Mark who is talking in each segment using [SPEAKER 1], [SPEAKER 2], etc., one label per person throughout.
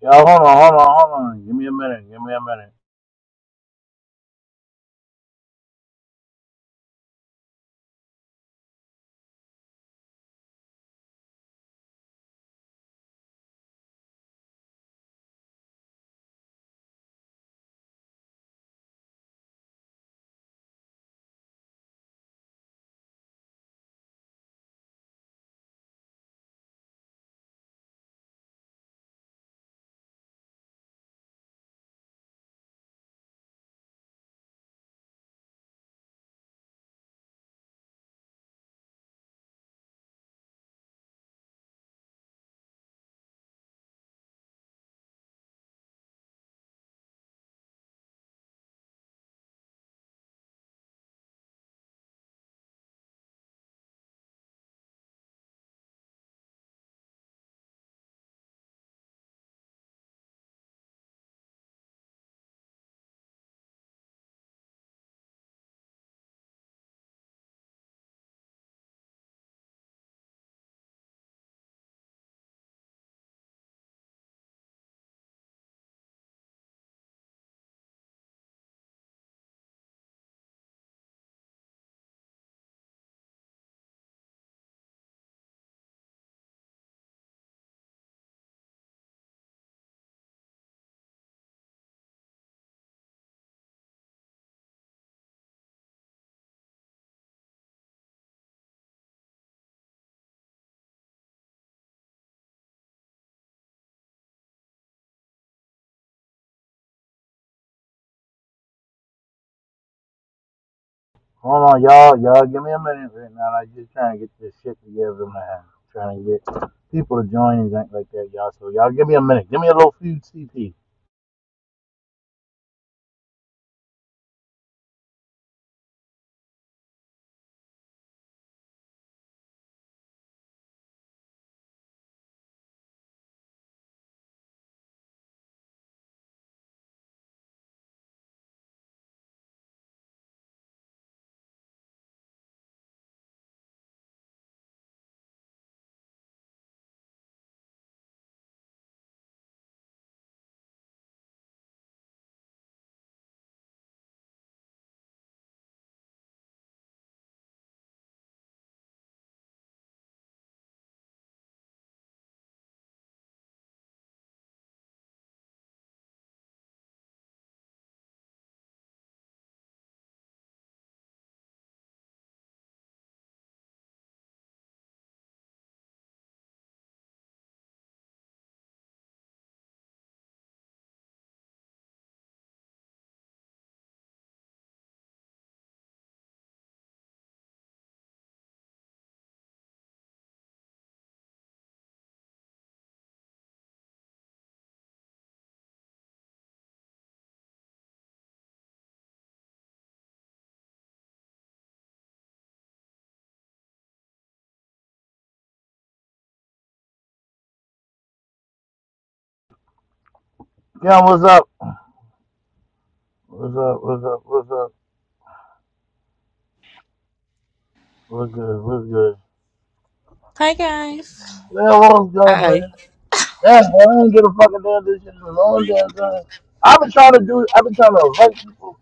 [SPEAKER 1] Y'all, hold on, hold on, hold on. Give me a minute. Give me a minute. Hold on, y'all, y'all. Give me a minute right now. I'm just trying to get this shit together, man. Trying to get people to join and think like that, y'all. So y'all, give me a minute. Give me a little few CP. Yeah, what's up? What's up? What's up? What's up? What's good? What's good?
[SPEAKER 2] Hi guys.
[SPEAKER 1] Yeah, what's good, man?
[SPEAKER 3] Hi.
[SPEAKER 1] Damn, boy, I ain't did a fucking damn this shit in a long damn time. I've been trying to do. I've been trying to invite people.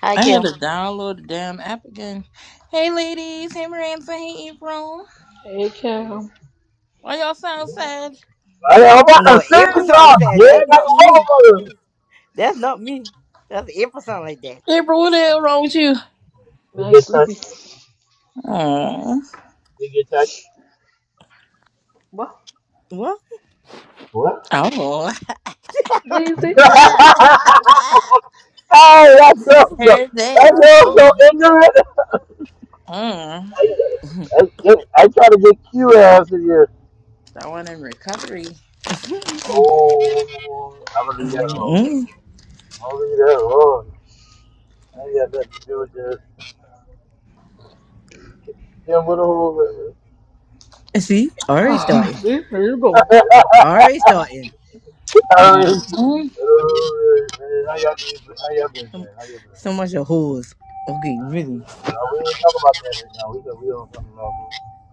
[SPEAKER 3] Hi,
[SPEAKER 2] I had
[SPEAKER 3] Kim.
[SPEAKER 2] to download the damn app again. Hey ladies, hey Miranda, hey April.
[SPEAKER 4] Hey, Cal.
[SPEAKER 2] Why y'all sound sad?
[SPEAKER 1] I, I'm about to
[SPEAKER 3] No, every
[SPEAKER 1] sing some,
[SPEAKER 3] said
[SPEAKER 1] dude.
[SPEAKER 3] that's
[SPEAKER 1] Like
[SPEAKER 3] not me.
[SPEAKER 1] a motherfucker.
[SPEAKER 3] That's not me. That's every like that.
[SPEAKER 2] April, what the hell wrong with you?
[SPEAKER 1] You
[SPEAKER 4] Nice
[SPEAKER 1] get touch.
[SPEAKER 4] sleepy.
[SPEAKER 2] Oh,
[SPEAKER 1] You get touch.
[SPEAKER 4] What?
[SPEAKER 3] What?
[SPEAKER 1] What?
[SPEAKER 2] oh.
[SPEAKER 4] What is it?
[SPEAKER 2] Ah,
[SPEAKER 1] oh,
[SPEAKER 2] ah.
[SPEAKER 1] that
[SPEAKER 2] I
[SPEAKER 1] sounds so.
[SPEAKER 2] heard this.
[SPEAKER 1] That sounds so
[SPEAKER 2] Mm.
[SPEAKER 1] ignorant.
[SPEAKER 2] Mm.
[SPEAKER 1] I, I, I try to get cute ass in here.
[SPEAKER 2] Someone in recovery. Mm.
[SPEAKER 1] Oh, I'm gonna leave that alone.
[SPEAKER 3] Mm-mm.
[SPEAKER 1] I'm gonna leave that alone. I ain't got nothing to do with this. Kim, what a hole.
[SPEAKER 3] See, already
[SPEAKER 4] Ah,
[SPEAKER 3] starting.
[SPEAKER 4] See, here you go.
[SPEAKER 3] Already starting.
[SPEAKER 1] All right.
[SPEAKER 2] Mm. Mm.
[SPEAKER 1] How y'all been? How y'all been,
[SPEAKER 3] So,
[SPEAKER 1] man? How y'all been?
[SPEAKER 3] so much of whores. Okay, really.
[SPEAKER 1] Uh, we ain't talking about that right now. We do we don't talk about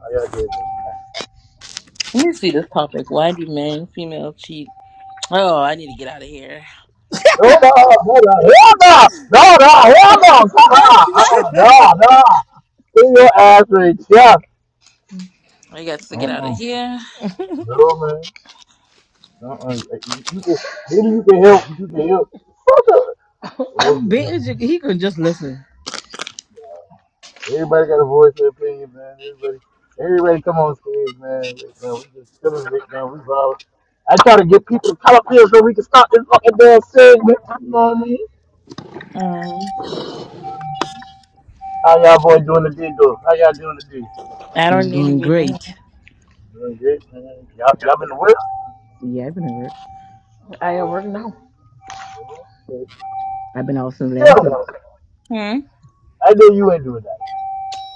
[SPEAKER 1] How y'all did, man?
[SPEAKER 2] Let me see this topic. Why do men and female cheat? Oh, I need to get out of here.
[SPEAKER 1] Roda, roda, roda, roda, roda,
[SPEAKER 2] No.
[SPEAKER 1] ha, ha, roda. In your ass right yeah.
[SPEAKER 2] I got to get out of
[SPEAKER 1] Uh-uh.
[SPEAKER 2] here.
[SPEAKER 1] No, man. Uh-uh. You, you can, maybe you can help. You can help.
[SPEAKER 3] I'm
[SPEAKER 1] okay.
[SPEAKER 3] being, he could just listen.
[SPEAKER 1] Everybody got a voice and opinion, man. Everybody, everybody come on stage, man. Right now, we just chilling right now. We vibe. I try to get people to come up here so we can stop this fucking damn segment. You know what I mean?
[SPEAKER 2] Um,
[SPEAKER 1] How y'all boy doing the day, though? How y'all doing the day?
[SPEAKER 2] I
[SPEAKER 3] I'm
[SPEAKER 2] don't need to
[SPEAKER 3] doing
[SPEAKER 2] be. in
[SPEAKER 3] great.
[SPEAKER 1] Doing good, man. Y'all, y'all been to work?
[SPEAKER 3] Yeah, I've been at work.
[SPEAKER 4] I
[SPEAKER 1] Oh,
[SPEAKER 4] already know.
[SPEAKER 1] Oh,
[SPEAKER 3] I've been out since 11 o'clock.
[SPEAKER 2] here. Hmm.
[SPEAKER 1] I know you ain't doing that.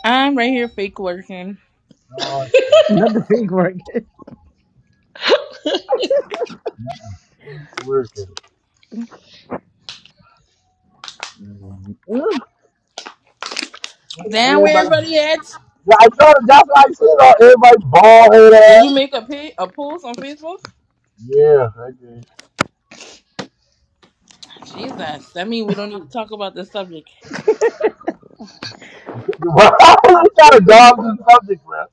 [SPEAKER 2] I'm right here fake working.
[SPEAKER 1] Oh, shit. Keep working. Mm-hmm.
[SPEAKER 2] Damn, where
[SPEAKER 1] Everybody,
[SPEAKER 2] everybody at?
[SPEAKER 1] yeah, I try to just like I said all everybody bald head
[SPEAKER 2] Did
[SPEAKER 1] ass.
[SPEAKER 2] you make a pi- a post on Facebook?
[SPEAKER 1] Yeah, okay.
[SPEAKER 2] Jesus, that means we don't need to talk about this subject.
[SPEAKER 1] you try to dodge the subject, bro.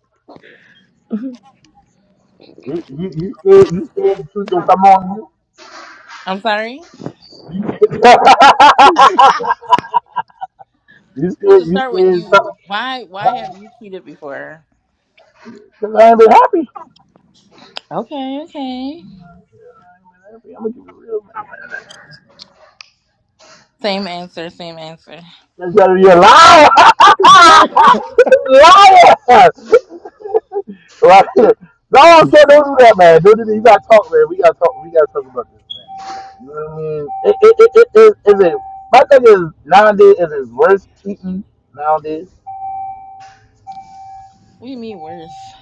[SPEAKER 1] You, you, you scared, you scared the truth don't come on you.
[SPEAKER 2] I'm sorry.
[SPEAKER 1] You scared, you
[SPEAKER 2] you
[SPEAKER 1] scared,
[SPEAKER 2] should
[SPEAKER 1] you
[SPEAKER 2] start with
[SPEAKER 1] scared
[SPEAKER 2] you.
[SPEAKER 1] something.
[SPEAKER 2] Why? Why have you cheated before?
[SPEAKER 1] Cause I ain't been happy.
[SPEAKER 2] Okay, okay.
[SPEAKER 1] Yeah, I ain't been happy. I'm gonna keep it real, man. I ain't been happy.
[SPEAKER 2] Same answer. Same answer.
[SPEAKER 1] You gotta be a liar.
[SPEAKER 2] what
[SPEAKER 1] liar. Right. No, okay, don't do that, man. Don't do that. You gotta talk, man. We gotta talk. We gotta talk about this, man. You know what I mean? It, it, it, it, it, is it, my thing is, nowadays, is it worse cheating nowadays?
[SPEAKER 2] do you mean worse?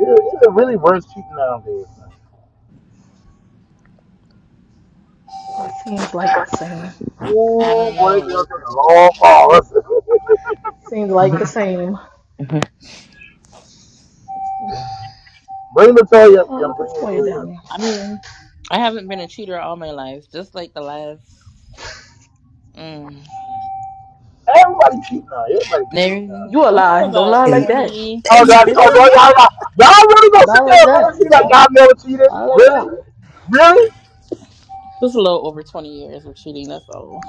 [SPEAKER 1] Is it, is it really worse cheating nowadays, man?
[SPEAKER 4] It seems like the same.
[SPEAKER 2] I
[SPEAKER 1] Ooh,
[SPEAKER 2] don't
[SPEAKER 1] boy, they
[SPEAKER 2] know.
[SPEAKER 1] girl
[SPEAKER 2] Worse.
[SPEAKER 1] took a long pause.
[SPEAKER 4] Seems like the same.
[SPEAKER 1] bring Latoya up,
[SPEAKER 4] Oh,
[SPEAKER 1] Kim.
[SPEAKER 4] look at
[SPEAKER 1] Bring
[SPEAKER 4] Toya
[SPEAKER 1] Latoya
[SPEAKER 4] down
[SPEAKER 1] up.
[SPEAKER 4] there.
[SPEAKER 2] I mean, I haven't been a cheater all my life. Just like the last, mm,
[SPEAKER 1] Everybody cheat now. Everybody cheat
[SPEAKER 2] maybe
[SPEAKER 1] now.
[SPEAKER 4] You a
[SPEAKER 2] maybe for
[SPEAKER 4] lie. Don't
[SPEAKER 2] about
[SPEAKER 4] lie like that.
[SPEAKER 2] twenty,
[SPEAKER 1] Oh, that's oh,
[SPEAKER 2] maybe
[SPEAKER 1] y'all, y'all, y'all really
[SPEAKER 4] Don't
[SPEAKER 1] gonna
[SPEAKER 4] lie
[SPEAKER 1] sit there
[SPEAKER 4] like
[SPEAKER 1] and
[SPEAKER 4] that.
[SPEAKER 1] really see like God never
[SPEAKER 4] Don't
[SPEAKER 1] cheated?
[SPEAKER 4] lie like that.
[SPEAKER 1] Really? Really?
[SPEAKER 2] just a little over twenty years of cheating. That's all.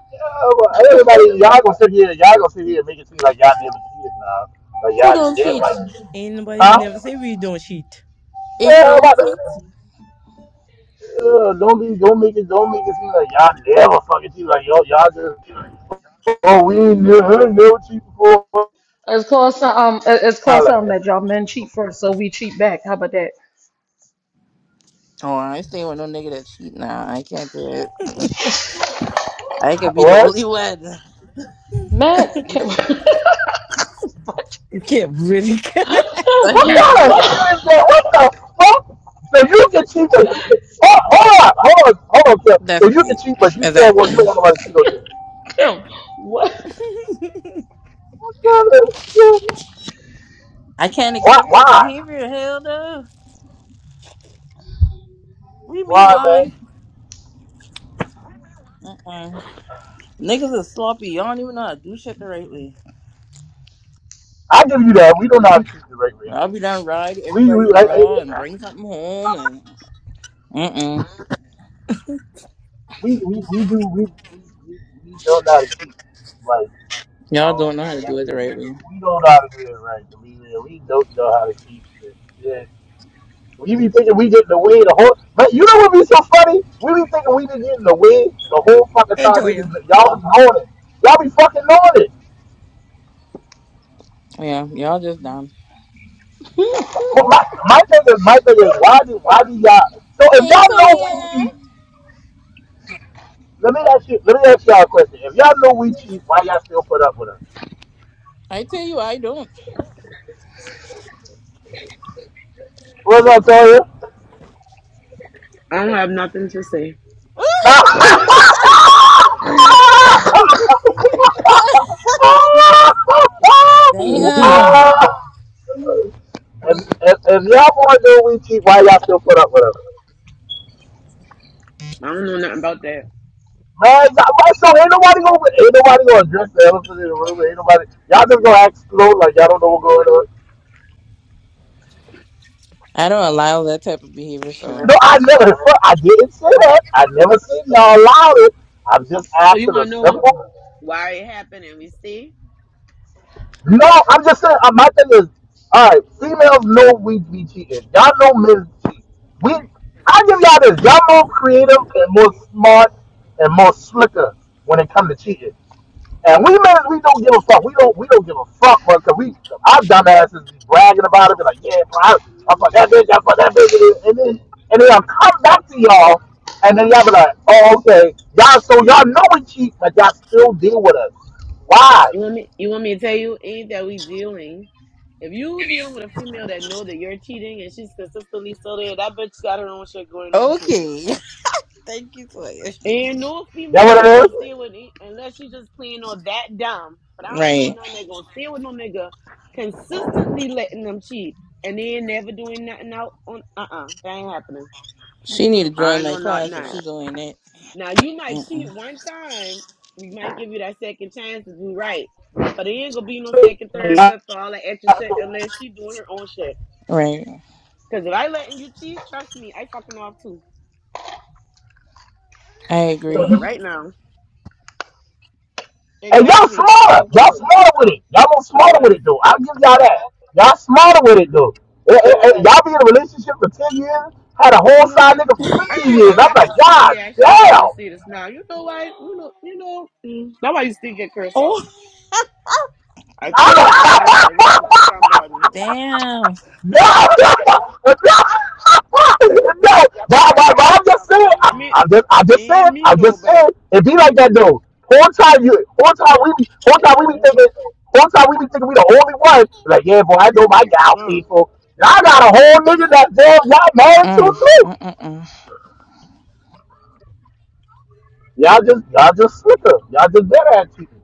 [SPEAKER 1] Yeah, well, everybody, y'all gonna sit here, y'all gonna sit here and make it seem like y'all never cheated now. Like
[SPEAKER 2] Who
[SPEAKER 1] y'all didn't
[SPEAKER 2] don't cheat?
[SPEAKER 1] like
[SPEAKER 3] Ain't nobody
[SPEAKER 1] Huh?
[SPEAKER 3] never say we don't cheat.
[SPEAKER 1] Yeah,
[SPEAKER 2] April
[SPEAKER 1] about to,
[SPEAKER 2] cheat?
[SPEAKER 1] uh, don't be, don't make it, don't make it seem like y'all never fucking cheated. Like yo, y'all just, oh, we ain't never, never cheated before,
[SPEAKER 4] It's called some, um. it- It's
[SPEAKER 1] Nah,
[SPEAKER 4] called
[SPEAKER 1] like
[SPEAKER 4] something
[SPEAKER 1] that.
[SPEAKER 4] that y'all men cheat first, so we cheat back. How about that?
[SPEAKER 2] Oh, I stay with no nigga that cheat now. I can't do it. I can be the
[SPEAKER 1] What?
[SPEAKER 2] only one. I
[SPEAKER 4] Matt,
[SPEAKER 2] can be the
[SPEAKER 4] Kim,
[SPEAKER 2] only one.
[SPEAKER 3] You can't really.
[SPEAKER 2] I
[SPEAKER 1] What
[SPEAKER 2] can't be
[SPEAKER 1] kind
[SPEAKER 2] the
[SPEAKER 1] of
[SPEAKER 2] only
[SPEAKER 1] shit
[SPEAKER 2] one.
[SPEAKER 1] that? What the fuck? So you can cheat, but you can, hold, hold on, hold on, hold on, Kev.
[SPEAKER 2] That's
[SPEAKER 1] So you can
[SPEAKER 2] right.
[SPEAKER 1] cheat, but you can't. Want, you
[SPEAKER 2] Exactly.
[SPEAKER 1] don't want nobody to cheat on you.
[SPEAKER 4] Kim, what?
[SPEAKER 1] What kind of shit?
[SPEAKER 2] I can't
[SPEAKER 1] Why?
[SPEAKER 2] accept that
[SPEAKER 1] Why?
[SPEAKER 2] behavior. Hell no. We mean
[SPEAKER 1] Why, man?
[SPEAKER 2] why? Mm-mm. Niggas is sloppy. Y'all don't even know how to do shit the right way.
[SPEAKER 1] I give you that. We don't know how to cheat the right way.
[SPEAKER 2] I'll be down ride
[SPEAKER 1] We we
[SPEAKER 2] everybody
[SPEAKER 1] I,
[SPEAKER 2] raw and bring something home and mm-mm.
[SPEAKER 1] we, we we do we we we we don't know how to cheat. Like
[SPEAKER 2] Y'all
[SPEAKER 1] um,
[SPEAKER 2] don't know how to
[SPEAKER 1] that
[SPEAKER 2] do it
[SPEAKER 1] is,
[SPEAKER 2] the right way.
[SPEAKER 1] we don't know how to do it right. To be we don't know how to cheat. Yeah, We be thinking we getting away the whole. But you know what be so funny? We be thinking we be getting away the whole fucking
[SPEAKER 3] Hey,
[SPEAKER 1] time. They be
[SPEAKER 3] Toya.
[SPEAKER 1] y'all be on it. Y'all be fucking on it.
[SPEAKER 2] Yeah, y'all just dumb.
[SPEAKER 4] Kim,
[SPEAKER 1] But my my thing is my thing is why do why do y'all? So if
[SPEAKER 2] Hey,
[SPEAKER 1] y'all know we
[SPEAKER 2] Toya.
[SPEAKER 1] cheat, let me ask you let me ask y'all a question. If y'all know we cheat, why y'all still put up with us?
[SPEAKER 2] I tell you, I don't.
[SPEAKER 1] What was I
[SPEAKER 5] I don't have nothing to say.
[SPEAKER 1] tell
[SPEAKER 5] Mhm.
[SPEAKER 2] Damn.
[SPEAKER 1] you? If, if, if y'all want to do we cheat, why y'all still put up with us?
[SPEAKER 5] I don't know nothing about that.
[SPEAKER 1] Man, y'all, my son, ain't nobody gonna ain't nobody gonna address the elephant in the room. Ain't nobody. Y'all just gonna act slow like y'all don't know what's going on.
[SPEAKER 2] I don't allow that type of behavior,
[SPEAKER 1] No,
[SPEAKER 2] so
[SPEAKER 1] I never. I didn't say that. I never said y'all allowed it. I'm just
[SPEAKER 5] So you
[SPEAKER 1] asking a
[SPEAKER 5] want to know
[SPEAKER 1] simple.
[SPEAKER 5] why it happened and we see?
[SPEAKER 1] No, I'm just saying. Uh, my thing is, all right. Females know we be cheating. Y'all know men cheat. We. I give y'all this. Y'all more creative and more smart and more slicker when it comes to cheating. And we men, we don't give a fuck. We don't, we don't give a fuck, bro. Cause we, our dumb asses be bragging about it. Be like, yeah, bro, I, I fuck that bitch, I fuck that bitch, and then, and then I'll come back to y'all, and then y'all be like, oh, okay, y'all, so y'all know we cheat, but y'all still deal with us. Why?
[SPEAKER 5] You want me? You want me to tell you? Ain't that we dealing? If you dealing with a female that know that you're cheating and she's consistently still there, that bitch got her own shit going on too.
[SPEAKER 2] Okay. Thank you, Toya.
[SPEAKER 5] Ain't no female
[SPEAKER 1] That
[SPEAKER 5] gonna stay
[SPEAKER 1] what
[SPEAKER 5] with me unless she just playing on that dumb. But I ain't know
[SPEAKER 2] right.
[SPEAKER 5] nothing that gonna stay with no nigga consistently letting them cheat and then never doing nothing out on uh uh that ain't happening.
[SPEAKER 2] She need to
[SPEAKER 5] I
[SPEAKER 2] join
[SPEAKER 5] ain't
[SPEAKER 2] my
[SPEAKER 5] know not
[SPEAKER 2] class if
[SPEAKER 5] none.
[SPEAKER 2] she's doing that.
[SPEAKER 5] Now you might
[SPEAKER 2] Mm-mm.
[SPEAKER 5] cheat one time, we might give you that second chance to do right. But it ain't gonna be no
[SPEAKER 1] it
[SPEAKER 5] second, third,
[SPEAKER 1] is?
[SPEAKER 5] fifth, for all that extra shit
[SPEAKER 1] So,
[SPEAKER 5] unless she doing her own shit.
[SPEAKER 2] Right.
[SPEAKER 5] Cause if I letting you cheat, trust me, I fucking off too.
[SPEAKER 2] I
[SPEAKER 5] I Tell
[SPEAKER 1] so
[SPEAKER 2] agree.
[SPEAKER 5] you
[SPEAKER 1] you,
[SPEAKER 5] right now.
[SPEAKER 1] And y'all
[SPEAKER 5] Exactly.
[SPEAKER 1] smarter. Y'all smarter with it. Y'all more
[SPEAKER 5] Sure
[SPEAKER 1] smarter with
[SPEAKER 5] was.
[SPEAKER 1] it, though. I'll give y'all that. Y'all smarter with it, though. Eh, eh, eh, Y'all be in a relationship for 10 years, had a
[SPEAKER 5] You
[SPEAKER 1] whole
[SPEAKER 5] know
[SPEAKER 1] side
[SPEAKER 5] what?
[SPEAKER 1] nigga for
[SPEAKER 5] I
[SPEAKER 1] 15
[SPEAKER 5] feel
[SPEAKER 1] years.
[SPEAKER 5] like
[SPEAKER 1] I'm
[SPEAKER 5] that's some
[SPEAKER 1] like,
[SPEAKER 5] shitty ass shit you just
[SPEAKER 1] God
[SPEAKER 5] see this now. You know what? You know, you know. mm, That's why you still get cursed out.
[SPEAKER 2] oh,
[SPEAKER 5] I feel like
[SPEAKER 1] damn.
[SPEAKER 5] that was directed to somebody.
[SPEAKER 2] Damn.
[SPEAKER 1] No, no, no, no. But, but, but I'm just saying,
[SPEAKER 5] I
[SPEAKER 1] I,
[SPEAKER 5] mean,
[SPEAKER 1] I just, I
[SPEAKER 5] it
[SPEAKER 1] just saying,
[SPEAKER 5] ain't
[SPEAKER 1] I
[SPEAKER 5] me though,
[SPEAKER 1] just
[SPEAKER 5] but
[SPEAKER 1] saying, it be like that though. Whole time you, whole time we be, whole time we be thinking, whole time we be thinking we the only one. Like, yeah, boy, I know my gal
[SPEAKER 5] no.
[SPEAKER 1] people. Y'all got a whole nigga that damn y'all married to
[SPEAKER 2] Mm, mm,
[SPEAKER 1] too.
[SPEAKER 2] mm, mm.
[SPEAKER 1] Y'all just, y'all just slicker. Y'all just better at cheating.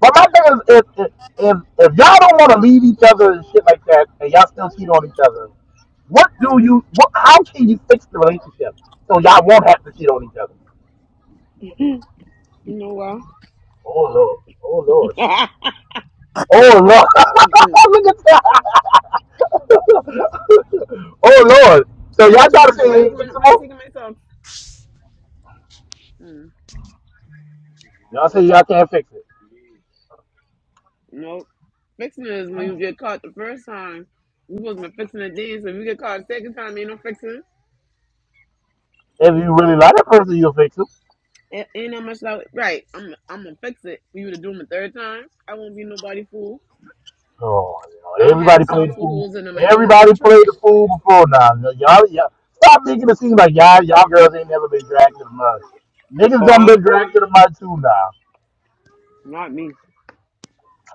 [SPEAKER 1] But my thing is, if if if, if y'all don't want to leave each other and shit like that, and y'all still cheat on each other, what do you? What? How can you fix the relationship so y'all won't have to cheat on each other?
[SPEAKER 5] You know
[SPEAKER 1] Oh lord! Oh lord!
[SPEAKER 5] what?
[SPEAKER 1] Oh lord! Look at that! oh lord! So
[SPEAKER 5] That
[SPEAKER 1] y'all
[SPEAKER 5] does
[SPEAKER 1] try to
[SPEAKER 5] not,
[SPEAKER 1] say
[SPEAKER 5] but
[SPEAKER 1] it
[SPEAKER 5] why you
[SPEAKER 1] ain't
[SPEAKER 5] want why you
[SPEAKER 1] fixable?
[SPEAKER 5] taking my socks? Mm,
[SPEAKER 1] Y'all say y'all can't fix it.
[SPEAKER 5] nope. Fixing it is when you get caught the first time. You supposed to be fixing it then, so if you get caught the second time, ain't no fixing.
[SPEAKER 1] If you really like that person, you'll fix it.
[SPEAKER 5] It ain't no much like right. I'm I'm gonna fix it for you to do them a third time. I won't be nobody fool.
[SPEAKER 1] Oh,
[SPEAKER 5] I do have
[SPEAKER 1] everybody played the
[SPEAKER 5] socks with holes
[SPEAKER 1] fool.
[SPEAKER 5] in them. I throw them in the
[SPEAKER 1] Everybody played
[SPEAKER 5] trash.
[SPEAKER 1] the fool before now. Y'all, y'all stop making it seem like y'all, y'all girls ain't never been dragged to the mud. Niggas
[SPEAKER 5] Oh,
[SPEAKER 1] done
[SPEAKER 5] I
[SPEAKER 1] been
[SPEAKER 5] ain't
[SPEAKER 1] dragged to the mud too now.
[SPEAKER 5] not me.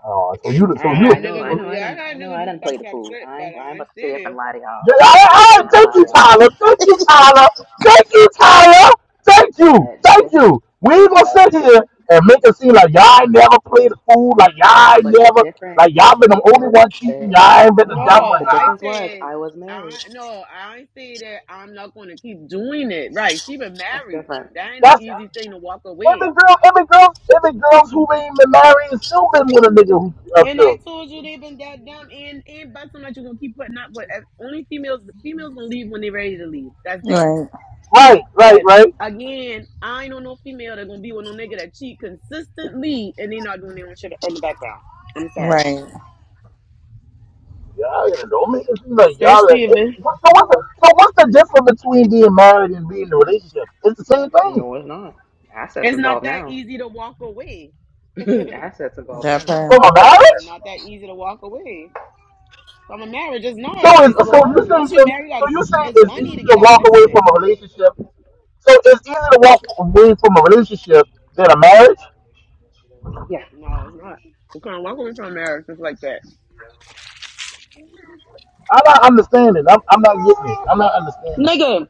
[SPEAKER 1] Oh, so you,
[SPEAKER 5] I
[SPEAKER 1] so
[SPEAKER 6] Now
[SPEAKER 5] ain't
[SPEAKER 1] you.
[SPEAKER 5] had
[SPEAKER 6] I know,
[SPEAKER 5] nigga
[SPEAKER 6] I
[SPEAKER 5] do
[SPEAKER 6] know,
[SPEAKER 1] So,
[SPEAKER 6] I
[SPEAKER 5] yeah.
[SPEAKER 6] done,
[SPEAKER 5] I had
[SPEAKER 6] I know,
[SPEAKER 5] nigga
[SPEAKER 6] I
[SPEAKER 5] do
[SPEAKER 6] done play
[SPEAKER 5] fucked
[SPEAKER 6] the
[SPEAKER 5] up
[SPEAKER 6] fool.
[SPEAKER 5] shit,
[SPEAKER 6] I
[SPEAKER 5] but
[SPEAKER 6] ain't, I ain't
[SPEAKER 5] I
[SPEAKER 6] about
[SPEAKER 5] ain't
[SPEAKER 6] to sit
[SPEAKER 5] still
[SPEAKER 6] up
[SPEAKER 5] there.
[SPEAKER 6] and lie to y'all.
[SPEAKER 1] yeah, all
[SPEAKER 6] I ain't
[SPEAKER 1] right,
[SPEAKER 6] about to sit
[SPEAKER 1] all
[SPEAKER 6] up here
[SPEAKER 1] right,
[SPEAKER 6] and
[SPEAKER 1] thank
[SPEAKER 6] lie
[SPEAKER 1] you,
[SPEAKER 6] to y'all.
[SPEAKER 1] Tyler. Thank you, Tyler. Thank you, Tyler. Thank you,
[SPEAKER 6] But the,
[SPEAKER 1] thank
[SPEAKER 6] di-
[SPEAKER 1] you. We ain't gonna sit here and make it seem like y'all ain't never played the fool, like y'all ain't
[SPEAKER 6] but the
[SPEAKER 1] never,
[SPEAKER 6] different,
[SPEAKER 1] like y'all been
[SPEAKER 6] the
[SPEAKER 1] the only
[SPEAKER 6] no, the,
[SPEAKER 1] one cheating.
[SPEAKER 6] the
[SPEAKER 1] Y'all
[SPEAKER 6] no,
[SPEAKER 1] ain't been the
[SPEAKER 6] hold
[SPEAKER 1] dumb
[SPEAKER 6] on.
[SPEAKER 1] one
[SPEAKER 5] No,
[SPEAKER 6] The
[SPEAKER 5] I
[SPEAKER 1] now.
[SPEAKER 6] difference was
[SPEAKER 5] said
[SPEAKER 6] I was married.
[SPEAKER 5] I no, I ain't say that I'm not gonna keep doing it. Right. She been
[SPEAKER 6] That's
[SPEAKER 5] married.
[SPEAKER 6] different.
[SPEAKER 5] That ain't an
[SPEAKER 1] That's.
[SPEAKER 5] easy thing to walk
[SPEAKER 1] Every
[SPEAKER 5] away.
[SPEAKER 1] girl, every girl, every girls who ain't been married and still been with a nigga who up
[SPEAKER 5] And
[SPEAKER 1] to.
[SPEAKER 5] I told you they been that dumb and and but something that you're gonna keep putting up with As- only females the females gonna leave when they're ready to leave. That's that.
[SPEAKER 2] Right.
[SPEAKER 1] Right, right,
[SPEAKER 5] But
[SPEAKER 1] right.
[SPEAKER 5] again, I ain't on no female that gonna be with no nigga that cheat consistently and they not doing their own shit on the background. I'm sorry.
[SPEAKER 2] Right.
[SPEAKER 1] Y'all gonna don't make it seem like y'all. Are,
[SPEAKER 5] Especially if
[SPEAKER 1] it,
[SPEAKER 5] it,
[SPEAKER 1] what, so what's the so what's the difference between being married and being in a relationship? It's the same thing.
[SPEAKER 6] No, it's not. Assets
[SPEAKER 5] it's not
[SPEAKER 6] involved
[SPEAKER 5] that
[SPEAKER 6] now.
[SPEAKER 5] easy to walk away.
[SPEAKER 6] Assets involved
[SPEAKER 2] That
[SPEAKER 6] now.
[SPEAKER 1] From
[SPEAKER 2] part.
[SPEAKER 1] a
[SPEAKER 5] It's
[SPEAKER 1] marriage.
[SPEAKER 5] not that easy to walk away. From a marriage, it's not.
[SPEAKER 1] So is
[SPEAKER 5] It's
[SPEAKER 1] so you saying
[SPEAKER 5] once you
[SPEAKER 1] so
[SPEAKER 5] marry, you
[SPEAKER 1] so
[SPEAKER 5] gotta.
[SPEAKER 1] you
[SPEAKER 5] go-
[SPEAKER 1] saying
[SPEAKER 5] It's
[SPEAKER 1] it's
[SPEAKER 5] money
[SPEAKER 1] easy
[SPEAKER 5] to
[SPEAKER 1] to
[SPEAKER 5] get out
[SPEAKER 1] walk
[SPEAKER 5] that
[SPEAKER 1] away
[SPEAKER 5] shit.
[SPEAKER 1] from a relationship. So it's easy to walk away from a relationship than a marriage.
[SPEAKER 6] Yeah.
[SPEAKER 5] No, it's not. You can't walk away from a marriage just like that,
[SPEAKER 1] I'm not understanding. I'm I'm not getting it. I'm not understanding.
[SPEAKER 5] nigga.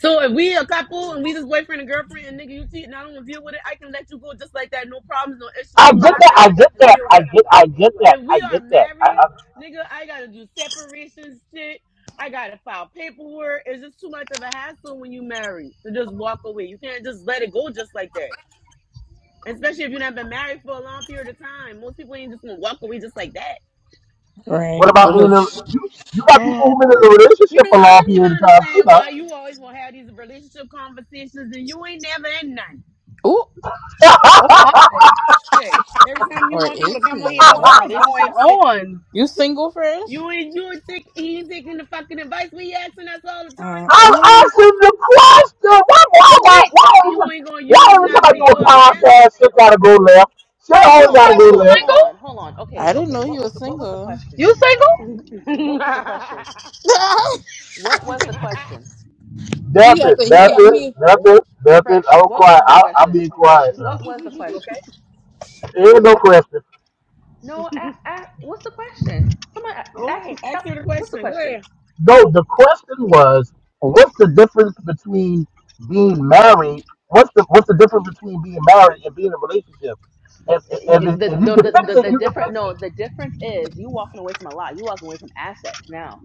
[SPEAKER 5] So if we a couple and we just boyfriend and girlfriend and nigga, you cheat and I don't want to deal with it, I can let you go just like that. No problems, no issues,
[SPEAKER 1] I
[SPEAKER 5] no
[SPEAKER 1] get that.
[SPEAKER 5] nothing.
[SPEAKER 1] I
[SPEAKER 5] I
[SPEAKER 1] get
[SPEAKER 5] got to
[SPEAKER 1] that.
[SPEAKER 5] deal
[SPEAKER 1] I
[SPEAKER 5] with.
[SPEAKER 1] get. I get that.
[SPEAKER 5] If
[SPEAKER 1] I
[SPEAKER 5] we are
[SPEAKER 1] get that. I.
[SPEAKER 5] married,
[SPEAKER 1] I,
[SPEAKER 5] nigga, I gotta do separation shit. I gotta file paperwork. It's just too much of a hassle when you married to just walk away. You can't just let it go just like that. Especially if you've not been married for a long period of time. Most people ain't just gonna walk away just like that.
[SPEAKER 2] Right.
[SPEAKER 1] What about
[SPEAKER 2] What
[SPEAKER 1] being in a
[SPEAKER 2] is-
[SPEAKER 1] you? You got
[SPEAKER 7] And
[SPEAKER 1] people who've been in a
[SPEAKER 5] You
[SPEAKER 1] relationship
[SPEAKER 5] know,
[SPEAKER 1] for a
[SPEAKER 5] I
[SPEAKER 1] long
[SPEAKER 5] don't even
[SPEAKER 1] period of time. You
[SPEAKER 5] understand
[SPEAKER 1] know,
[SPEAKER 5] why you always wanna have these relationship conversations and you ain't never in none.
[SPEAKER 2] Ooh.
[SPEAKER 7] oh my,
[SPEAKER 5] Shit. Every time you
[SPEAKER 2] Or
[SPEAKER 5] want
[SPEAKER 2] is
[SPEAKER 5] people to come on here
[SPEAKER 2] he?
[SPEAKER 5] about
[SPEAKER 7] what
[SPEAKER 5] some
[SPEAKER 7] is going
[SPEAKER 5] relationship shit,
[SPEAKER 7] on?
[SPEAKER 2] You single first?
[SPEAKER 5] you ain't you ain't take he ain't taking the fucking advice we asking us all the time for.
[SPEAKER 1] I'm
[SPEAKER 2] Mm-mm.
[SPEAKER 1] asking the question. Why, why,
[SPEAKER 7] Well,
[SPEAKER 1] why,
[SPEAKER 7] wait,
[SPEAKER 1] why,
[SPEAKER 5] You
[SPEAKER 1] every-
[SPEAKER 5] ain't gonna
[SPEAKER 1] why
[SPEAKER 5] use
[SPEAKER 1] every time
[SPEAKER 5] not
[SPEAKER 1] I
[SPEAKER 5] to
[SPEAKER 1] do a
[SPEAKER 5] your advantage.
[SPEAKER 1] podcast, shit gotta go left? Shit
[SPEAKER 7] Fresh,
[SPEAKER 1] always
[SPEAKER 6] Hold
[SPEAKER 7] you
[SPEAKER 6] on,
[SPEAKER 1] gotta
[SPEAKER 7] Fresh,
[SPEAKER 1] go
[SPEAKER 6] hold
[SPEAKER 7] you
[SPEAKER 6] on,
[SPEAKER 1] left.
[SPEAKER 6] hold on,
[SPEAKER 7] single?
[SPEAKER 6] hold on. Okay,
[SPEAKER 2] I didn't
[SPEAKER 6] okay.
[SPEAKER 2] know he
[SPEAKER 6] What was
[SPEAKER 2] was
[SPEAKER 6] the, what was the
[SPEAKER 2] single.
[SPEAKER 6] question?
[SPEAKER 7] You single?
[SPEAKER 6] What was the question? What was the question?
[SPEAKER 2] He act
[SPEAKER 1] Nothing,
[SPEAKER 2] like he
[SPEAKER 1] nothing,
[SPEAKER 2] can't.
[SPEAKER 1] nothing, nothing.
[SPEAKER 6] Fresh.
[SPEAKER 1] I'm
[SPEAKER 6] What
[SPEAKER 1] quiet.
[SPEAKER 6] was the
[SPEAKER 1] I, don't cry. I, I'm
[SPEAKER 6] question?
[SPEAKER 1] being
[SPEAKER 6] Fresh.
[SPEAKER 1] quiet
[SPEAKER 6] What
[SPEAKER 1] now.
[SPEAKER 6] was the
[SPEAKER 7] You
[SPEAKER 6] question?
[SPEAKER 7] okay?
[SPEAKER 1] There Ain't no question.
[SPEAKER 6] No, a a what's the question? Someone a-
[SPEAKER 5] Go
[SPEAKER 6] ask me.
[SPEAKER 5] ahead. Ask
[SPEAKER 6] Tell,
[SPEAKER 5] her the
[SPEAKER 6] what's the
[SPEAKER 5] question. Go
[SPEAKER 6] question?
[SPEAKER 5] ahead.
[SPEAKER 1] No, the question was, what's the difference between being married? What's the what's the difference between being married and being in a relationship? If if,
[SPEAKER 6] Uh,
[SPEAKER 1] if,
[SPEAKER 6] Y-
[SPEAKER 1] it-
[SPEAKER 6] The
[SPEAKER 1] if you
[SPEAKER 6] the,
[SPEAKER 1] can
[SPEAKER 6] the
[SPEAKER 1] fix
[SPEAKER 6] the
[SPEAKER 1] it,
[SPEAKER 6] the
[SPEAKER 1] you can
[SPEAKER 6] different
[SPEAKER 1] fix it
[SPEAKER 6] no the difference is you walking away from a lot. You walking away from assets now.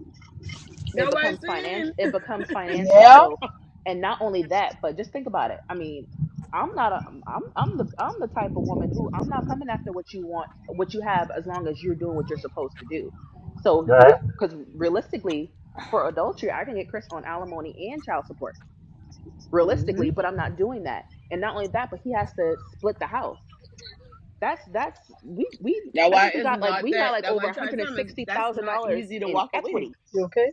[SPEAKER 6] It
[SPEAKER 5] Y'all what I'm
[SPEAKER 6] becomes financial.
[SPEAKER 5] saying?
[SPEAKER 6] It becomes financial.
[SPEAKER 7] Yeah.
[SPEAKER 6] So, and not only that, but just think about it. I mean, I'm not a I'm I'm the I'm the type of woman who I'm not coming after what you want, what you have, as long as you're doing what you're supposed to do. So you
[SPEAKER 1] Right?
[SPEAKER 6] because realistically, for adultery, I can get Chris on alimony and child support. realistically, but I'm not doing that. And not only that, but he has to split the house. That's that's we we
[SPEAKER 5] That
[SPEAKER 6] I
[SPEAKER 5] why
[SPEAKER 6] think we
[SPEAKER 5] it's
[SPEAKER 6] got like
[SPEAKER 5] not
[SPEAKER 6] we got
[SPEAKER 5] that.
[SPEAKER 6] like
[SPEAKER 5] That why I
[SPEAKER 6] over
[SPEAKER 5] try to tell him is that's not
[SPEAKER 6] $160,000
[SPEAKER 5] easy to
[SPEAKER 6] in
[SPEAKER 5] walk away.
[SPEAKER 6] equity.
[SPEAKER 7] You okay?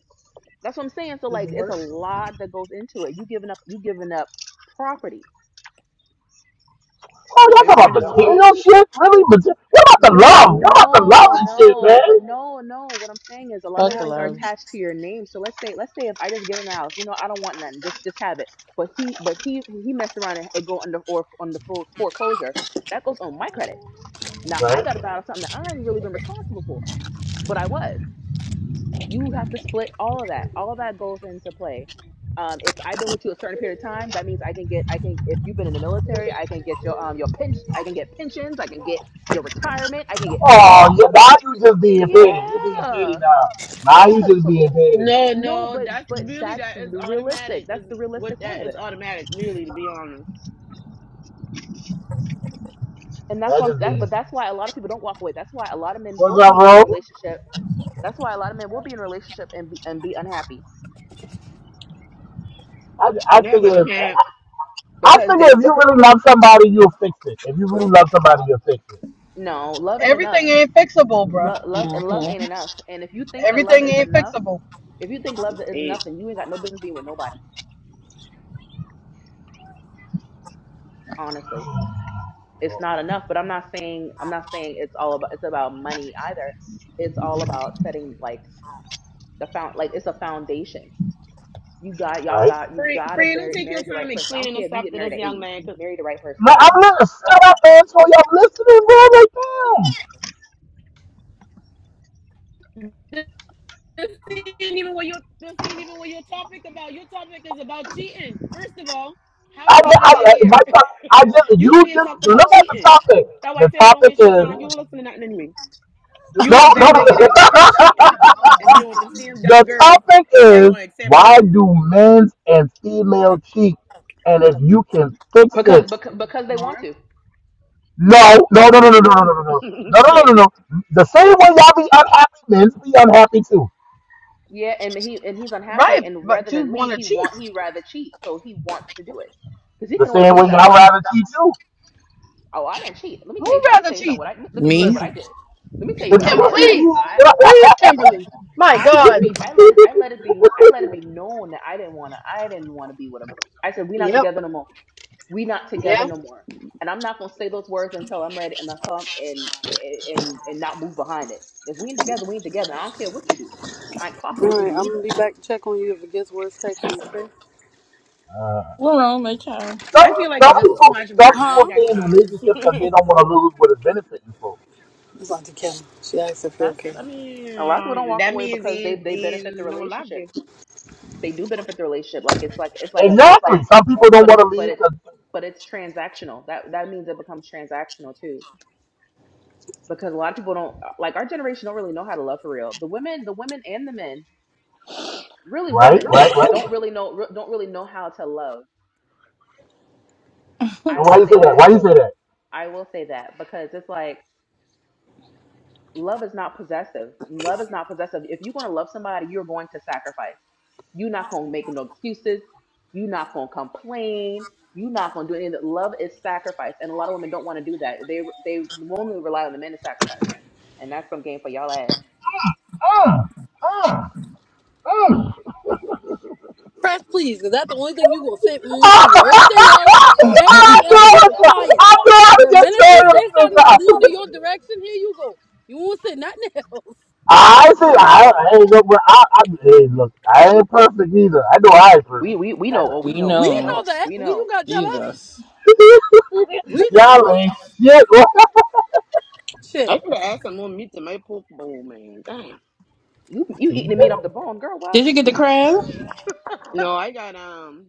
[SPEAKER 6] That's what I'm saying. So
[SPEAKER 7] Does
[SPEAKER 6] like
[SPEAKER 7] it
[SPEAKER 6] it's
[SPEAKER 7] work?
[SPEAKER 6] a lot that goes into it. You giving up you giving up property.
[SPEAKER 1] Oh,
[SPEAKER 5] You know, you
[SPEAKER 1] y'all talking
[SPEAKER 5] can't just
[SPEAKER 1] about material shit? Really? Mater- what about the
[SPEAKER 6] No,
[SPEAKER 1] love? What about the love
[SPEAKER 6] no,
[SPEAKER 1] and shit,
[SPEAKER 6] no, but
[SPEAKER 1] man?
[SPEAKER 6] no, no. What I'm saying is a lot of those
[SPEAKER 7] Not
[SPEAKER 6] things are
[SPEAKER 7] one week.
[SPEAKER 2] Buckalos.
[SPEAKER 6] attached to your name. So let's say let's say if I just give him the house, you know, I don't want nothing. Just just have it. But he but he he messed around and it go under or under fore- foreclosure. That goes on my credit. Now I
[SPEAKER 1] Right?
[SPEAKER 6] got to battle something that I ain't really been responsible for, but I was. You have to split all of that. All of that goes into play. Um, if I've been with you a certain period of time, that means I can get, I can. If you've been in the military, I can get your um your pinch, I can get pensions, I can get your retirement, I can get everything.
[SPEAKER 1] Oh, you, now you just being petty. You being petty
[SPEAKER 6] Yeah.
[SPEAKER 1] now.
[SPEAKER 6] So
[SPEAKER 1] Now
[SPEAKER 6] it's
[SPEAKER 1] you
[SPEAKER 6] a
[SPEAKER 1] just
[SPEAKER 6] so
[SPEAKER 1] being petty.
[SPEAKER 5] no,
[SPEAKER 6] no,
[SPEAKER 5] no.
[SPEAKER 6] but
[SPEAKER 5] That's
[SPEAKER 6] but
[SPEAKER 5] really
[SPEAKER 6] that's
[SPEAKER 5] that is
[SPEAKER 6] the realistic.
[SPEAKER 5] automatic. Is
[SPEAKER 6] That's the
[SPEAKER 5] what
[SPEAKER 6] realistic part
[SPEAKER 5] that
[SPEAKER 6] of
[SPEAKER 5] is
[SPEAKER 6] it,
[SPEAKER 5] automatic. Really, to be honest.
[SPEAKER 6] and that's
[SPEAKER 1] That
[SPEAKER 6] why I'm
[SPEAKER 1] just
[SPEAKER 6] that.
[SPEAKER 1] be.
[SPEAKER 6] But that's why a lot of people don't walk away. That's why a lot of men will
[SPEAKER 1] What's up,
[SPEAKER 6] be in the
[SPEAKER 1] bro?
[SPEAKER 6] relationship. That's why a lot of men will be in a relationship and be, and be unhappy
[SPEAKER 1] I, I
[SPEAKER 5] No,
[SPEAKER 1] think
[SPEAKER 5] because you
[SPEAKER 1] if
[SPEAKER 5] can't.
[SPEAKER 1] I
[SPEAKER 6] because
[SPEAKER 1] think if
[SPEAKER 6] they
[SPEAKER 1] you really love somebody, you'll fix it. If you really love somebody, you'll fix it.
[SPEAKER 6] no love ain't enough
[SPEAKER 7] Everything ain't fixable, bruh.
[SPEAKER 6] love, love and love
[SPEAKER 2] hmm
[SPEAKER 6] ain't enough and if you think that love
[SPEAKER 7] Everything
[SPEAKER 6] is
[SPEAKER 7] ain't
[SPEAKER 6] enough
[SPEAKER 7] fixable.
[SPEAKER 6] if you think love is
[SPEAKER 5] It,
[SPEAKER 6] enough then you ain't got no business being with nobody honestly it's not enough but i'm not saying i'm not saying it's all about it's about money either it's all about setting like the found like it's a foundation you got y'all
[SPEAKER 1] Right?
[SPEAKER 6] got you
[SPEAKER 5] friend,
[SPEAKER 6] gotta
[SPEAKER 5] friend, don't
[SPEAKER 6] marry
[SPEAKER 5] take your
[SPEAKER 6] marry the
[SPEAKER 5] time
[SPEAKER 6] right person i don't
[SPEAKER 5] explaining the
[SPEAKER 6] care if you
[SPEAKER 5] stuff
[SPEAKER 6] get
[SPEAKER 5] to
[SPEAKER 6] married
[SPEAKER 5] this
[SPEAKER 6] at
[SPEAKER 5] young
[SPEAKER 6] 80
[SPEAKER 5] man. Cause
[SPEAKER 6] marry the right person
[SPEAKER 1] Man, I'm listening. Shut up, Antonio. I'm listening, bro. Like, damn.
[SPEAKER 5] this this ain't even what your this ain't even what your topic about. Your topic is about cheating. First of all, how
[SPEAKER 1] I, I,
[SPEAKER 5] did we even get
[SPEAKER 1] I, my,
[SPEAKER 5] here?
[SPEAKER 1] I just,
[SPEAKER 5] you
[SPEAKER 1] you
[SPEAKER 5] in here
[SPEAKER 1] just
[SPEAKER 5] talking about
[SPEAKER 1] look at the
[SPEAKER 5] cheating.
[SPEAKER 1] topic.
[SPEAKER 5] That why I
[SPEAKER 1] The
[SPEAKER 5] tell her don't
[SPEAKER 1] topic
[SPEAKER 5] waste your
[SPEAKER 1] is
[SPEAKER 5] time. You don't listen to nothing anyway. You
[SPEAKER 1] No,
[SPEAKER 5] is
[SPEAKER 1] no.
[SPEAKER 5] that nigga that gonna keep
[SPEAKER 7] My
[SPEAKER 5] cheating
[SPEAKER 7] God.
[SPEAKER 5] and deal with them same
[SPEAKER 1] the
[SPEAKER 5] dumb girls
[SPEAKER 1] topic
[SPEAKER 5] that
[SPEAKER 1] is
[SPEAKER 5] gonna accept it.
[SPEAKER 1] why do men's and female cheat? And if you can fix
[SPEAKER 6] because
[SPEAKER 1] it,
[SPEAKER 6] because, because they
[SPEAKER 7] All
[SPEAKER 6] want
[SPEAKER 7] right.
[SPEAKER 6] to
[SPEAKER 1] no, no, no, no, no, no, no, no, no, no, no, no, no,
[SPEAKER 5] Shit.
[SPEAKER 1] no. no. The same way y'all be unhappy, men be unhappy too.
[SPEAKER 6] Yeah, and he and he's
[SPEAKER 7] Right,
[SPEAKER 6] unhappy, and
[SPEAKER 7] but
[SPEAKER 6] rather
[SPEAKER 7] you
[SPEAKER 6] than
[SPEAKER 7] want
[SPEAKER 6] leave,
[SPEAKER 7] to
[SPEAKER 6] he
[SPEAKER 7] cheat?
[SPEAKER 6] want he rather cheat, so he wants to do it because he
[SPEAKER 1] The
[SPEAKER 6] can always
[SPEAKER 1] same
[SPEAKER 6] leave
[SPEAKER 1] way
[SPEAKER 6] that
[SPEAKER 1] y'all
[SPEAKER 6] woman.
[SPEAKER 1] rather cheat too.
[SPEAKER 6] Oh, I didn't cheat. Let me tell you
[SPEAKER 7] Who'd
[SPEAKER 6] something. Let me
[SPEAKER 7] rather
[SPEAKER 6] tell you something.
[SPEAKER 7] cheat?
[SPEAKER 6] What I let me tell you
[SPEAKER 2] Me?
[SPEAKER 6] what
[SPEAKER 7] Listen,
[SPEAKER 6] I did. Let me tell you what I
[SPEAKER 7] Kim,
[SPEAKER 6] did. I
[SPEAKER 7] please,
[SPEAKER 6] I
[SPEAKER 7] please, Kimberly. My
[SPEAKER 6] I let it
[SPEAKER 7] God.
[SPEAKER 6] be. I let it. I let it be. I let it be known that I didn't want to. I didn't want to be with him. I said we not
[SPEAKER 7] Yep.
[SPEAKER 6] together no more. We not together
[SPEAKER 7] Yeah.
[SPEAKER 6] no more. And I'm not gonna say those words until I'm ready and until I'm and and and not move behind it. If we ain't together, we ain't together. I don't care what you do. I ain't
[SPEAKER 7] All
[SPEAKER 6] clocking what you
[SPEAKER 7] right,
[SPEAKER 6] do
[SPEAKER 7] I'm
[SPEAKER 6] either.
[SPEAKER 7] gonna be back to check on you if it gets worse. Text me, okay?
[SPEAKER 2] We're on the cow.
[SPEAKER 1] some,
[SPEAKER 5] I feel like
[SPEAKER 1] some
[SPEAKER 5] it's just too
[SPEAKER 1] people,
[SPEAKER 5] much
[SPEAKER 1] some
[SPEAKER 5] work. I
[SPEAKER 1] people
[SPEAKER 7] Huh?
[SPEAKER 5] ain't got
[SPEAKER 1] stay in
[SPEAKER 5] time.
[SPEAKER 1] relationships because they don't want to lose what is benefiting for.
[SPEAKER 7] It's Auntie Kim. She asked if you're
[SPEAKER 5] That's,
[SPEAKER 7] okay.
[SPEAKER 5] I mean,
[SPEAKER 6] A lot of people don't
[SPEAKER 5] um,
[SPEAKER 6] walk
[SPEAKER 5] that
[SPEAKER 6] away
[SPEAKER 5] means
[SPEAKER 6] because they
[SPEAKER 5] in
[SPEAKER 6] they benefit the
[SPEAKER 5] in no love
[SPEAKER 6] relationship.
[SPEAKER 5] there.
[SPEAKER 6] They do benefit the relationship. Like it's like it's like it's, it's very
[SPEAKER 1] Exactly. Some people don't
[SPEAKER 6] but
[SPEAKER 1] want
[SPEAKER 6] it's
[SPEAKER 1] to
[SPEAKER 6] but
[SPEAKER 1] leave
[SPEAKER 6] it's
[SPEAKER 1] because,
[SPEAKER 6] but it's transactional. That that means it becomes transactional too. Because a lot of people don't like our generation don't really know how to love for real. The women, the women and the men, really
[SPEAKER 1] right,
[SPEAKER 6] women
[SPEAKER 1] right, right.
[SPEAKER 6] don't really know don't really know how to love. I
[SPEAKER 1] And why
[SPEAKER 6] will
[SPEAKER 1] you say
[SPEAKER 6] say
[SPEAKER 1] that?
[SPEAKER 6] that.
[SPEAKER 1] Why you say that?
[SPEAKER 6] I will say that because it's like love is not possessive. Love is not possessive. If you're going to love somebody, you're going to sacrifice. You're not going to make no excuses. You're not going to complain. You're not going to do anything. Love is sacrifice, and a lot of women don't want to do that. They they normally rely on the men to sacrifice, and that's some game for y'all ass.
[SPEAKER 1] Mm, mm, mm.
[SPEAKER 7] Press please, because that's the only thing you will say
[SPEAKER 1] I
[SPEAKER 7] mm
[SPEAKER 1] know,
[SPEAKER 7] to. Everything else,
[SPEAKER 1] I
[SPEAKER 7] everything else you can
[SPEAKER 1] know,
[SPEAKER 7] quiet.
[SPEAKER 1] I was
[SPEAKER 7] The
[SPEAKER 1] just
[SPEAKER 7] minute
[SPEAKER 1] trying
[SPEAKER 7] she
[SPEAKER 1] to
[SPEAKER 7] says
[SPEAKER 1] figure
[SPEAKER 7] something that
[SPEAKER 1] out.
[SPEAKER 7] lean in your direction, here you go. You won't say nothing else.
[SPEAKER 1] I said I, I ain't no, but I, I hey, look, I ain't perfect either. I know I ain't
[SPEAKER 6] We
[SPEAKER 1] perfect.
[SPEAKER 6] we we know. Oh, we
[SPEAKER 2] we
[SPEAKER 6] know.
[SPEAKER 7] We
[SPEAKER 6] We
[SPEAKER 2] know.
[SPEAKER 7] know
[SPEAKER 6] know.
[SPEAKER 7] that.
[SPEAKER 6] We
[SPEAKER 7] We you
[SPEAKER 6] know.
[SPEAKER 7] gotta tell us.
[SPEAKER 2] Jesus.
[SPEAKER 7] We know.
[SPEAKER 1] Y'all ain't shit.
[SPEAKER 5] I
[SPEAKER 7] Shit.
[SPEAKER 5] could add some more meat to my pork bowl, man. Damn.
[SPEAKER 6] You you eating the meat off the bone, girl.
[SPEAKER 2] Did you get the
[SPEAKER 6] What?
[SPEAKER 2] crab?
[SPEAKER 5] No, I got um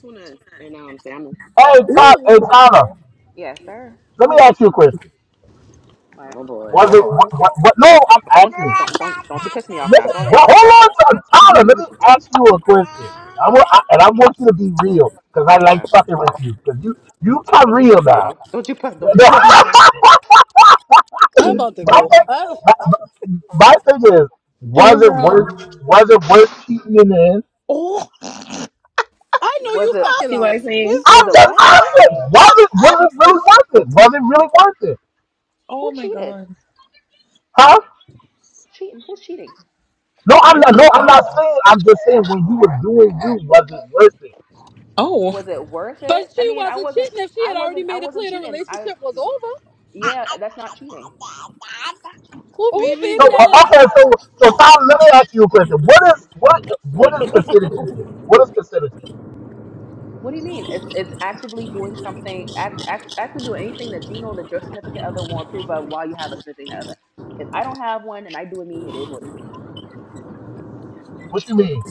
[SPEAKER 5] tuna and um salmon.
[SPEAKER 1] Hey, Tom, hey,
[SPEAKER 7] Ooh.
[SPEAKER 1] Tyler,
[SPEAKER 6] Yes, sir.
[SPEAKER 1] let me ask you a question.
[SPEAKER 6] Like,
[SPEAKER 5] Oh boy.
[SPEAKER 1] Was it? What, what, what, no, I'm
[SPEAKER 6] don't
[SPEAKER 1] asking.
[SPEAKER 6] don't don't don't you piss me off now.
[SPEAKER 1] Listen,
[SPEAKER 6] Go ahead,
[SPEAKER 1] well,
[SPEAKER 6] ask your
[SPEAKER 1] hold on, Tyler. Let
[SPEAKER 6] question.
[SPEAKER 1] me ask you a question. I want, I, and I want you to be real because I like
[SPEAKER 6] Right.
[SPEAKER 1] fucking with you because you, you come
[SPEAKER 6] Don't you
[SPEAKER 1] real
[SPEAKER 6] piss me
[SPEAKER 1] now.
[SPEAKER 6] off. Don't you piss, don't you
[SPEAKER 1] No,
[SPEAKER 6] piss me off.
[SPEAKER 7] I'm about to
[SPEAKER 1] my,
[SPEAKER 7] go. I,
[SPEAKER 1] my thing is,
[SPEAKER 2] Hey,
[SPEAKER 1] was it
[SPEAKER 2] bro.
[SPEAKER 1] worth was it worth cheating in? the end?
[SPEAKER 2] Oh,
[SPEAKER 7] I know
[SPEAKER 6] Was
[SPEAKER 7] you
[SPEAKER 6] it
[SPEAKER 7] fucking
[SPEAKER 5] See what I'm
[SPEAKER 7] lying.
[SPEAKER 2] you
[SPEAKER 5] saying?
[SPEAKER 2] see
[SPEAKER 1] I'm
[SPEAKER 2] a
[SPEAKER 6] was it
[SPEAKER 1] just
[SPEAKER 6] what?
[SPEAKER 2] roofie?
[SPEAKER 1] asking, was it was it really worth it? Was it really worth it?
[SPEAKER 2] oh,
[SPEAKER 6] Who
[SPEAKER 2] my
[SPEAKER 6] cheated?
[SPEAKER 2] God.
[SPEAKER 1] Huh?
[SPEAKER 6] Cheating? Who's cheating?
[SPEAKER 1] No,
[SPEAKER 5] I
[SPEAKER 1] I'm not no,
[SPEAKER 5] know.
[SPEAKER 1] I'm not saying I'm just saying when you were doing you, was it worth it?
[SPEAKER 2] Oh,
[SPEAKER 6] Was it worth
[SPEAKER 7] But
[SPEAKER 6] it? I
[SPEAKER 7] she
[SPEAKER 6] mean, I
[SPEAKER 7] wasn't
[SPEAKER 6] wasn't
[SPEAKER 7] cheating if she had
[SPEAKER 6] I
[SPEAKER 7] already
[SPEAKER 6] wasn't I
[SPEAKER 7] made it
[SPEAKER 6] wasn't
[SPEAKER 7] clear the
[SPEAKER 6] cheating. I
[SPEAKER 7] relationship was over.
[SPEAKER 6] yeah, that's not cheating.
[SPEAKER 2] cool,
[SPEAKER 7] Oh
[SPEAKER 2] baby.
[SPEAKER 1] So
[SPEAKER 7] baby that
[SPEAKER 1] uh,
[SPEAKER 7] is.
[SPEAKER 1] okay, so so Tom, let me ask you a question. What is what what is considered cheating? What is considered cheating?
[SPEAKER 6] What do you mean? It's it's actively doing something act, act actively doing anything that you know that your significant other won't approve of while you have a significant other. If I don't have one and I do it me, it is what it is.
[SPEAKER 1] What you mean?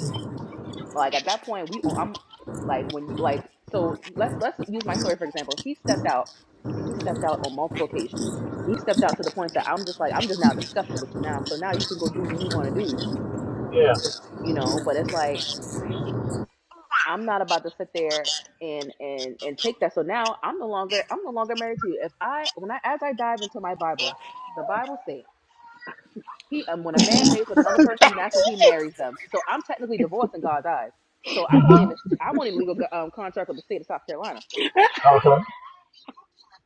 [SPEAKER 6] Like at that point, we oh, I'm like when you like so let's let's use my story for example. He stepped out and he stepped out on multiple occasions. He stepped out to the point that I'm just like I'm just now disgusted with you now. So now you can go do what you want to do,
[SPEAKER 1] Yeah.
[SPEAKER 6] you know. But it's like I'm not about to sit there and and and take that. So now I'm no longer I'm no longer married to you. If I when I as I dive into my Bible, the Bible says. He um, when a man lays with another person, that's when he marries them. So I'm technically divorced in God's eyes. So I'm only in this,
[SPEAKER 1] Mm-hmm.
[SPEAKER 6] I'm only in legal um, contract with the state of South Carolina.
[SPEAKER 1] Okay.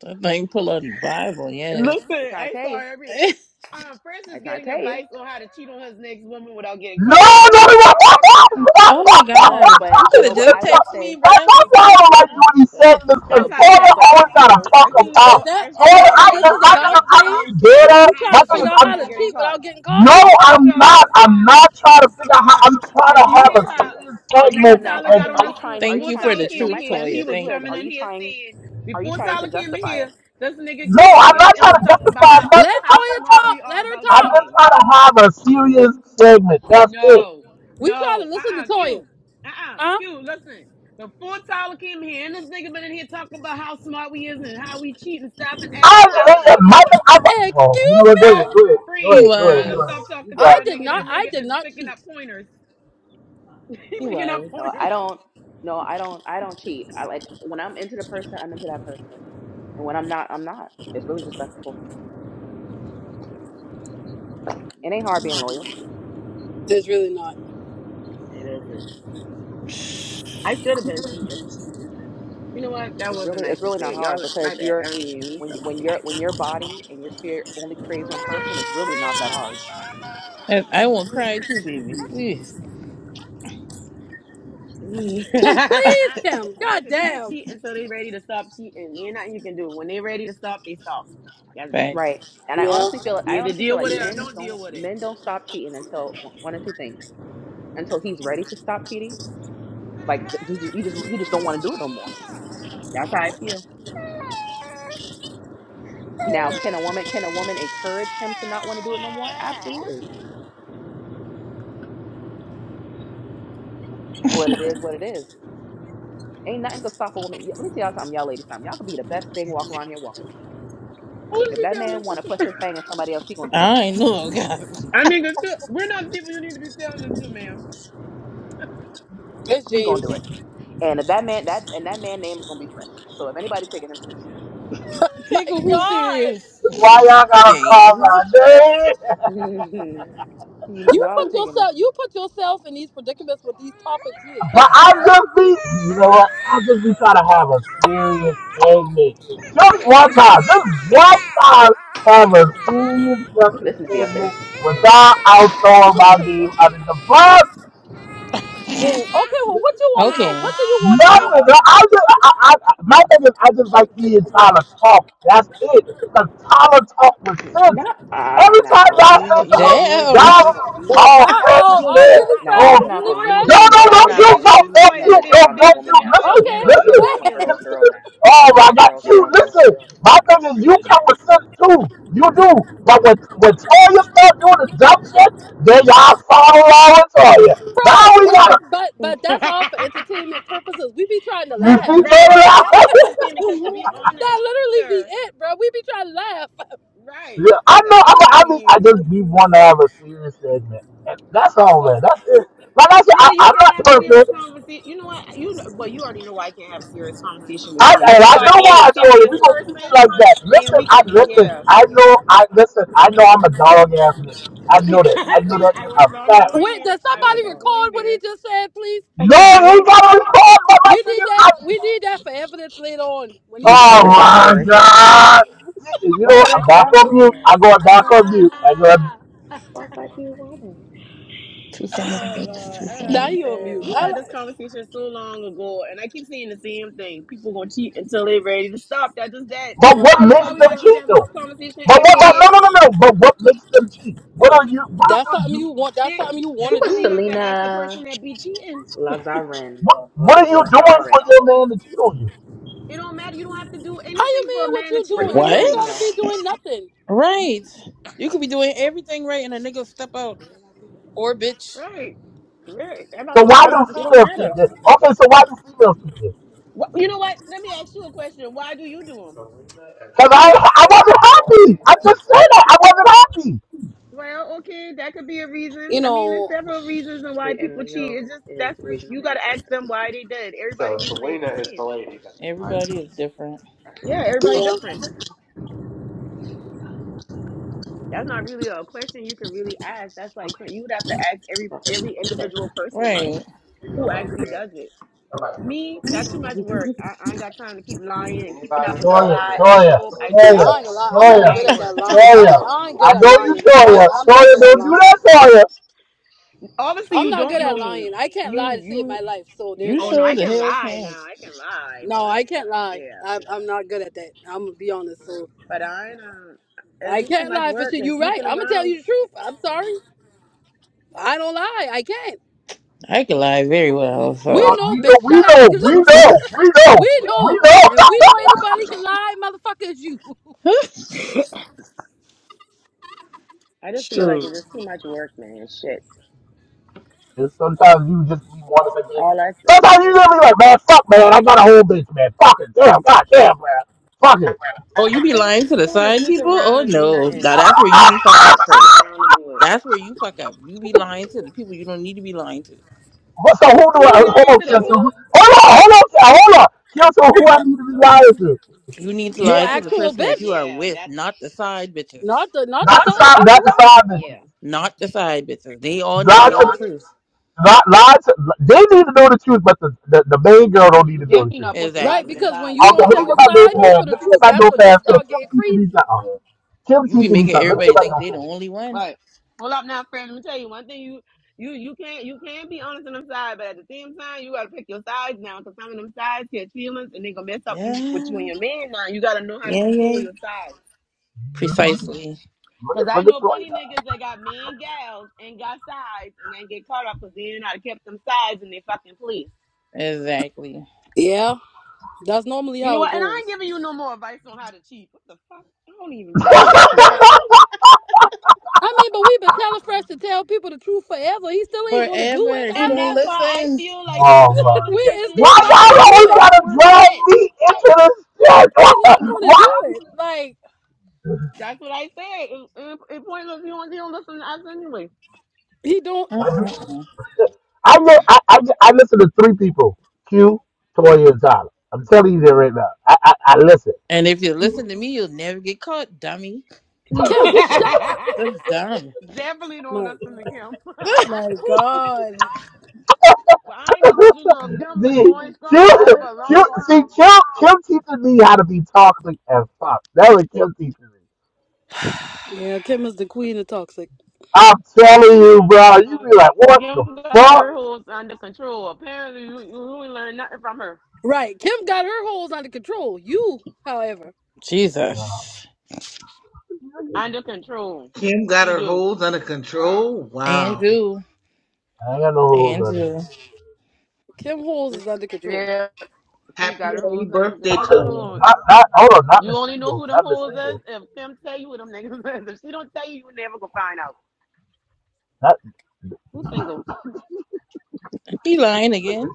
[SPEAKER 2] That thing pull out the Bible, yes.
[SPEAKER 6] They
[SPEAKER 5] Listen,
[SPEAKER 6] trying
[SPEAKER 5] I
[SPEAKER 6] to tell you.
[SPEAKER 5] sorry, I read it. Um, Francis
[SPEAKER 6] I trying to
[SPEAKER 5] getting
[SPEAKER 6] tell you.
[SPEAKER 5] advice on how to cheat on his next woman without getting
[SPEAKER 1] No,
[SPEAKER 5] caught. Y'all
[SPEAKER 1] no,
[SPEAKER 5] need to
[SPEAKER 1] no.
[SPEAKER 5] stop talking.
[SPEAKER 1] no, no.
[SPEAKER 2] oh, my
[SPEAKER 6] No,
[SPEAKER 2] God.
[SPEAKER 6] but
[SPEAKER 2] You could have
[SPEAKER 6] no, but
[SPEAKER 2] just
[SPEAKER 6] I
[SPEAKER 1] It's
[SPEAKER 6] will
[SPEAKER 1] not-
[SPEAKER 2] texted
[SPEAKER 6] say,
[SPEAKER 2] me,
[SPEAKER 1] I
[SPEAKER 2] bruh. What's
[SPEAKER 1] don't
[SPEAKER 2] up?
[SPEAKER 1] know, like when he said
[SPEAKER 2] Sis.
[SPEAKER 1] this, because
[SPEAKER 5] That's
[SPEAKER 6] but
[SPEAKER 5] how
[SPEAKER 1] Toya
[SPEAKER 6] being,
[SPEAKER 5] that's
[SPEAKER 6] but
[SPEAKER 5] how I
[SPEAKER 1] always got to
[SPEAKER 5] feel.
[SPEAKER 1] talk
[SPEAKER 5] I
[SPEAKER 7] Is
[SPEAKER 1] about.
[SPEAKER 5] feel
[SPEAKER 7] that
[SPEAKER 5] I
[SPEAKER 7] is
[SPEAKER 1] Toya,
[SPEAKER 7] that
[SPEAKER 5] feel
[SPEAKER 1] I,
[SPEAKER 7] what
[SPEAKER 5] like
[SPEAKER 7] this
[SPEAKER 5] you
[SPEAKER 7] is
[SPEAKER 1] my
[SPEAKER 5] try to
[SPEAKER 1] thing is,
[SPEAKER 7] about,
[SPEAKER 5] get
[SPEAKER 1] I
[SPEAKER 7] James?
[SPEAKER 5] pointers
[SPEAKER 1] need data.
[SPEAKER 5] on
[SPEAKER 7] You
[SPEAKER 5] how
[SPEAKER 1] My
[SPEAKER 7] trying
[SPEAKER 5] to
[SPEAKER 7] to
[SPEAKER 1] thing
[SPEAKER 7] figure
[SPEAKER 1] is,
[SPEAKER 5] cheat
[SPEAKER 7] out how
[SPEAKER 1] I'm,
[SPEAKER 7] to
[SPEAKER 5] without getting
[SPEAKER 7] cheat
[SPEAKER 5] caught.
[SPEAKER 7] without getting caught?
[SPEAKER 1] no, I'm not.
[SPEAKER 5] Because
[SPEAKER 1] I'm not trying to figure
[SPEAKER 5] uh
[SPEAKER 1] out how,
[SPEAKER 5] uh
[SPEAKER 1] I'm trying
[SPEAKER 5] Because
[SPEAKER 1] to
[SPEAKER 5] you
[SPEAKER 1] have
[SPEAKER 6] so
[SPEAKER 1] a
[SPEAKER 5] hear how
[SPEAKER 1] serious
[SPEAKER 6] are, are you
[SPEAKER 5] before
[SPEAKER 6] trying
[SPEAKER 1] segment.
[SPEAKER 6] now?
[SPEAKER 5] Tyler
[SPEAKER 6] Are
[SPEAKER 1] And,
[SPEAKER 6] you
[SPEAKER 5] got on
[SPEAKER 6] are
[SPEAKER 5] this
[SPEAKER 6] you
[SPEAKER 5] phone-
[SPEAKER 6] trying? Are
[SPEAKER 2] Thank
[SPEAKER 6] you
[SPEAKER 5] before
[SPEAKER 2] you
[SPEAKER 6] trying
[SPEAKER 2] for
[SPEAKER 5] Tyler
[SPEAKER 2] the
[SPEAKER 6] to? No,
[SPEAKER 5] came in
[SPEAKER 2] truth,
[SPEAKER 6] my
[SPEAKER 5] here,
[SPEAKER 6] question
[SPEAKER 2] Toya.
[SPEAKER 5] he
[SPEAKER 6] for
[SPEAKER 5] was
[SPEAKER 6] you
[SPEAKER 2] Thank
[SPEAKER 6] is:
[SPEAKER 2] you.
[SPEAKER 5] coming
[SPEAKER 6] Are
[SPEAKER 5] in
[SPEAKER 6] you
[SPEAKER 5] here
[SPEAKER 6] trying?
[SPEAKER 5] saying,
[SPEAKER 6] Are you
[SPEAKER 5] before
[SPEAKER 6] trying to
[SPEAKER 5] Tyler came in
[SPEAKER 6] justify it?
[SPEAKER 5] here, this nigga
[SPEAKER 1] no,
[SPEAKER 5] came in
[SPEAKER 1] I'm
[SPEAKER 5] here
[SPEAKER 1] not
[SPEAKER 5] and
[SPEAKER 1] trying to
[SPEAKER 5] was talking about
[SPEAKER 1] justify
[SPEAKER 5] how
[SPEAKER 7] Let
[SPEAKER 1] nothing. I'm
[SPEAKER 5] how
[SPEAKER 7] Toya
[SPEAKER 1] just, I'm,
[SPEAKER 5] smart
[SPEAKER 7] talk.
[SPEAKER 5] we are
[SPEAKER 7] Let her
[SPEAKER 5] about
[SPEAKER 1] I'm
[SPEAKER 7] talk.
[SPEAKER 1] just
[SPEAKER 5] cheating.
[SPEAKER 1] trying to have a serious segment. That's it.
[SPEAKER 5] No,
[SPEAKER 7] We try to
[SPEAKER 5] no,
[SPEAKER 7] listen to
[SPEAKER 5] uh-uh,
[SPEAKER 7] Toya.
[SPEAKER 5] Q, uh-uh,
[SPEAKER 7] Huh?
[SPEAKER 5] Q, listen. Before Tyler came here, and this nigga been in here talking about how smart we is and how we cheat and stuff and asking
[SPEAKER 1] was
[SPEAKER 5] questions.
[SPEAKER 1] in Michael. I was, it, it might have, oh, you know
[SPEAKER 7] Excuse
[SPEAKER 1] what? Go
[SPEAKER 5] Ty,
[SPEAKER 1] ahead,
[SPEAKER 7] me?
[SPEAKER 1] go
[SPEAKER 2] He
[SPEAKER 5] friend.
[SPEAKER 1] ahead, go
[SPEAKER 6] Oh,
[SPEAKER 1] ahead, go ahead.
[SPEAKER 6] I,
[SPEAKER 1] Go
[SPEAKER 5] Tyler,
[SPEAKER 1] ahead.
[SPEAKER 5] stop
[SPEAKER 2] was.
[SPEAKER 1] You
[SPEAKER 5] talking to
[SPEAKER 7] I
[SPEAKER 1] got
[SPEAKER 5] that
[SPEAKER 1] it,
[SPEAKER 7] did
[SPEAKER 1] man.
[SPEAKER 5] nigga.
[SPEAKER 7] not.
[SPEAKER 5] That
[SPEAKER 7] I
[SPEAKER 5] nigga
[SPEAKER 7] did
[SPEAKER 5] is
[SPEAKER 7] not
[SPEAKER 5] picking
[SPEAKER 7] cheat.
[SPEAKER 5] up pointers. He
[SPEAKER 2] He
[SPEAKER 5] picking up
[SPEAKER 2] was.
[SPEAKER 6] no, I
[SPEAKER 5] pointers.
[SPEAKER 6] don't. No, I don't. I don't cheat. I like when I'm into the person, I'm into that person, and when I'm not, I'm not. It's really just that simple. It ain't hard being loyal.
[SPEAKER 7] There's really not.
[SPEAKER 5] It isn't. I should have been cheating. You know what? That
[SPEAKER 6] It's
[SPEAKER 5] wasn't
[SPEAKER 6] really
[SPEAKER 5] nice
[SPEAKER 6] it's
[SPEAKER 5] to
[SPEAKER 6] really not
[SPEAKER 5] say. Y'all,
[SPEAKER 6] hard because
[SPEAKER 5] my bad.
[SPEAKER 6] you're
[SPEAKER 5] I mean, let me
[SPEAKER 6] when you,
[SPEAKER 5] stop
[SPEAKER 6] when
[SPEAKER 5] saying
[SPEAKER 6] your
[SPEAKER 5] that.
[SPEAKER 6] when your body and your spirit only craves one person, it's really not that hard,
[SPEAKER 2] And I won't cry too, baby. Please.
[SPEAKER 5] Mm.
[SPEAKER 7] Kim, please, Kim.
[SPEAKER 5] I was
[SPEAKER 7] God
[SPEAKER 5] saying people
[SPEAKER 7] damn.
[SPEAKER 5] cheat until they're ready to stop cheating. There's nothing you can do. When they're ready to stop, they stop. That's that.
[SPEAKER 6] right? And I
[SPEAKER 7] Yeah.
[SPEAKER 6] honestly feel
[SPEAKER 5] You
[SPEAKER 6] I
[SPEAKER 5] either
[SPEAKER 6] honestly
[SPEAKER 5] deal
[SPEAKER 6] feel like
[SPEAKER 5] with it or
[SPEAKER 6] men
[SPEAKER 5] don't
[SPEAKER 6] don't
[SPEAKER 5] deal with it.
[SPEAKER 6] men don't stop cheating until one one or two things until he's ready to stop cheating. Like th- he just he just he just don't want to do it no more.
[SPEAKER 5] That's how I feel.
[SPEAKER 6] Now, can a woman can a woman encourage him to not want to do it no more? Absolutely, but it is what it is. Ain't nothing gonna stop a woman. Let me tell y'all something, y'all ladies, something. Y'all could be the best thing walk around here walking.
[SPEAKER 5] Who is
[SPEAKER 6] If
[SPEAKER 5] she
[SPEAKER 6] that
[SPEAKER 5] telling
[SPEAKER 6] man want
[SPEAKER 5] this
[SPEAKER 6] to put
[SPEAKER 5] to?
[SPEAKER 6] his thing in somebody else, he gonna do
[SPEAKER 2] I know. God,
[SPEAKER 5] I mean, we're not the people you need to be telling this to, ma'am.
[SPEAKER 7] It's
[SPEAKER 6] it. He gonna do
[SPEAKER 7] James.
[SPEAKER 6] it. And if that man that and that man name is gonna be fresh. So if anybody taking him serious,
[SPEAKER 7] My
[SPEAKER 2] take a who
[SPEAKER 7] God.
[SPEAKER 2] serious,
[SPEAKER 1] Why y'all gotta call
[SPEAKER 2] James.
[SPEAKER 1] my name?
[SPEAKER 6] you know,
[SPEAKER 7] You
[SPEAKER 6] y'all
[SPEAKER 7] put
[SPEAKER 6] taking this
[SPEAKER 7] yourself. You put yourself in these predicaments with these topics you expect.
[SPEAKER 1] But I just be, you know what? I just be trying to have a serious segment. Just one time, just one time, have a serious fucking
[SPEAKER 6] this must be out
[SPEAKER 1] segment
[SPEAKER 6] there.
[SPEAKER 1] without out throwing my name under the bus.
[SPEAKER 7] James. Okay. Well, what you want to know?
[SPEAKER 2] Okay,
[SPEAKER 7] What do you want to know?
[SPEAKER 1] Nothing.
[SPEAKER 7] Fred?
[SPEAKER 1] I just, I, I, I- my thing is, I just like hearing Tyler talk. That's it. Cause Tyler talk with
[SPEAKER 6] Nah,
[SPEAKER 1] sense.
[SPEAKER 6] ah
[SPEAKER 1] Every
[SPEAKER 6] nah
[SPEAKER 1] time
[SPEAKER 6] no
[SPEAKER 1] y'all
[SPEAKER 6] you ain't
[SPEAKER 1] say
[SPEAKER 6] gonna you ain't
[SPEAKER 1] something,
[SPEAKER 6] you ain't gonna
[SPEAKER 2] damn.
[SPEAKER 6] you
[SPEAKER 1] y'all
[SPEAKER 6] ain't gonna
[SPEAKER 7] Well,
[SPEAKER 6] use
[SPEAKER 1] all
[SPEAKER 6] me
[SPEAKER 7] God.
[SPEAKER 6] now.
[SPEAKER 7] Oh,
[SPEAKER 1] frisky
[SPEAKER 7] oh,
[SPEAKER 1] and
[SPEAKER 7] really
[SPEAKER 6] Now you
[SPEAKER 7] fresh.
[SPEAKER 1] oh,
[SPEAKER 6] not
[SPEAKER 7] Really
[SPEAKER 6] gonna
[SPEAKER 5] Boy,
[SPEAKER 1] no,
[SPEAKER 7] fresh.
[SPEAKER 6] use
[SPEAKER 5] please,
[SPEAKER 1] no,
[SPEAKER 6] me.
[SPEAKER 5] because
[SPEAKER 6] You
[SPEAKER 1] no,
[SPEAKER 7] Okay.
[SPEAKER 1] cute,
[SPEAKER 6] not
[SPEAKER 5] because
[SPEAKER 1] no,
[SPEAKER 6] gonna
[SPEAKER 5] you
[SPEAKER 1] no,
[SPEAKER 5] want
[SPEAKER 6] use
[SPEAKER 5] somebody
[SPEAKER 6] me
[SPEAKER 5] to
[SPEAKER 6] to
[SPEAKER 1] cute,
[SPEAKER 5] steal
[SPEAKER 1] no,
[SPEAKER 5] your
[SPEAKER 6] down a
[SPEAKER 1] no,
[SPEAKER 5] feelings and
[SPEAKER 6] woman
[SPEAKER 1] cute.
[SPEAKER 5] ain't
[SPEAKER 6] now.
[SPEAKER 5] nobody
[SPEAKER 1] Listen,
[SPEAKER 6] You
[SPEAKER 5] stealing
[SPEAKER 6] know
[SPEAKER 5] your
[SPEAKER 6] you know
[SPEAKER 5] fucking
[SPEAKER 1] listen.
[SPEAKER 6] I'm
[SPEAKER 7] Okay.
[SPEAKER 6] a
[SPEAKER 1] You-
[SPEAKER 6] girl's
[SPEAKER 5] feelings.
[SPEAKER 6] girl
[SPEAKER 1] you-
[SPEAKER 6] now.
[SPEAKER 1] Oh,
[SPEAKER 6] You know
[SPEAKER 1] I
[SPEAKER 6] I'm a
[SPEAKER 1] got
[SPEAKER 6] girl's
[SPEAKER 1] cute.
[SPEAKER 6] girl now.
[SPEAKER 1] Listen, my thing is, you come with sense too. You do. But when when Toya start doing the dumb shit, then y'all follow along with Toya.
[SPEAKER 7] Right.
[SPEAKER 1] Now we
[SPEAKER 7] It's,
[SPEAKER 1] gotta
[SPEAKER 7] but but that's all for entertainment purposes. We be trying to
[SPEAKER 1] you see,
[SPEAKER 5] First,
[SPEAKER 1] Tony?
[SPEAKER 7] laugh.
[SPEAKER 5] right, that
[SPEAKER 7] Like
[SPEAKER 5] is only
[SPEAKER 7] that
[SPEAKER 5] entertainment because to be honest,
[SPEAKER 7] literally be
[SPEAKER 5] sir,
[SPEAKER 7] it, bro. We be trying to laugh.
[SPEAKER 5] right.
[SPEAKER 1] yeah, I
[SPEAKER 5] The
[SPEAKER 1] know. I'm,
[SPEAKER 5] hell
[SPEAKER 1] a,
[SPEAKER 5] you
[SPEAKER 1] I mean, I
[SPEAKER 5] mean?
[SPEAKER 1] just be want to have a serious segment. And That's all,
[SPEAKER 5] What?
[SPEAKER 1] man. That's it. Like I said, I,
[SPEAKER 5] Nigga, you
[SPEAKER 1] I'm
[SPEAKER 5] can't
[SPEAKER 1] not
[SPEAKER 5] have a serious
[SPEAKER 1] perfect.
[SPEAKER 5] conversation. You know what? You know, well, you already know why I can't have a serious conversation with
[SPEAKER 1] I
[SPEAKER 5] you. When you
[SPEAKER 1] and I
[SPEAKER 5] start
[SPEAKER 1] know
[SPEAKER 5] being
[SPEAKER 1] why
[SPEAKER 5] a
[SPEAKER 1] I told you.
[SPEAKER 5] serious
[SPEAKER 1] We gonna keep it
[SPEAKER 5] person,
[SPEAKER 1] like that.
[SPEAKER 5] then
[SPEAKER 1] Listen,
[SPEAKER 5] we
[SPEAKER 1] I
[SPEAKER 5] can,
[SPEAKER 1] listen.
[SPEAKER 5] yeah.
[SPEAKER 1] I know. I listen. I know I'm
[SPEAKER 5] Mm.
[SPEAKER 1] a dog ass nigga. I know that. I know
[SPEAKER 5] See,
[SPEAKER 1] that is
[SPEAKER 5] I was
[SPEAKER 1] a
[SPEAKER 5] not
[SPEAKER 1] fact.
[SPEAKER 5] going
[SPEAKER 7] Wait,
[SPEAKER 5] there.
[SPEAKER 7] does
[SPEAKER 6] I'm
[SPEAKER 5] I
[SPEAKER 6] not a
[SPEAKER 7] somebody
[SPEAKER 5] wasn't
[SPEAKER 6] dog.
[SPEAKER 7] record
[SPEAKER 5] going
[SPEAKER 7] what he
[SPEAKER 5] there.
[SPEAKER 7] just said, please?
[SPEAKER 1] No,
[SPEAKER 6] What?
[SPEAKER 1] you
[SPEAKER 5] ah,
[SPEAKER 1] got a respond. But my
[SPEAKER 7] We
[SPEAKER 1] thing
[SPEAKER 7] need
[SPEAKER 1] is,
[SPEAKER 7] that.
[SPEAKER 1] I.
[SPEAKER 7] We need that for evidence later on when he
[SPEAKER 2] These
[SPEAKER 7] try
[SPEAKER 1] Oh
[SPEAKER 7] to
[SPEAKER 6] He a
[SPEAKER 7] deny
[SPEAKER 2] conversations
[SPEAKER 6] dog.
[SPEAKER 1] my
[SPEAKER 2] are
[SPEAKER 7] it.
[SPEAKER 2] recorded.
[SPEAKER 1] god. You know,
[SPEAKER 6] Bark
[SPEAKER 1] I'm
[SPEAKER 6] like you
[SPEAKER 1] back
[SPEAKER 6] want
[SPEAKER 1] on mute.
[SPEAKER 6] it.
[SPEAKER 1] I go back
[SPEAKER 6] Bark
[SPEAKER 1] on
[SPEAKER 6] like
[SPEAKER 1] mute.
[SPEAKER 6] you
[SPEAKER 1] I go.
[SPEAKER 6] want it. Bark like you want it.
[SPEAKER 2] Two seven
[SPEAKER 5] oh
[SPEAKER 2] six
[SPEAKER 5] Lord,
[SPEAKER 2] two four
[SPEAKER 5] I
[SPEAKER 7] Now
[SPEAKER 2] nine.
[SPEAKER 7] you on
[SPEAKER 5] understand.
[SPEAKER 7] mute.
[SPEAKER 5] We
[SPEAKER 7] I
[SPEAKER 5] had this
[SPEAKER 7] like
[SPEAKER 5] conversation so long ago, and I keep saying the same thing. People gonna cheat until they're ready to stop. That just that.
[SPEAKER 1] But
[SPEAKER 5] I
[SPEAKER 1] what
[SPEAKER 5] don't know
[SPEAKER 1] makes
[SPEAKER 5] why we
[SPEAKER 1] them
[SPEAKER 5] gotta keep
[SPEAKER 1] cheat
[SPEAKER 5] having this
[SPEAKER 1] though?
[SPEAKER 5] conversation
[SPEAKER 1] But what?
[SPEAKER 5] every
[SPEAKER 1] But no,
[SPEAKER 5] year.
[SPEAKER 1] no, no, no. But what makes them cheat? What are you? What
[SPEAKER 7] that's
[SPEAKER 1] are you
[SPEAKER 7] something you
[SPEAKER 1] do?
[SPEAKER 7] want. That's
[SPEAKER 5] There-
[SPEAKER 7] something you want
[SPEAKER 6] Who
[SPEAKER 7] to
[SPEAKER 5] That's
[SPEAKER 6] was
[SPEAKER 5] something
[SPEAKER 7] do.
[SPEAKER 5] you have to ask the
[SPEAKER 6] Selena?
[SPEAKER 5] person that be cheating.
[SPEAKER 6] Lazarin.
[SPEAKER 1] What
[SPEAKER 6] Laz-
[SPEAKER 1] What are you doing for
[SPEAKER 6] Lazarin.
[SPEAKER 1] your man to cheat on you?
[SPEAKER 5] It don't matter. You don't have to do
[SPEAKER 7] How you
[SPEAKER 5] anything for
[SPEAKER 7] mean
[SPEAKER 5] a
[SPEAKER 7] what
[SPEAKER 5] man to
[SPEAKER 7] you
[SPEAKER 5] cheat
[SPEAKER 6] Brittany
[SPEAKER 5] on
[SPEAKER 7] doing?
[SPEAKER 6] just
[SPEAKER 7] You
[SPEAKER 6] sent
[SPEAKER 7] don't
[SPEAKER 6] an
[SPEAKER 5] you.
[SPEAKER 7] gotta
[SPEAKER 6] email.
[SPEAKER 7] be
[SPEAKER 2] What?
[SPEAKER 7] doing nothing.
[SPEAKER 2] Right. You could be doing everything right, and a nigga step
[SPEAKER 6] And
[SPEAKER 2] out
[SPEAKER 6] Leo Rodriguez.
[SPEAKER 2] or bitch.
[SPEAKER 5] Right. Right. I'm about
[SPEAKER 1] So
[SPEAKER 5] to
[SPEAKER 1] why
[SPEAKER 5] say
[SPEAKER 1] do
[SPEAKER 5] it don't
[SPEAKER 1] females cheat
[SPEAKER 5] matter.
[SPEAKER 1] then? Okay, so why do females cheat then?
[SPEAKER 5] Wh- You know what? Let me ask you a question. Why do you do them?
[SPEAKER 1] Because I I wasn't happy. I just said that I wasn't happy.
[SPEAKER 5] Well, okay, that could be a reason.
[SPEAKER 7] You
[SPEAKER 5] I mean, there's
[SPEAKER 7] know.
[SPEAKER 5] several reasons on why
[SPEAKER 6] Le- and
[SPEAKER 5] people cheat. It's
[SPEAKER 6] Leo
[SPEAKER 5] just
[SPEAKER 6] is
[SPEAKER 5] that's what
[SPEAKER 6] regional
[SPEAKER 5] you got to
[SPEAKER 6] manager of
[SPEAKER 5] ask them
[SPEAKER 6] Texas
[SPEAKER 5] why
[SPEAKER 6] region.
[SPEAKER 5] they did. Everybody reason ain't the same.
[SPEAKER 2] Everybody is different.
[SPEAKER 5] Yeah, everybody
[SPEAKER 6] Oh,
[SPEAKER 7] Yeah.
[SPEAKER 5] different.
[SPEAKER 6] interesting. Okay.
[SPEAKER 5] That's not really a question you can really ask. That's like
[SPEAKER 6] Okay.
[SPEAKER 5] something you would have to ask every
[SPEAKER 6] Well,
[SPEAKER 5] every
[SPEAKER 6] th- there's
[SPEAKER 5] individual person that
[SPEAKER 2] Right.
[SPEAKER 5] who actually does it. Me, got too much work.
[SPEAKER 6] that.
[SPEAKER 5] I, I ain't got time to keep lying and keeping up with no
[SPEAKER 1] Toya,
[SPEAKER 5] lie. I
[SPEAKER 1] Toya,
[SPEAKER 5] smoke, I
[SPEAKER 7] Yeah.
[SPEAKER 1] Toya,
[SPEAKER 5] drink,
[SPEAKER 7] I ain't gonna lie. I'm not
[SPEAKER 5] that
[SPEAKER 1] Toya,
[SPEAKER 7] good
[SPEAKER 5] ain't gonna
[SPEAKER 7] at that
[SPEAKER 5] work.
[SPEAKER 7] lying. I
[SPEAKER 1] Toya.
[SPEAKER 7] I ain't
[SPEAKER 1] I
[SPEAKER 7] good at
[SPEAKER 1] know you,
[SPEAKER 7] lying. I
[SPEAKER 1] Toya.
[SPEAKER 7] I'm not
[SPEAKER 1] Toya,
[SPEAKER 7] good at
[SPEAKER 1] don't do
[SPEAKER 7] lying.
[SPEAKER 1] that, Toya.
[SPEAKER 5] Obviously,
[SPEAKER 7] I'm
[SPEAKER 5] you
[SPEAKER 7] not good
[SPEAKER 5] don't know
[SPEAKER 7] at
[SPEAKER 5] me.
[SPEAKER 7] lying. I can't lie
[SPEAKER 5] You,
[SPEAKER 7] to save
[SPEAKER 5] you,
[SPEAKER 7] my life. So
[SPEAKER 5] you.
[SPEAKER 7] there's
[SPEAKER 2] You
[SPEAKER 5] Oh
[SPEAKER 7] that.
[SPEAKER 5] no,
[SPEAKER 2] sure
[SPEAKER 5] I
[SPEAKER 2] the
[SPEAKER 5] can
[SPEAKER 2] hell
[SPEAKER 5] lie
[SPEAKER 2] can't.
[SPEAKER 5] now. I can lie,
[SPEAKER 7] No, I can't
[SPEAKER 5] but
[SPEAKER 7] lie.
[SPEAKER 5] yeah.
[SPEAKER 7] I'm, I'm not good at that. I'm gonna be honest. So
[SPEAKER 5] But I ain't. Uh, it's
[SPEAKER 7] I
[SPEAKER 5] just too
[SPEAKER 7] can't
[SPEAKER 5] much
[SPEAKER 7] lie for
[SPEAKER 5] work
[SPEAKER 7] shit.
[SPEAKER 5] and
[SPEAKER 7] You right.
[SPEAKER 5] sneaking
[SPEAKER 7] I'm gonna tell
[SPEAKER 5] around.
[SPEAKER 7] you the truth. I'm sorry. I don't lie. I can't.
[SPEAKER 2] I can lie very well,
[SPEAKER 1] We
[SPEAKER 7] We
[SPEAKER 2] so.
[SPEAKER 7] know,
[SPEAKER 1] know,
[SPEAKER 7] bitch.
[SPEAKER 1] we
[SPEAKER 7] Shut up.
[SPEAKER 1] know, we know, we know,
[SPEAKER 7] we know.
[SPEAKER 1] we know.
[SPEAKER 7] If we know anybody can lie, motherfucker, it's you.
[SPEAKER 5] I just feel like it's
[SPEAKER 2] Shoot.
[SPEAKER 5] just too much work, man. Shit.
[SPEAKER 1] And sometimes you just be want to forget.
[SPEAKER 5] All I s-
[SPEAKER 1] Sometimes you just be like, man, fuck, man, I got a whole bitch, man. Fuck it, damn, god damn, man. Fuck it.
[SPEAKER 2] Oh,
[SPEAKER 5] I
[SPEAKER 2] you be
[SPEAKER 5] don't
[SPEAKER 2] lying to the
[SPEAKER 5] want to
[SPEAKER 2] side
[SPEAKER 5] sneak
[SPEAKER 2] people?
[SPEAKER 5] around
[SPEAKER 2] Oh
[SPEAKER 5] and do
[SPEAKER 2] no.
[SPEAKER 5] nothing.
[SPEAKER 2] Now that's where you be fucking up,
[SPEAKER 5] Sneaking
[SPEAKER 2] Chris.
[SPEAKER 5] around and do it.
[SPEAKER 2] That's where you fuck up. You be lying to the people you don't need to be lying to.
[SPEAKER 1] What, so who do
[SPEAKER 5] He be
[SPEAKER 1] I, hold
[SPEAKER 5] lying
[SPEAKER 1] on,
[SPEAKER 5] to the
[SPEAKER 1] Kelso.
[SPEAKER 5] who?
[SPEAKER 1] Hold on, hold on, Kel- hold on. Kelso, who I need to be lying to?
[SPEAKER 2] You need to
[SPEAKER 7] Your
[SPEAKER 2] lie
[SPEAKER 5] Yeah,
[SPEAKER 2] to the
[SPEAKER 7] actual
[SPEAKER 2] person that
[SPEAKER 7] bitch.
[SPEAKER 2] you are
[SPEAKER 5] yeah.
[SPEAKER 2] with,
[SPEAKER 5] That
[SPEAKER 2] not the side bitches.
[SPEAKER 7] Not the not the
[SPEAKER 1] Not the
[SPEAKER 7] side
[SPEAKER 1] side,
[SPEAKER 7] people.
[SPEAKER 1] not the side bitches.
[SPEAKER 5] yeah.
[SPEAKER 2] Not the side bitches. They all need to
[SPEAKER 1] Lie to,
[SPEAKER 2] know the
[SPEAKER 1] the,
[SPEAKER 2] truth.
[SPEAKER 1] lie, lie to, they need to know the truth, but the, the, the main girl don't
[SPEAKER 5] Definitely,
[SPEAKER 1] need to know the
[SPEAKER 5] definitely
[SPEAKER 1] truth.
[SPEAKER 5] not supposed to lie
[SPEAKER 7] Right,
[SPEAKER 5] to the
[SPEAKER 2] Exactly.
[SPEAKER 7] because when
[SPEAKER 5] side.
[SPEAKER 7] you
[SPEAKER 1] Okay,
[SPEAKER 7] don't
[SPEAKER 1] let
[SPEAKER 7] tell
[SPEAKER 1] me get
[SPEAKER 7] your
[SPEAKER 1] my
[SPEAKER 7] side people
[SPEAKER 1] notepad.
[SPEAKER 7] the
[SPEAKER 1] Let me get
[SPEAKER 7] truth,
[SPEAKER 1] my
[SPEAKER 7] that's what they
[SPEAKER 1] notepad. Kim
[SPEAKER 7] start getting
[SPEAKER 1] teaching me
[SPEAKER 7] crazy.
[SPEAKER 1] something. Kim
[SPEAKER 2] You be
[SPEAKER 1] teaching me
[SPEAKER 2] making
[SPEAKER 1] something. Let me get
[SPEAKER 2] everybody
[SPEAKER 1] my
[SPEAKER 2] think they the
[SPEAKER 1] notepad.
[SPEAKER 2] only one.
[SPEAKER 5] Right. Hold up now, friend. Let me tell you one thing. You you you can't you can not be honest on them side. but at the same time, you gotta pick your sides now because some of them sides get feelings and they gonna mess up you with you and
[SPEAKER 2] Yeah.
[SPEAKER 5] your man now. You gotta know how to
[SPEAKER 2] Yeah,
[SPEAKER 5] control
[SPEAKER 2] yeah.
[SPEAKER 5] your sides.
[SPEAKER 2] Precisely.
[SPEAKER 1] Look
[SPEAKER 5] Cause
[SPEAKER 1] at,
[SPEAKER 5] I
[SPEAKER 1] look at
[SPEAKER 5] know
[SPEAKER 1] Troy
[SPEAKER 5] plenty
[SPEAKER 1] now.
[SPEAKER 5] niggas that got men gals and got sides and they get caught up because they ain't know how to keep them sides in their fucking place.
[SPEAKER 2] Exactly.
[SPEAKER 7] Yeah, that's normally
[SPEAKER 5] You know
[SPEAKER 7] how it
[SPEAKER 5] what? And I
[SPEAKER 7] goes.
[SPEAKER 5] ain't giving you no more advice on how to cheat. What the fuck? I don't even be out y'all cheating.
[SPEAKER 7] I mean, but we've been telling Fresh to tell people the truth forever. He still ain't going to do it.
[SPEAKER 2] Forever. He
[SPEAKER 5] And
[SPEAKER 2] don't
[SPEAKER 7] I, I-
[SPEAKER 5] that's why I
[SPEAKER 2] listen.
[SPEAKER 5] feel like this
[SPEAKER 1] Oh my
[SPEAKER 7] we
[SPEAKER 1] god.
[SPEAKER 7] it's,
[SPEAKER 5] conversation
[SPEAKER 1] Why
[SPEAKER 7] he's
[SPEAKER 5] is
[SPEAKER 7] not
[SPEAKER 5] worth
[SPEAKER 7] going to
[SPEAKER 1] y'all
[SPEAKER 7] do
[SPEAKER 1] always
[SPEAKER 7] it.
[SPEAKER 1] try
[SPEAKER 5] it
[SPEAKER 1] to
[SPEAKER 5] worth
[SPEAKER 1] drag
[SPEAKER 5] it.
[SPEAKER 1] me into this shit?
[SPEAKER 7] He's not going to
[SPEAKER 1] Why?
[SPEAKER 7] do it. Like
[SPEAKER 5] That's what I said. It, it, it pointless. You don't, you don't listen to us anyway.
[SPEAKER 7] he don't.
[SPEAKER 1] I, know.
[SPEAKER 2] Mm-mm-mm.
[SPEAKER 1] I, li- I, I, I listen to three people Q, Toya, and Tyler. I'm telling you that right now. I, I, I listen.
[SPEAKER 2] And if you listen to me, you'll never get caught, dummy.
[SPEAKER 7] Kim, shut up.
[SPEAKER 2] That's dumb.
[SPEAKER 5] Definitely
[SPEAKER 7] My
[SPEAKER 5] don't listen to Kim.
[SPEAKER 7] my
[SPEAKER 5] well,
[SPEAKER 7] God.
[SPEAKER 5] I know because you know Kim been
[SPEAKER 1] See,
[SPEAKER 5] going
[SPEAKER 1] Kim,
[SPEAKER 5] strong boy for a
[SPEAKER 1] Kim,
[SPEAKER 5] long
[SPEAKER 1] see, Kim, Kim teaching me how to be toxic as fuck. That's what Kim teaching me.
[SPEAKER 7] Yeah, Kim is the queen of toxic.
[SPEAKER 1] I'm telling
[SPEAKER 5] time.
[SPEAKER 1] you, bro. You
[SPEAKER 5] Uh-uh.
[SPEAKER 1] be like, what the
[SPEAKER 5] Kim got
[SPEAKER 1] fuck?
[SPEAKER 5] her hoes under control. Apparently, you you ain't learn nothing from her.
[SPEAKER 7] Right. Kim got her holes under control. You, however,
[SPEAKER 1] No,
[SPEAKER 2] Jesus.
[SPEAKER 5] Under control,
[SPEAKER 8] Kim got
[SPEAKER 5] she
[SPEAKER 8] her
[SPEAKER 5] do.
[SPEAKER 8] hoes under control.
[SPEAKER 2] And
[SPEAKER 8] Wow.
[SPEAKER 2] do.
[SPEAKER 1] I ain't got no hoes on it.
[SPEAKER 2] Andrew.
[SPEAKER 7] Kim holes is under control.
[SPEAKER 5] Yeah, she
[SPEAKER 8] Happy
[SPEAKER 5] got her hoes
[SPEAKER 8] early
[SPEAKER 5] under
[SPEAKER 8] birthday, Toya.
[SPEAKER 5] control.
[SPEAKER 1] Not, not, hold on, not
[SPEAKER 5] You
[SPEAKER 1] Miss
[SPEAKER 5] only know
[SPEAKER 1] Single,
[SPEAKER 5] who them
[SPEAKER 1] not Miss
[SPEAKER 5] hoes is
[SPEAKER 1] Single.
[SPEAKER 5] if Kim tell you who them niggas is. If she don't tell you, you never gonna find out.
[SPEAKER 1] Not,
[SPEAKER 5] Who's single?
[SPEAKER 2] He lying again.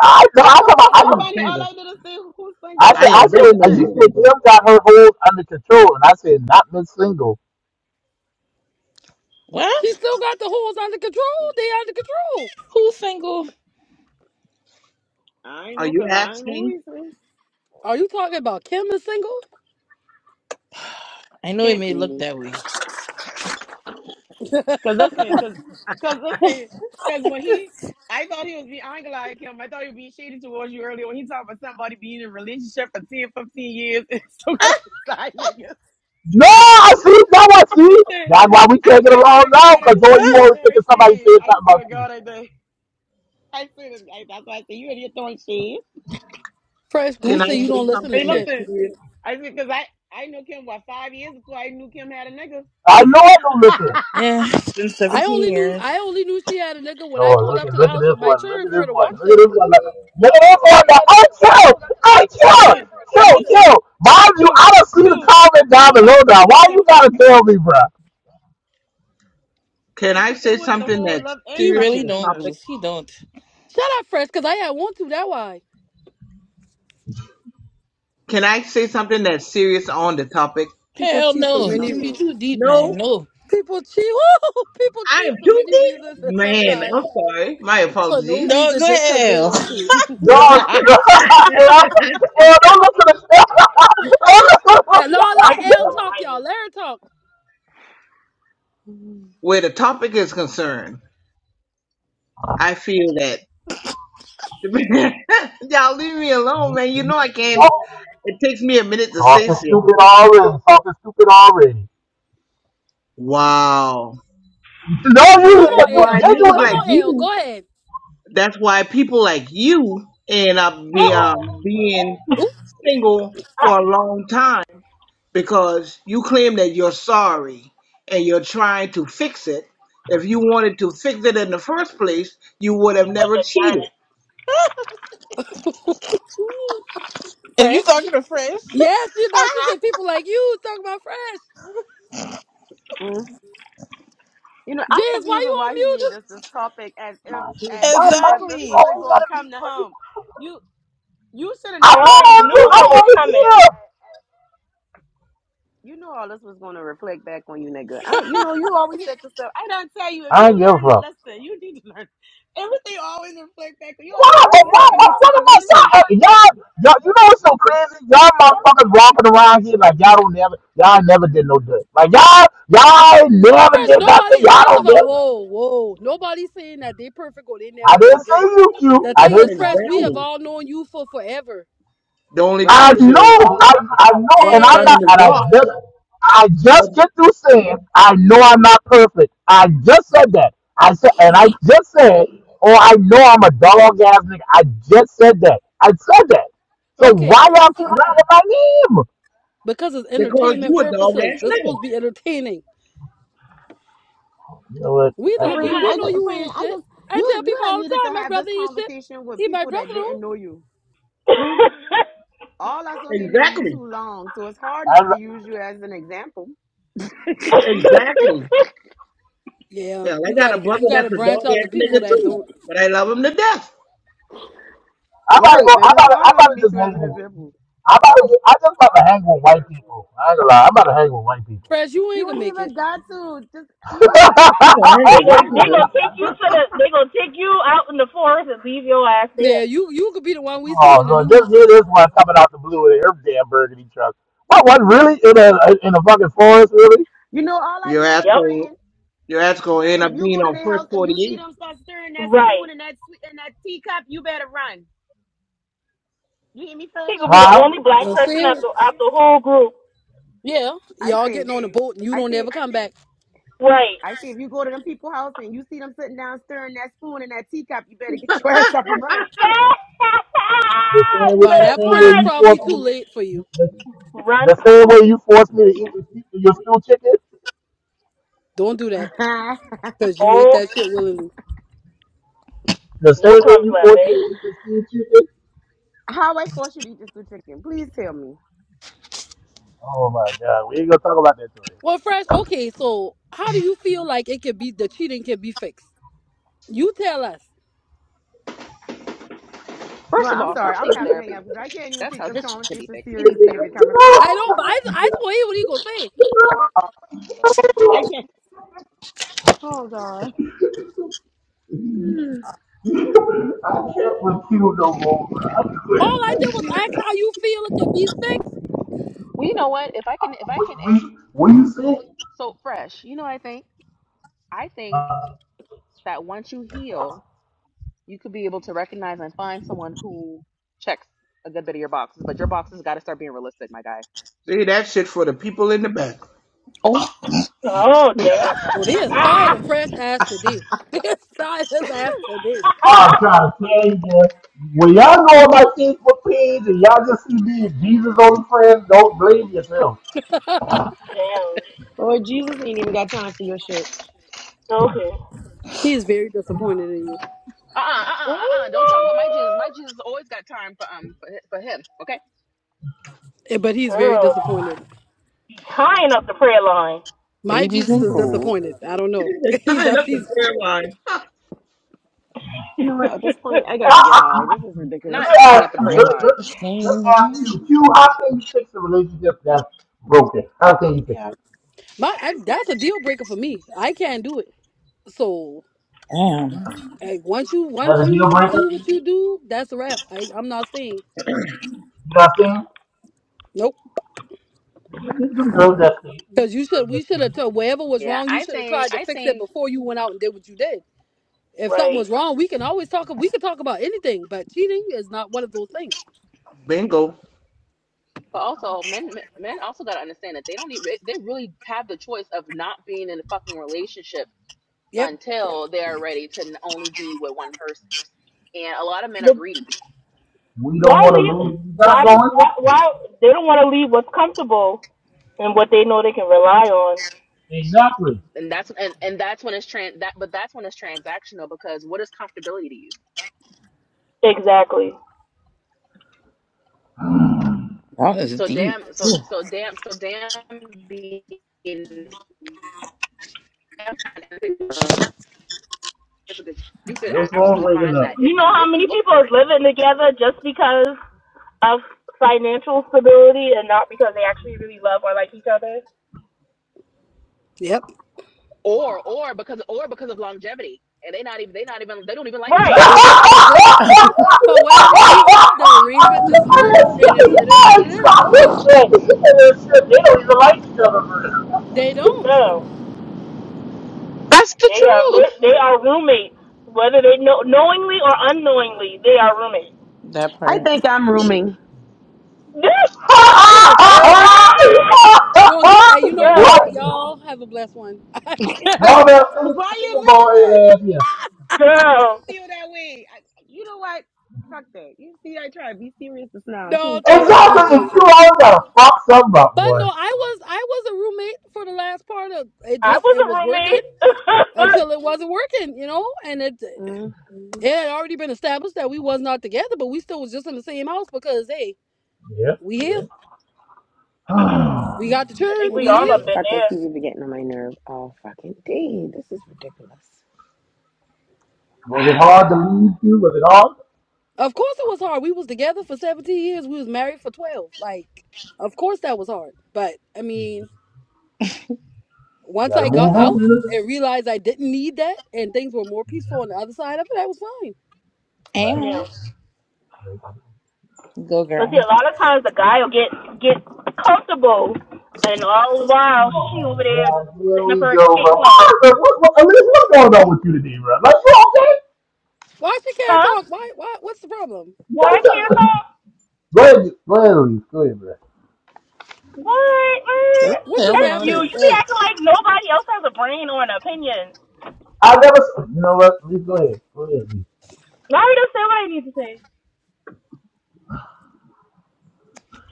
[SPEAKER 1] I, no, I, come out-
[SPEAKER 5] What's
[SPEAKER 1] I,
[SPEAKER 5] so
[SPEAKER 1] come-
[SPEAKER 8] I'm
[SPEAKER 5] funny? All
[SPEAKER 8] single.
[SPEAKER 5] I did is say who's
[SPEAKER 1] I
[SPEAKER 5] single.
[SPEAKER 1] said,
[SPEAKER 5] Why
[SPEAKER 8] I am
[SPEAKER 1] I
[SPEAKER 5] he
[SPEAKER 1] said, uh,
[SPEAKER 8] definitely
[SPEAKER 5] laughing?
[SPEAKER 1] you said Kim
[SPEAKER 8] single.
[SPEAKER 1] got her hold under control, and I said, not Miss Single.
[SPEAKER 2] Well,
[SPEAKER 7] She still got the holes under control. They under control.
[SPEAKER 2] who's single?
[SPEAKER 5] I ain't
[SPEAKER 8] Are
[SPEAKER 5] know,
[SPEAKER 8] you
[SPEAKER 5] cause I ain't know who
[SPEAKER 8] asking?
[SPEAKER 5] he's single.
[SPEAKER 7] Are you talking about Kim is single?
[SPEAKER 2] I know it
[SPEAKER 5] Can't
[SPEAKER 2] may look
[SPEAKER 5] be,
[SPEAKER 2] that way.
[SPEAKER 5] cause listen, cause, cause listen, cause when he, I thought he was being, I ain't gonna lie, Kim, I thought he was being shady towards you earlier when he talked about somebody being in a relationship for 10 fifteen years and still got on
[SPEAKER 2] Ah,
[SPEAKER 5] the side niggas.
[SPEAKER 1] No, I see, now I see.
[SPEAKER 5] Listen,
[SPEAKER 1] That's why we
[SPEAKER 5] I,
[SPEAKER 1] can't get
[SPEAKER 5] I
[SPEAKER 1] along
[SPEAKER 5] swear to
[SPEAKER 1] now,
[SPEAKER 5] God, I
[SPEAKER 1] because Joy,
[SPEAKER 5] thought he
[SPEAKER 1] you
[SPEAKER 2] ah.
[SPEAKER 5] was
[SPEAKER 1] always
[SPEAKER 5] throwing
[SPEAKER 1] thinking somebody
[SPEAKER 5] shade.
[SPEAKER 1] said
[SPEAKER 5] I
[SPEAKER 1] something
[SPEAKER 5] swear
[SPEAKER 1] about
[SPEAKER 5] to
[SPEAKER 1] you.
[SPEAKER 5] God, I did. I swear to I, that's why I said you and you throwing shade.
[SPEAKER 7] Fresh
[SPEAKER 2] I
[SPEAKER 8] Can
[SPEAKER 7] Goose
[SPEAKER 8] I
[SPEAKER 7] say you
[SPEAKER 2] mean,
[SPEAKER 8] say
[SPEAKER 7] don't listen to
[SPEAKER 5] Hey,
[SPEAKER 8] something
[SPEAKER 7] shit.
[SPEAKER 8] that's
[SPEAKER 5] listen,
[SPEAKER 8] serious?
[SPEAKER 5] I said, cause I, I knew Kim what five years before I knew Kim had a nigga.
[SPEAKER 1] I know I don't listen.
[SPEAKER 2] yeah, it's been
[SPEAKER 7] I
[SPEAKER 2] 17
[SPEAKER 7] only knew
[SPEAKER 2] years.
[SPEAKER 7] I only knew she had a nigga when I
[SPEAKER 1] Oh,
[SPEAKER 7] pulled
[SPEAKER 1] look
[SPEAKER 7] up
[SPEAKER 1] at,
[SPEAKER 7] to the
[SPEAKER 1] look at
[SPEAKER 7] house
[SPEAKER 1] this
[SPEAKER 7] with my
[SPEAKER 1] one, look
[SPEAKER 7] children
[SPEAKER 1] at
[SPEAKER 7] for her
[SPEAKER 1] this
[SPEAKER 7] to
[SPEAKER 1] one,
[SPEAKER 7] watch
[SPEAKER 1] look at
[SPEAKER 7] them.
[SPEAKER 1] this one. Look look at this one, now. oh, chill, oh, chill,
[SPEAKER 5] Listen,
[SPEAKER 1] chill, chill.
[SPEAKER 5] listen. Hold
[SPEAKER 1] Mind
[SPEAKER 5] on,
[SPEAKER 1] you,
[SPEAKER 5] Q,
[SPEAKER 1] I don't see the
[SPEAKER 5] Q,
[SPEAKER 1] comment
[SPEAKER 5] Q.
[SPEAKER 1] down
[SPEAKER 5] Hold on.
[SPEAKER 1] below
[SPEAKER 5] It
[SPEAKER 1] now.
[SPEAKER 5] was
[SPEAKER 1] Why
[SPEAKER 5] the
[SPEAKER 1] you gotta
[SPEAKER 5] fa-
[SPEAKER 1] tell me, bruh?
[SPEAKER 8] Can
[SPEAKER 5] and
[SPEAKER 8] I
[SPEAKER 5] Q, it
[SPEAKER 8] say
[SPEAKER 5] was the
[SPEAKER 8] something
[SPEAKER 5] whole
[SPEAKER 8] that's
[SPEAKER 5] love and
[SPEAKER 2] He
[SPEAKER 8] serious to
[SPEAKER 2] really
[SPEAKER 5] fucking
[SPEAKER 8] the
[SPEAKER 2] don't,
[SPEAKER 5] nigga.
[SPEAKER 8] topic?
[SPEAKER 2] Goose. He don't.
[SPEAKER 7] Shut up, Fresh, cause I had one too. That why
[SPEAKER 8] Can I say something that's serious on the topic?
[SPEAKER 7] people
[SPEAKER 2] Hell
[SPEAKER 7] cheat for
[SPEAKER 2] no.
[SPEAKER 7] many
[SPEAKER 2] You be
[SPEAKER 5] Okay.
[SPEAKER 2] too deep, man.
[SPEAKER 8] No,
[SPEAKER 2] No.
[SPEAKER 7] people cheat. Woo! People
[SPEAKER 8] I
[SPEAKER 7] cheat
[SPEAKER 8] am
[SPEAKER 7] for
[SPEAKER 8] too
[SPEAKER 7] many
[SPEAKER 8] deep.
[SPEAKER 7] reasons and
[SPEAKER 8] Man, I'm
[SPEAKER 7] sometimes
[SPEAKER 8] sorry. My
[SPEAKER 7] for no
[SPEAKER 8] apologies.
[SPEAKER 2] No,
[SPEAKER 7] reason
[SPEAKER 2] go
[SPEAKER 7] just cause they want
[SPEAKER 2] hell.
[SPEAKER 7] to.
[SPEAKER 1] God, oh, don't look at the don't look at
[SPEAKER 7] And no,
[SPEAKER 9] Are
[SPEAKER 7] let
[SPEAKER 9] you
[SPEAKER 7] L talk, y'all.
[SPEAKER 9] lying?
[SPEAKER 7] Let her talk.
[SPEAKER 8] Where the topic is concerned, I feel that. Y'all leave me alone, man. You
[SPEAKER 1] the
[SPEAKER 8] know I can't.
[SPEAKER 1] no.
[SPEAKER 8] It takes me a minute to
[SPEAKER 1] Talk
[SPEAKER 8] say
[SPEAKER 1] is
[SPEAKER 8] shit.
[SPEAKER 1] stupid already. Talk is stupid already.
[SPEAKER 8] Wow.
[SPEAKER 1] No, you
[SPEAKER 7] Come
[SPEAKER 8] That's
[SPEAKER 1] because
[SPEAKER 7] on,
[SPEAKER 1] you
[SPEAKER 8] why
[SPEAKER 7] L.
[SPEAKER 8] niggas
[SPEAKER 7] Come
[SPEAKER 8] like
[SPEAKER 1] giggling.
[SPEAKER 7] on, L.
[SPEAKER 8] you,
[SPEAKER 7] Go ahead.
[SPEAKER 8] that's why people like you end up be,
[SPEAKER 1] Oh.
[SPEAKER 8] um, being
[SPEAKER 7] Ooh,
[SPEAKER 8] single for a long time because you claim that you're sorry and you're trying to fix it. If you wanted to fix it in the first place, you would have
[SPEAKER 9] you would
[SPEAKER 8] never
[SPEAKER 9] have done
[SPEAKER 8] cheated.
[SPEAKER 2] If you
[SPEAKER 7] Fresh.
[SPEAKER 2] talking to friends.
[SPEAKER 7] Yes, you know she said people like you talking about Fresh.
[SPEAKER 5] Mm. you know, I'm
[SPEAKER 7] James, why
[SPEAKER 5] confused
[SPEAKER 7] you
[SPEAKER 5] on
[SPEAKER 7] on
[SPEAKER 5] why he
[SPEAKER 7] mute?
[SPEAKER 5] made this this topic as if
[SPEAKER 1] My God,
[SPEAKER 5] as,
[SPEAKER 1] why
[SPEAKER 5] as
[SPEAKER 1] my
[SPEAKER 5] if this
[SPEAKER 1] you
[SPEAKER 2] exactly.
[SPEAKER 5] wasn't
[SPEAKER 1] always
[SPEAKER 5] going
[SPEAKER 1] gotta
[SPEAKER 5] to
[SPEAKER 1] be
[SPEAKER 5] come to
[SPEAKER 1] free?
[SPEAKER 5] him. You you should have
[SPEAKER 1] I'm
[SPEAKER 5] never made
[SPEAKER 1] not
[SPEAKER 5] this
[SPEAKER 9] already
[SPEAKER 1] on
[SPEAKER 5] your
[SPEAKER 1] you.
[SPEAKER 9] knew what
[SPEAKER 1] I'm
[SPEAKER 5] topic.
[SPEAKER 9] was
[SPEAKER 1] right
[SPEAKER 9] coming.
[SPEAKER 1] here.
[SPEAKER 5] You know all this was going to reflect back on you, nigga. I, you know, you always said yourself. I don't tell you if
[SPEAKER 1] I ain't
[SPEAKER 5] you
[SPEAKER 1] give a
[SPEAKER 5] learn a
[SPEAKER 1] fuck.
[SPEAKER 5] lesson, you need to learn. Everything always reflect back. You
[SPEAKER 1] Why?
[SPEAKER 5] always put
[SPEAKER 1] Why? Why?
[SPEAKER 5] yourself in
[SPEAKER 1] Why?
[SPEAKER 5] these
[SPEAKER 1] What about
[SPEAKER 5] situations.
[SPEAKER 1] y'all? uh, Y'all, y'all, you know what's so crazy? Y'all motherfuckers walking around here like y'all don't never, y'all never did no good. Like y'all, y'all ain't never
[SPEAKER 7] First,
[SPEAKER 1] did nothing.
[SPEAKER 7] nobody.
[SPEAKER 1] Y'all
[SPEAKER 7] First of
[SPEAKER 1] don't
[SPEAKER 7] all,
[SPEAKER 1] do.
[SPEAKER 7] whoa, whoa. Nobody's saying that they perfect or they
[SPEAKER 1] I
[SPEAKER 7] never
[SPEAKER 1] didn't
[SPEAKER 7] did
[SPEAKER 1] say
[SPEAKER 7] good.
[SPEAKER 1] you, Q.
[SPEAKER 7] The
[SPEAKER 1] I
[SPEAKER 7] thing is,
[SPEAKER 1] didn't say
[SPEAKER 7] Fresh, we have
[SPEAKER 8] Exactly.
[SPEAKER 1] you.
[SPEAKER 7] all known you for forever,
[SPEAKER 8] The only
[SPEAKER 1] I
[SPEAKER 5] Right.
[SPEAKER 8] difference
[SPEAKER 1] know,
[SPEAKER 8] is
[SPEAKER 1] I, I know,
[SPEAKER 8] what's
[SPEAKER 1] and I'm
[SPEAKER 8] done
[SPEAKER 1] not,
[SPEAKER 8] in
[SPEAKER 7] and
[SPEAKER 8] the
[SPEAKER 1] and I
[SPEAKER 8] dark
[SPEAKER 1] just, I just
[SPEAKER 8] was
[SPEAKER 1] get through saying, I know I'm not perfect. I just said that. I said, and I just said, oh, I know I'm a dog ass nigga. I just said that. I said that. So
[SPEAKER 7] okay,
[SPEAKER 1] why y'all keep running my name?
[SPEAKER 7] because it's
[SPEAKER 8] because
[SPEAKER 7] entertainment
[SPEAKER 8] you a dog
[SPEAKER 7] purposes.
[SPEAKER 8] ass
[SPEAKER 7] This
[SPEAKER 8] nigga.
[SPEAKER 7] supposed to be entertaining.
[SPEAKER 1] You know what?
[SPEAKER 7] We
[SPEAKER 1] I
[SPEAKER 7] love
[SPEAKER 1] quit.
[SPEAKER 7] you.
[SPEAKER 5] Friend,
[SPEAKER 7] We
[SPEAKER 5] I
[SPEAKER 7] know
[SPEAKER 1] I-
[SPEAKER 5] just
[SPEAKER 7] you
[SPEAKER 5] friend,
[SPEAKER 7] ain't
[SPEAKER 5] I
[SPEAKER 7] shit.
[SPEAKER 5] just
[SPEAKER 7] I
[SPEAKER 5] you
[SPEAKER 7] tell
[SPEAKER 5] you
[SPEAKER 7] people
[SPEAKER 5] had
[SPEAKER 7] all the
[SPEAKER 5] needed to
[SPEAKER 7] time, my
[SPEAKER 5] have this
[SPEAKER 7] brother ain't shit.
[SPEAKER 5] conversation with
[SPEAKER 7] He my
[SPEAKER 5] people
[SPEAKER 7] brother
[SPEAKER 5] that
[SPEAKER 7] though.
[SPEAKER 5] didn't know you. All us on here know you
[SPEAKER 8] Exactly.
[SPEAKER 5] too long, so it's hard
[SPEAKER 1] I'm,
[SPEAKER 5] not
[SPEAKER 1] I'm
[SPEAKER 5] to use you as an example.
[SPEAKER 8] Exactly.
[SPEAKER 7] Yeah,
[SPEAKER 8] Hell, I
[SPEAKER 7] you
[SPEAKER 8] got a
[SPEAKER 7] gotta you
[SPEAKER 8] brother
[SPEAKER 7] gotta
[SPEAKER 8] that's a
[SPEAKER 7] branch
[SPEAKER 8] dog
[SPEAKER 7] out to
[SPEAKER 8] ass
[SPEAKER 7] people
[SPEAKER 8] nigga
[SPEAKER 7] that
[SPEAKER 8] too,
[SPEAKER 7] don't.
[SPEAKER 8] but I love him to death.
[SPEAKER 1] about to
[SPEAKER 5] Right.
[SPEAKER 1] go. I'm
[SPEAKER 5] It's just
[SPEAKER 1] about to,
[SPEAKER 5] hard
[SPEAKER 1] I'm about
[SPEAKER 5] not to
[SPEAKER 1] to
[SPEAKER 5] make
[SPEAKER 1] just
[SPEAKER 5] you as
[SPEAKER 1] hang
[SPEAKER 5] an
[SPEAKER 1] with.
[SPEAKER 5] example.
[SPEAKER 1] I'm about to. I just about to hang with white people. I ain't gonna lie. I'm about to hang with white people.
[SPEAKER 7] Fresh, you ain't
[SPEAKER 5] You
[SPEAKER 7] gonna
[SPEAKER 5] ain't
[SPEAKER 7] make it.
[SPEAKER 5] even got to. Just I mean, just-
[SPEAKER 8] You gonna hang
[SPEAKER 9] they
[SPEAKER 8] with white
[SPEAKER 9] gonna they gonna
[SPEAKER 5] nigga.
[SPEAKER 8] people?
[SPEAKER 9] take you to the they gonna take you out in the forest and leave your ass
[SPEAKER 7] Yeah,
[SPEAKER 9] there.
[SPEAKER 7] you you could be the one we see
[SPEAKER 1] Oh
[SPEAKER 7] on the
[SPEAKER 1] no,
[SPEAKER 7] news.
[SPEAKER 1] just here this one coming out the blue with her damn burgundy truck. What one really in a in a fucking forest really?
[SPEAKER 5] You know, all I
[SPEAKER 8] Your
[SPEAKER 5] know
[SPEAKER 8] ass
[SPEAKER 5] is
[SPEAKER 9] Yep.
[SPEAKER 8] gonna
[SPEAKER 5] friend,
[SPEAKER 8] your ass gonna end
[SPEAKER 5] friend,
[SPEAKER 8] up
[SPEAKER 5] if you
[SPEAKER 8] being
[SPEAKER 5] go to
[SPEAKER 8] on
[SPEAKER 5] their
[SPEAKER 8] first
[SPEAKER 5] house and
[SPEAKER 8] forty
[SPEAKER 5] you see
[SPEAKER 8] eight.
[SPEAKER 5] them start stirring that spoon
[SPEAKER 9] Right.
[SPEAKER 5] and that sweet and that teacup, you better run. You hear me,
[SPEAKER 9] He
[SPEAKER 5] Fresh?
[SPEAKER 9] gonna be the
[SPEAKER 1] Huh?
[SPEAKER 9] only
[SPEAKER 7] You
[SPEAKER 9] black
[SPEAKER 7] know what I'm
[SPEAKER 9] person out
[SPEAKER 7] saying?
[SPEAKER 9] the out the whole group.
[SPEAKER 7] Yeah,
[SPEAKER 5] I
[SPEAKER 7] y'all getting
[SPEAKER 5] say,
[SPEAKER 7] on the boat and you
[SPEAKER 5] I
[SPEAKER 7] don't
[SPEAKER 5] say
[SPEAKER 7] ever come back.
[SPEAKER 9] Right.
[SPEAKER 5] I say, if you go to them people's house and you see them sitting down stirring that spoon in that teacup, you better get your ass up and run.
[SPEAKER 1] The same
[SPEAKER 9] you
[SPEAKER 1] way
[SPEAKER 7] By
[SPEAKER 1] the
[SPEAKER 9] better
[SPEAKER 7] that
[SPEAKER 1] same
[SPEAKER 7] point,
[SPEAKER 1] way
[SPEAKER 7] it's
[SPEAKER 1] you
[SPEAKER 7] probably
[SPEAKER 1] forced
[SPEAKER 7] too late for you.
[SPEAKER 1] me the,
[SPEAKER 9] run. Run
[SPEAKER 1] the same way
[SPEAKER 9] quickly.
[SPEAKER 1] you forced me to eat the, ste- your stew chicken?
[SPEAKER 7] Don't do that because you ate
[SPEAKER 9] Oh,
[SPEAKER 7] that shit willingly.
[SPEAKER 1] The same
[SPEAKER 9] no
[SPEAKER 1] way
[SPEAKER 9] crumbs
[SPEAKER 1] you
[SPEAKER 9] left,
[SPEAKER 1] forced me
[SPEAKER 9] eh?
[SPEAKER 1] to eat the stew chicken?
[SPEAKER 5] How I force you to eat this good chicken? Please tell me.
[SPEAKER 1] Oh my god, we ain't gonna talk about that today.
[SPEAKER 7] Well, Fresh, okay, so how do you feel like it could be the cheating can be fixed? You tell us.
[SPEAKER 5] No,
[SPEAKER 6] First of
[SPEAKER 5] I'm
[SPEAKER 6] all,
[SPEAKER 5] sorry.
[SPEAKER 6] Fresh
[SPEAKER 5] I'm gonna
[SPEAKER 6] needs
[SPEAKER 5] have to hang
[SPEAKER 6] therapy.
[SPEAKER 5] up because I can't even
[SPEAKER 6] That's
[SPEAKER 5] take
[SPEAKER 6] how
[SPEAKER 5] this
[SPEAKER 6] his shit can be
[SPEAKER 5] conversation
[SPEAKER 6] fixed. He needs
[SPEAKER 5] seriously if
[SPEAKER 6] therapy.
[SPEAKER 5] it's coming from him.
[SPEAKER 7] I don't, but I, I just want to hear what he gonna say.
[SPEAKER 5] I, I can't. Oh God. Hmm.
[SPEAKER 1] I can't with you no more, bro. I
[SPEAKER 7] All
[SPEAKER 1] quit.
[SPEAKER 7] I
[SPEAKER 1] I
[SPEAKER 7] did
[SPEAKER 1] quit.
[SPEAKER 7] was
[SPEAKER 5] See what?
[SPEAKER 7] ask how you feel it can be fixed.
[SPEAKER 6] Well, you know what? If I can, if I
[SPEAKER 1] Were,
[SPEAKER 6] can answer,
[SPEAKER 1] you were you sick?
[SPEAKER 6] so Fresh, you know what I think? I think that once you heal, you could be able to recognize and find someone who checks a good bit of your boxes. But your boxes got to start being realistic, my guy
[SPEAKER 8] See that shit for the people in the back.
[SPEAKER 2] Oh,
[SPEAKER 9] Oh damn.
[SPEAKER 7] Well, they is tired
[SPEAKER 9] Ah!
[SPEAKER 7] of Fresh ass today. They is tired of his ass today.
[SPEAKER 1] I'm trying to tell you, boy. When y'all know about Facebook page and y'all just see these Jesus only friends, don't blame yourself.
[SPEAKER 9] damn.
[SPEAKER 5] Lord Jesus ain't even got time for your shit.
[SPEAKER 9] Okay.
[SPEAKER 7] He is very disappointed in you,
[SPEAKER 6] Uh uh-uh, uh uh uh
[SPEAKER 9] Amen.
[SPEAKER 6] uh. uh uh do not talk about my Jesus. My Jesus always got time for um for, hi- for him. Okay,
[SPEAKER 7] Eh, but he's very
[SPEAKER 9] Girl,
[SPEAKER 7] disappointed.
[SPEAKER 9] you be tying up the prayer line.
[SPEAKER 7] My
[SPEAKER 2] babies
[SPEAKER 7] Jesus
[SPEAKER 2] and
[SPEAKER 7] is
[SPEAKER 2] fools.
[SPEAKER 7] disappointed. I don't know.
[SPEAKER 8] That's
[SPEAKER 7] he's,
[SPEAKER 8] a
[SPEAKER 7] he's
[SPEAKER 8] prayer line.
[SPEAKER 5] You know what? At this point, I got to get high. This is
[SPEAKER 1] Let
[SPEAKER 6] not
[SPEAKER 5] ridiculous.
[SPEAKER 1] me
[SPEAKER 6] tying
[SPEAKER 1] ask
[SPEAKER 6] up the
[SPEAKER 1] you,
[SPEAKER 6] prayer
[SPEAKER 1] let,
[SPEAKER 2] Damn,
[SPEAKER 1] let,
[SPEAKER 6] line.
[SPEAKER 1] let me ask you, Q, how can you fix a relationship that's broken? How can you fix
[SPEAKER 10] Yeah.
[SPEAKER 1] it?
[SPEAKER 7] my I, that's a deal breaker for me. I can't do it. So Hey, once you once
[SPEAKER 1] That a
[SPEAKER 7] you
[SPEAKER 1] deal breaker?
[SPEAKER 7] do
[SPEAKER 1] You
[SPEAKER 7] what
[SPEAKER 1] know
[SPEAKER 7] you do, that's a wrap. I, I'm not saying
[SPEAKER 1] what I'm saying?
[SPEAKER 7] nope.
[SPEAKER 1] We need some girls that stay. We
[SPEAKER 7] Cause
[SPEAKER 1] some
[SPEAKER 7] you
[SPEAKER 1] girls
[SPEAKER 7] should
[SPEAKER 1] that
[SPEAKER 7] we should have
[SPEAKER 1] stay.
[SPEAKER 7] told whatever was
[SPEAKER 6] Yeah,
[SPEAKER 7] wrong, you
[SPEAKER 6] I
[SPEAKER 7] should have
[SPEAKER 6] think
[SPEAKER 7] tried to
[SPEAKER 6] I
[SPEAKER 7] fix it
[SPEAKER 6] think,
[SPEAKER 7] before you went out and did what you did. If something
[SPEAKER 9] right.
[SPEAKER 7] was wrong, we can always talk we can talk about anything, but cheating is not one of those things.
[SPEAKER 8] Bingo.
[SPEAKER 6] but also men men men also got to understand that they don't need they really have the choice of not being in a fucking relationship
[SPEAKER 7] Yep.
[SPEAKER 6] until they're ready to n- only be with one person. And a lot of men are
[SPEAKER 9] But
[SPEAKER 6] greedy,
[SPEAKER 1] We don't
[SPEAKER 9] why
[SPEAKER 1] want to
[SPEAKER 9] leave?
[SPEAKER 1] lose. You got
[SPEAKER 9] Why they?
[SPEAKER 1] going?
[SPEAKER 9] Why, why they don't want to leave what's comfortable and what they know they can rely on?
[SPEAKER 1] Exactly.
[SPEAKER 6] and that's and and that's when it's trans that but that's when it's transactional because what is comfortability to you?
[SPEAKER 9] Exactly.
[SPEAKER 2] that is
[SPEAKER 6] So
[SPEAKER 2] deep.
[SPEAKER 6] damn, so so damn, so damn being because you could
[SPEAKER 1] Your phone's
[SPEAKER 6] absolutely
[SPEAKER 1] ringing
[SPEAKER 6] find
[SPEAKER 1] up.
[SPEAKER 6] that if
[SPEAKER 9] You know
[SPEAKER 6] you
[SPEAKER 9] how
[SPEAKER 6] if you
[SPEAKER 9] many
[SPEAKER 6] look
[SPEAKER 9] people
[SPEAKER 6] for
[SPEAKER 9] is
[SPEAKER 6] it
[SPEAKER 9] living together just because of financial stability and not because they actually really love or like each other?
[SPEAKER 7] Yep.
[SPEAKER 6] or or because or because of longevity and they not even they not even they don't even like
[SPEAKER 1] I'm
[SPEAKER 6] each
[SPEAKER 9] Right.
[SPEAKER 6] other for
[SPEAKER 7] It
[SPEAKER 1] just
[SPEAKER 6] real
[SPEAKER 7] just it just for whatever
[SPEAKER 9] Right.
[SPEAKER 7] reason, the arrangement just works and
[SPEAKER 1] like,
[SPEAKER 7] it's it is what
[SPEAKER 1] I
[SPEAKER 7] it is.
[SPEAKER 1] promise it. And then shit, they don't even like each other for real.
[SPEAKER 7] They don't.
[SPEAKER 9] No.
[SPEAKER 6] That's the
[SPEAKER 9] They are
[SPEAKER 6] truth.
[SPEAKER 9] they are roommates, whether they know knowingly or unknowingly, they are roommates.
[SPEAKER 2] That
[SPEAKER 5] I
[SPEAKER 2] part.
[SPEAKER 5] think I'm rooming.
[SPEAKER 7] Toya, please don't get hey, you know
[SPEAKER 9] girl,
[SPEAKER 7] what?
[SPEAKER 1] what?
[SPEAKER 7] Y'all have a blessed one.
[SPEAKER 1] No,
[SPEAKER 5] Why
[SPEAKER 1] man, think
[SPEAKER 5] you
[SPEAKER 1] boy it
[SPEAKER 5] leaving?
[SPEAKER 1] ass yeah.
[SPEAKER 5] I do
[SPEAKER 9] girl,
[SPEAKER 5] feel that way. I, you know what? Fuck that. You see, I try to be serious this now
[SPEAKER 7] no,
[SPEAKER 5] too.
[SPEAKER 7] Toya, I'm just
[SPEAKER 1] Exactly, in two
[SPEAKER 7] joking.
[SPEAKER 1] hours gotta fuck something up,
[SPEAKER 7] But
[SPEAKER 1] boy.
[SPEAKER 7] no, I was I was a roommate for the last part of it.
[SPEAKER 9] I
[SPEAKER 7] Just
[SPEAKER 9] was
[SPEAKER 7] it
[SPEAKER 9] a
[SPEAKER 7] was working
[SPEAKER 9] roommate.
[SPEAKER 7] until it wasn't working, you know. And it
[SPEAKER 5] Mm,
[SPEAKER 7] it had already been established that we was not together, but we still was just in the same house because hey,
[SPEAKER 1] Yeah.
[SPEAKER 7] we here, we
[SPEAKER 9] I
[SPEAKER 7] got the churn,
[SPEAKER 9] think we
[SPEAKER 7] we
[SPEAKER 5] man,
[SPEAKER 9] all
[SPEAKER 7] here.
[SPEAKER 5] this
[SPEAKER 9] have been
[SPEAKER 5] fucking
[SPEAKER 9] there.
[SPEAKER 5] TV be getting on my nerve all fucking day. This is ridiculous.
[SPEAKER 1] Was it hard to leave you? Was it hard?
[SPEAKER 7] Of course it was hard. We was together for seventeen years. We was married for twelve. Like, of course that was hard. But I
[SPEAKER 1] Yeah.
[SPEAKER 7] mean,
[SPEAKER 1] You
[SPEAKER 7] once
[SPEAKER 1] gotta
[SPEAKER 7] I got
[SPEAKER 1] move on.
[SPEAKER 7] out and realized I didn't need that, and things were more peaceful on the other side of it, I was fine.
[SPEAKER 1] Right.
[SPEAKER 9] Yeah,
[SPEAKER 2] And
[SPEAKER 1] Right. right.
[SPEAKER 2] go,
[SPEAKER 9] but see,
[SPEAKER 2] girl.
[SPEAKER 9] a lot of times the guy will get get comfortable, and all the while
[SPEAKER 1] Oh
[SPEAKER 9] she
[SPEAKER 1] my
[SPEAKER 9] over there
[SPEAKER 1] God, here
[SPEAKER 9] setting up
[SPEAKER 1] we
[SPEAKER 9] her
[SPEAKER 1] go,
[SPEAKER 9] escape
[SPEAKER 1] bro.
[SPEAKER 9] plan.
[SPEAKER 1] What, what, what, Elise, what's going on with you today, bro? Like, you okay?
[SPEAKER 7] Why she can't
[SPEAKER 9] Huh?
[SPEAKER 7] talk? Why? Why? What's the problem?
[SPEAKER 1] You
[SPEAKER 9] Why
[SPEAKER 1] gotta
[SPEAKER 9] can't I
[SPEAKER 1] tell me.
[SPEAKER 9] talk?
[SPEAKER 1] Go ahead, go ahead, Elise. Go ahead, bro.
[SPEAKER 9] What?
[SPEAKER 7] What
[SPEAKER 9] Mm,
[SPEAKER 7] just
[SPEAKER 2] Telling
[SPEAKER 9] It's
[SPEAKER 2] all
[SPEAKER 9] you.
[SPEAKER 7] happened?
[SPEAKER 2] these
[SPEAKER 9] You be acting like nobody else has a brain or an opinion.
[SPEAKER 1] I never, s- you know what? Elise, go ahead. Go ahead, Elise.
[SPEAKER 9] I already done said what I need to say.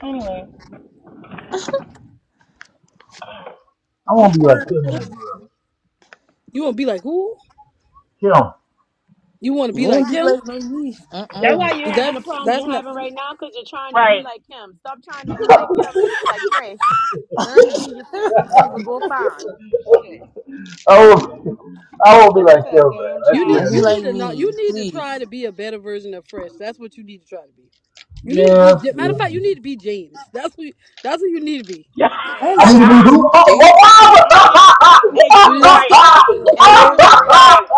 [SPEAKER 9] Anyway.
[SPEAKER 1] I won't be like
[SPEAKER 2] things.
[SPEAKER 1] Kim on that, bro.
[SPEAKER 7] You want to be like who?
[SPEAKER 1] Kim.
[SPEAKER 7] You want to
[SPEAKER 2] You
[SPEAKER 7] be like
[SPEAKER 2] won't be
[SPEAKER 7] him?
[SPEAKER 2] like no me.
[SPEAKER 1] Yeah,
[SPEAKER 5] That's
[SPEAKER 2] Uh-uh.
[SPEAKER 5] why
[SPEAKER 1] man.
[SPEAKER 5] you're having the
[SPEAKER 7] That's
[SPEAKER 5] problems
[SPEAKER 7] that's
[SPEAKER 5] you're
[SPEAKER 7] not.
[SPEAKER 5] having right now because you're trying to be
[SPEAKER 9] Right.
[SPEAKER 5] like him. Stop trying to be like him and be like Fresh. Learn to be
[SPEAKER 2] do
[SPEAKER 5] yourself and things will go fine. Shit.
[SPEAKER 1] I will, I
[SPEAKER 5] Like
[SPEAKER 1] will be
[SPEAKER 5] talking
[SPEAKER 1] like
[SPEAKER 5] to
[SPEAKER 1] Kim,
[SPEAKER 5] a
[SPEAKER 1] bro.
[SPEAKER 5] damn
[SPEAKER 1] That's
[SPEAKER 7] You
[SPEAKER 1] the way
[SPEAKER 7] need
[SPEAKER 5] child.
[SPEAKER 2] not
[SPEAKER 1] I
[SPEAKER 2] be
[SPEAKER 7] you
[SPEAKER 1] do. it.
[SPEAKER 7] need
[SPEAKER 2] like
[SPEAKER 7] to not.
[SPEAKER 2] me,
[SPEAKER 7] You need to
[SPEAKER 2] please.
[SPEAKER 7] try to be a better version of Fresh. That's what you need to try to be. You need to
[SPEAKER 1] Yeah,
[SPEAKER 7] be.
[SPEAKER 1] that's
[SPEAKER 7] Ja- Matter of fact, you need to be James. That's who. That's what you need to be.
[SPEAKER 2] I don't
[SPEAKER 5] Shit.
[SPEAKER 1] I need to
[SPEAKER 2] like
[SPEAKER 1] be who?
[SPEAKER 2] them. James is
[SPEAKER 5] Uh uh
[SPEAKER 2] cool.
[SPEAKER 5] uh.
[SPEAKER 7] You
[SPEAKER 5] AQ.
[SPEAKER 7] need to
[SPEAKER 9] right.
[SPEAKER 7] stop.
[SPEAKER 2] For real.
[SPEAKER 5] AQ.
[SPEAKER 9] Right.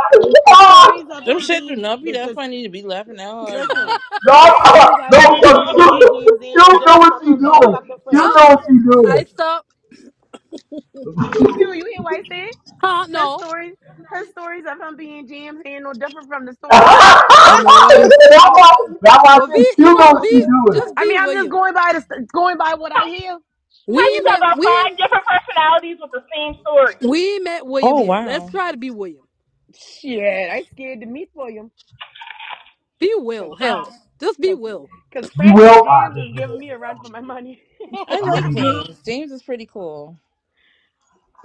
[SPEAKER 5] The stories of
[SPEAKER 2] Them
[SPEAKER 5] him
[SPEAKER 2] shit do
[SPEAKER 5] being
[SPEAKER 2] not be
[SPEAKER 5] the,
[SPEAKER 2] that
[SPEAKER 5] the
[SPEAKER 2] funny to be laughing out hard now.
[SPEAKER 5] Listen, the
[SPEAKER 1] no,
[SPEAKER 5] stories
[SPEAKER 1] no,
[SPEAKER 5] I've
[SPEAKER 9] how,
[SPEAKER 5] heard of
[SPEAKER 1] no,
[SPEAKER 5] him
[SPEAKER 1] Q,
[SPEAKER 9] you,
[SPEAKER 5] being James ain't no
[SPEAKER 1] Q know
[SPEAKER 5] different
[SPEAKER 1] what
[SPEAKER 5] from
[SPEAKER 1] she
[SPEAKER 5] him being
[SPEAKER 1] doing.
[SPEAKER 5] fucking
[SPEAKER 1] Q know
[SPEAKER 7] I
[SPEAKER 5] fresh.
[SPEAKER 1] what she
[SPEAKER 7] I
[SPEAKER 1] doing.
[SPEAKER 7] stop.
[SPEAKER 5] Q, you hear what I
[SPEAKER 7] Huh?
[SPEAKER 5] said? His
[SPEAKER 7] No.
[SPEAKER 5] stories, his stories of him being James ain't no different from the
[SPEAKER 1] that's,
[SPEAKER 5] stories of him being
[SPEAKER 1] why,
[SPEAKER 7] You
[SPEAKER 5] fresh.
[SPEAKER 7] know what?
[SPEAKER 1] that's why I
[SPEAKER 7] Well,
[SPEAKER 1] said
[SPEAKER 7] be
[SPEAKER 1] Q
[SPEAKER 7] you
[SPEAKER 1] know
[SPEAKER 7] know
[SPEAKER 1] what she
[SPEAKER 7] be
[SPEAKER 1] doing.
[SPEAKER 7] just
[SPEAKER 5] I
[SPEAKER 7] be
[SPEAKER 5] mean, I'm just
[SPEAKER 7] William.
[SPEAKER 5] going by the st- going by what I hear.
[SPEAKER 7] We
[SPEAKER 9] how
[SPEAKER 5] Shoot, what
[SPEAKER 9] you
[SPEAKER 7] ain't
[SPEAKER 5] you
[SPEAKER 9] got
[SPEAKER 7] met
[SPEAKER 5] want me
[SPEAKER 9] about
[SPEAKER 7] we
[SPEAKER 5] to do?
[SPEAKER 9] five
[SPEAKER 7] ain't-
[SPEAKER 9] different personalities with the same story?
[SPEAKER 7] we ain't met William
[SPEAKER 2] oh
[SPEAKER 7] yet. Let's
[SPEAKER 2] wow.
[SPEAKER 7] try to be William.
[SPEAKER 5] Shit, I scared to meet for you,
[SPEAKER 7] Be
[SPEAKER 5] cause,
[SPEAKER 7] Will. Hell, just be
[SPEAKER 5] cause,
[SPEAKER 7] Will.
[SPEAKER 5] cause
[SPEAKER 1] Be
[SPEAKER 5] fresh and
[SPEAKER 1] well. Ah,
[SPEAKER 5] James
[SPEAKER 1] yeah,
[SPEAKER 5] is
[SPEAKER 1] yeah, yeah,
[SPEAKER 5] giving me a run for my
[SPEAKER 1] yeah.
[SPEAKER 5] money.
[SPEAKER 2] I
[SPEAKER 1] I'm gonna be.
[SPEAKER 2] like
[SPEAKER 1] I'm gonna be. good.
[SPEAKER 2] James. James is pretty cool.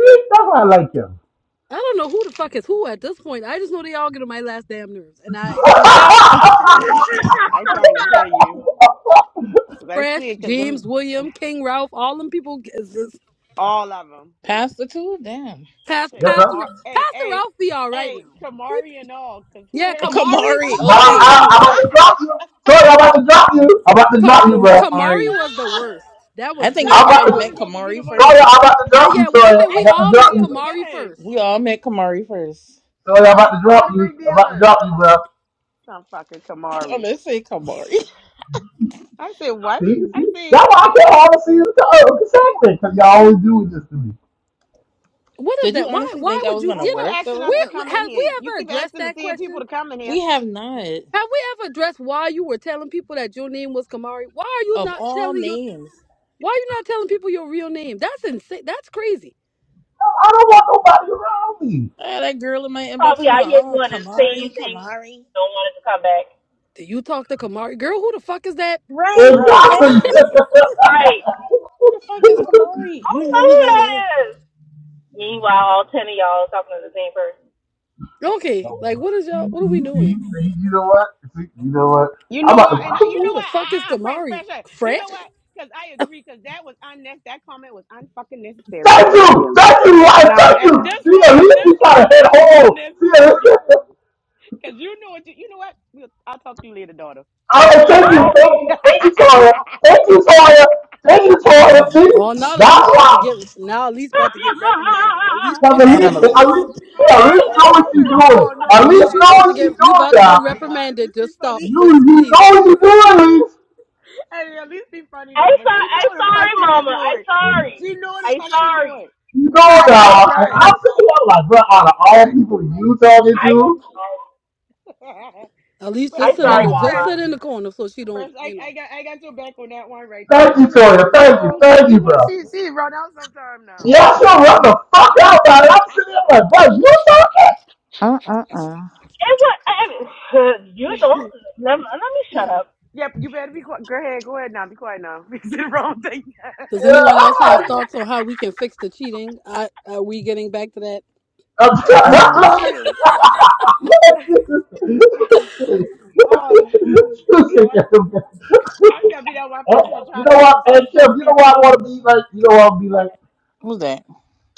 [SPEAKER 1] See, that's why I like him.
[SPEAKER 7] I don't know who the fuck is who at this point. I just know they all get on my last damn nerves. And I, you know,
[SPEAKER 9] Uh,
[SPEAKER 5] I trying to tell you, cause I
[SPEAKER 7] Fresh,
[SPEAKER 5] swear, cause them
[SPEAKER 7] James, William, King Ralph, all them people is this
[SPEAKER 5] all of them.
[SPEAKER 2] Past the two? Damn.
[SPEAKER 7] past
[SPEAKER 5] Shit,
[SPEAKER 1] yes,
[SPEAKER 7] Pastor
[SPEAKER 1] sir.
[SPEAKER 7] Ra-
[SPEAKER 5] Kamar, hey,
[SPEAKER 7] Pastor
[SPEAKER 5] hey,
[SPEAKER 7] Ralph be all right
[SPEAKER 5] hey,
[SPEAKER 7] now. He-
[SPEAKER 5] Kamari and all, cause who the
[SPEAKER 7] Yeah,
[SPEAKER 2] Uh,
[SPEAKER 5] hell?
[SPEAKER 7] Kamari,
[SPEAKER 2] Kamari,
[SPEAKER 1] But I,
[SPEAKER 7] Kamari was
[SPEAKER 2] okay.
[SPEAKER 1] I,
[SPEAKER 7] the
[SPEAKER 9] right.
[SPEAKER 1] I'm about
[SPEAKER 7] worst.
[SPEAKER 1] to drop you. Sorry, I'm about to drop you. I'm about to
[SPEAKER 7] Ka-
[SPEAKER 1] drop you,
[SPEAKER 2] Fucking
[SPEAKER 1] bro.
[SPEAKER 7] Kamari
[SPEAKER 2] Kamari.
[SPEAKER 7] was the worst. That
[SPEAKER 2] I
[SPEAKER 7] was
[SPEAKER 5] Why
[SPEAKER 2] think
[SPEAKER 7] just
[SPEAKER 1] I'm about
[SPEAKER 5] I
[SPEAKER 1] to,
[SPEAKER 2] everybody
[SPEAKER 5] always
[SPEAKER 2] met
[SPEAKER 5] have to be the
[SPEAKER 2] Kamari
[SPEAKER 5] one to
[SPEAKER 1] Toya,
[SPEAKER 2] first.
[SPEAKER 5] get
[SPEAKER 1] I'm about
[SPEAKER 5] drunk?
[SPEAKER 1] to
[SPEAKER 7] I
[SPEAKER 1] drop you,
[SPEAKER 7] yeah, I
[SPEAKER 1] Toya.
[SPEAKER 7] think
[SPEAKER 5] I,
[SPEAKER 1] I'm
[SPEAKER 7] we
[SPEAKER 1] about
[SPEAKER 5] I,
[SPEAKER 1] to
[SPEAKER 7] all
[SPEAKER 5] I
[SPEAKER 1] drop
[SPEAKER 7] met
[SPEAKER 5] don't
[SPEAKER 1] you.
[SPEAKER 7] Kamari
[SPEAKER 5] understand.
[SPEAKER 7] first.
[SPEAKER 2] We all met Kamari first.
[SPEAKER 1] Toya, I'm about
[SPEAKER 5] Right?
[SPEAKER 1] to
[SPEAKER 5] So
[SPEAKER 1] drop
[SPEAKER 5] what a
[SPEAKER 1] you.
[SPEAKER 5] big
[SPEAKER 1] I'm
[SPEAKER 5] deal
[SPEAKER 1] about to
[SPEAKER 5] is?
[SPEAKER 1] drop you, bro.
[SPEAKER 5] Some fucking
[SPEAKER 2] I'm
[SPEAKER 5] Kamari.
[SPEAKER 2] gonna say Kamari.
[SPEAKER 5] I said what?
[SPEAKER 1] See,
[SPEAKER 5] I
[SPEAKER 1] see?
[SPEAKER 5] said,
[SPEAKER 1] That's why I can't have a season to segment, because y'all always doing this to me. No,
[SPEAKER 7] What is
[SPEAKER 2] Did you
[SPEAKER 7] that? Why
[SPEAKER 2] honestly
[SPEAKER 7] why
[SPEAKER 2] think I
[SPEAKER 7] would
[SPEAKER 2] was
[SPEAKER 7] you
[SPEAKER 2] gonna
[SPEAKER 5] well,
[SPEAKER 7] you
[SPEAKER 5] quit
[SPEAKER 7] know,
[SPEAKER 2] work
[SPEAKER 5] asking us
[SPEAKER 2] though?
[SPEAKER 5] to
[SPEAKER 7] we
[SPEAKER 5] come in
[SPEAKER 7] have we
[SPEAKER 5] here. You
[SPEAKER 7] ever
[SPEAKER 5] keep
[SPEAKER 7] addressed
[SPEAKER 5] asking the
[SPEAKER 7] that
[SPEAKER 5] same people
[SPEAKER 7] question?
[SPEAKER 5] to come in
[SPEAKER 2] We
[SPEAKER 5] here.
[SPEAKER 2] have not.
[SPEAKER 7] Have we ever addressed why you were telling people that your name was Kamari? Why are you
[SPEAKER 2] Of
[SPEAKER 7] not
[SPEAKER 2] all
[SPEAKER 7] telling your
[SPEAKER 2] names.
[SPEAKER 7] Why you not telling people your real name? That's insane. That's crazy.
[SPEAKER 1] I don't want nobody around me.
[SPEAKER 2] I had that girl in my inbox.
[SPEAKER 9] Probably
[SPEAKER 2] Come
[SPEAKER 9] out
[SPEAKER 2] on,
[SPEAKER 9] here
[SPEAKER 2] oh
[SPEAKER 9] doing the
[SPEAKER 2] Kamari,
[SPEAKER 9] same thing.
[SPEAKER 2] Kamari.
[SPEAKER 9] Don't want it to come back.
[SPEAKER 7] Do you talk to Kamari? Girl, who the fuck is that?
[SPEAKER 2] Right? Who's
[SPEAKER 5] Right.
[SPEAKER 1] Exactly.
[SPEAKER 2] that?
[SPEAKER 9] All Right.
[SPEAKER 2] who the fuck is Kamari?
[SPEAKER 9] I
[SPEAKER 2] You
[SPEAKER 9] don't
[SPEAKER 2] know
[SPEAKER 9] know
[SPEAKER 2] who
[SPEAKER 9] who
[SPEAKER 2] that
[SPEAKER 9] that
[SPEAKER 2] is?
[SPEAKER 9] is. Meanwhile, all ten of y'all are talking to the same
[SPEAKER 7] Okay, like what is y'all
[SPEAKER 1] see,
[SPEAKER 7] what are we
[SPEAKER 1] see,
[SPEAKER 7] doing?
[SPEAKER 1] see, you know what? See, you know what?
[SPEAKER 5] You
[SPEAKER 1] I'm
[SPEAKER 5] know
[SPEAKER 1] about to.
[SPEAKER 5] what? And I, you
[SPEAKER 7] Who
[SPEAKER 5] know
[SPEAKER 7] the
[SPEAKER 5] what? Ah,
[SPEAKER 7] fuck is
[SPEAKER 5] ah, ah, fresh,
[SPEAKER 7] Kamari?
[SPEAKER 5] fresh. air. You
[SPEAKER 7] French?
[SPEAKER 5] know what? Because I agree. Because that was unnecessary. That comment was unfucking necessary,
[SPEAKER 1] Thank
[SPEAKER 5] Elise.
[SPEAKER 1] you! Thank you, Ryan!
[SPEAKER 5] Now
[SPEAKER 1] Thank
[SPEAKER 5] n-
[SPEAKER 1] you!
[SPEAKER 5] at this
[SPEAKER 1] See,
[SPEAKER 5] point,
[SPEAKER 1] at
[SPEAKER 5] at
[SPEAKER 1] least
[SPEAKER 5] this
[SPEAKER 1] we try to
[SPEAKER 5] point,
[SPEAKER 1] hit
[SPEAKER 5] that was
[SPEAKER 1] home! See, at
[SPEAKER 5] unnecessary
[SPEAKER 1] least.
[SPEAKER 5] because you know what you, you know what. We'll- I'll talk to you later, daughter.
[SPEAKER 1] Oh, thank you, thank you, thank you, Toya. Thank you, Toya. Thank you, Toya. See,
[SPEAKER 7] Oh now at
[SPEAKER 1] that's
[SPEAKER 7] least about
[SPEAKER 1] why.
[SPEAKER 7] to get now at least about to get reprimanded. At least
[SPEAKER 1] Cause
[SPEAKER 7] don't
[SPEAKER 1] at
[SPEAKER 5] she
[SPEAKER 7] just
[SPEAKER 1] least,
[SPEAKER 2] Family.
[SPEAKER 1] at least, see, at least
[SPEAKER 5] no
[SPEAKER 1] know what she's
[SPEAKER 9] person.
[SPEAKER 5] listen,
[SPEAKER 1] doing.
[SPEAKER 5] no,
[SPEAKER 1] At
[SPEAKER 7] at
[SPEAKER 5] no.
[SPEAKER 1] least
[SPEAKER 7] least you
[SPEAKER 1] know
[SPEAKER 5] Hey,
[SPEAKER 7] about to
[SPEAKER 1] what
[SPEAKER 5] at
[SPEAKER 7] get
[SPEAKER 1] she's
[SPEAKER 5] least be
[SPEAKER 7] you
[SPEAKER 1] doing
[SPEAKER 7] about
[SPEAKER 5] funny
[SPEAKER 7] to
[SPEAKER 5] though.
[SPEAKER 7] get
[SPEAKER 1] now.
[SPEAKER 5] I ain't gonna lie, at
[SPEAKER 7] reprimanded.
[SPEAKER 5] least be
[SPEAKER 7] Just stop.
[SPEAKER 5] funny.
[SPEAKER 1] You,
[SPEAKER 7] Just
[SPEAKER 1] you know
[SPEAKER 7] please.
[SPEAKER 1] what you're doing, at Least
[SPEAKER 5] hey, at least be funny
[SPEAKER 9] I
[SPEAKER 5] though. But
[SPEAKER 9] sorry,
[SPEAKER 5] she know
[SPEAKER 9] I
[SPEAKER 5] what the
[SPEAKER 9] sorry,
[SPEAKER 5] fuck she be
[SPEAKER 9] Mama. I
[SPEAKER 5] doing.
[SPEAKER 9] sorry.
[SPEAKER 5] She know what the
[SPEAKER 9] I
[SPEAKER 5] fuck she
[SPEAKER 9] sorry.
[SPEAKER 5] doing.
[SPEAKER 1] You know
[SPEAKER 5] Right,
[SPEAKER 9] I
[SPEAKER 1] that. And
[SPEAKER 5] right,
[SPEAKER 1] I'm
[SPEAKER 9] sorry.
[SPEAKER 1] sitting there like, bro, out of all
[SPEAKER 5] right.
[SPEAKER 1] people you talking
[SPEAKER 9] I
[SPEAKER 1] to,
[SPEAKER 7] At least
[SPEAKER 5] Fresh,
[SPEAKER 9] I
[SPEAKER 7] just sit in
[SPEAKER 9] sorry,
[SPEAKER 1] no.
[SPEAKER 7] the just
[SPEAKER 5] Fresh,
[SPEAKER 9] Mama.
[SPEAKER 7] sit in the corner so she
[SPEAKER 5] fresh.
[SPEAKER 7] don't,
[SPEAKER 5] I,
[SPEAKER 7] you know.
[SPEAKER 5] I got, I got your back on that one right there
[SPEAKER 1] Thank
[SPEAKER 5] because
[SPEAKER 1] you,
[SPEAKER 5] you know,
[SPEAKER 1] Toya. Thank you,
[SPEAKER 5] you,
[SPEAKER 1] thank you,
[SPEAKER 5] you know,
[SPEAKER 1] bro.
[SPEAKER 5] she, she run out sometime
[SPEAKER 1] Yeah, I should run the fuck out, but I'm sitting there like, bro, you talking?
[SPEAKER 2] Uh uh uh.
[SPEAKER 9] It was. I, I- you
[SPEAKER 5] now.
[SPEAKER 9] don't. Let, me- let me shut up.
[SPEAKER 5] Yep, you better be quiet. Go ahead, go ahead now. Be quiet now. We did the wrong thing.
[SPEAKER 7] Does anyone
[SPEAKER 1] Yeah,
[SPEAKER 7] else have
[SPEAKER 1] I'm like,
[SPEAKER 7] thoughts on how we can fix the cheating? I, are we getting back to that?
[SPEAKER 5] Girl,
[SPEAKER 2] Oh,
[SPEAKER 5] please. Oh, y'all, y'all just gotta be that one person to
[SPEAKER 1] you
[SPEAKER 5] try to
[SPEAKER 1] know
[SPEAKER 5] make
[SPEAKER 1] what?
[SPEAKER 5] this shit
[SPEAKER 1] And
[SPEAKER 5] so
[SPEAKER 1] Kim, you know what
[SPEAKER 5] serious.
[SPEAKER 1] I want to be like? You know what I'll be like?
[SPEAKER 2] who's that?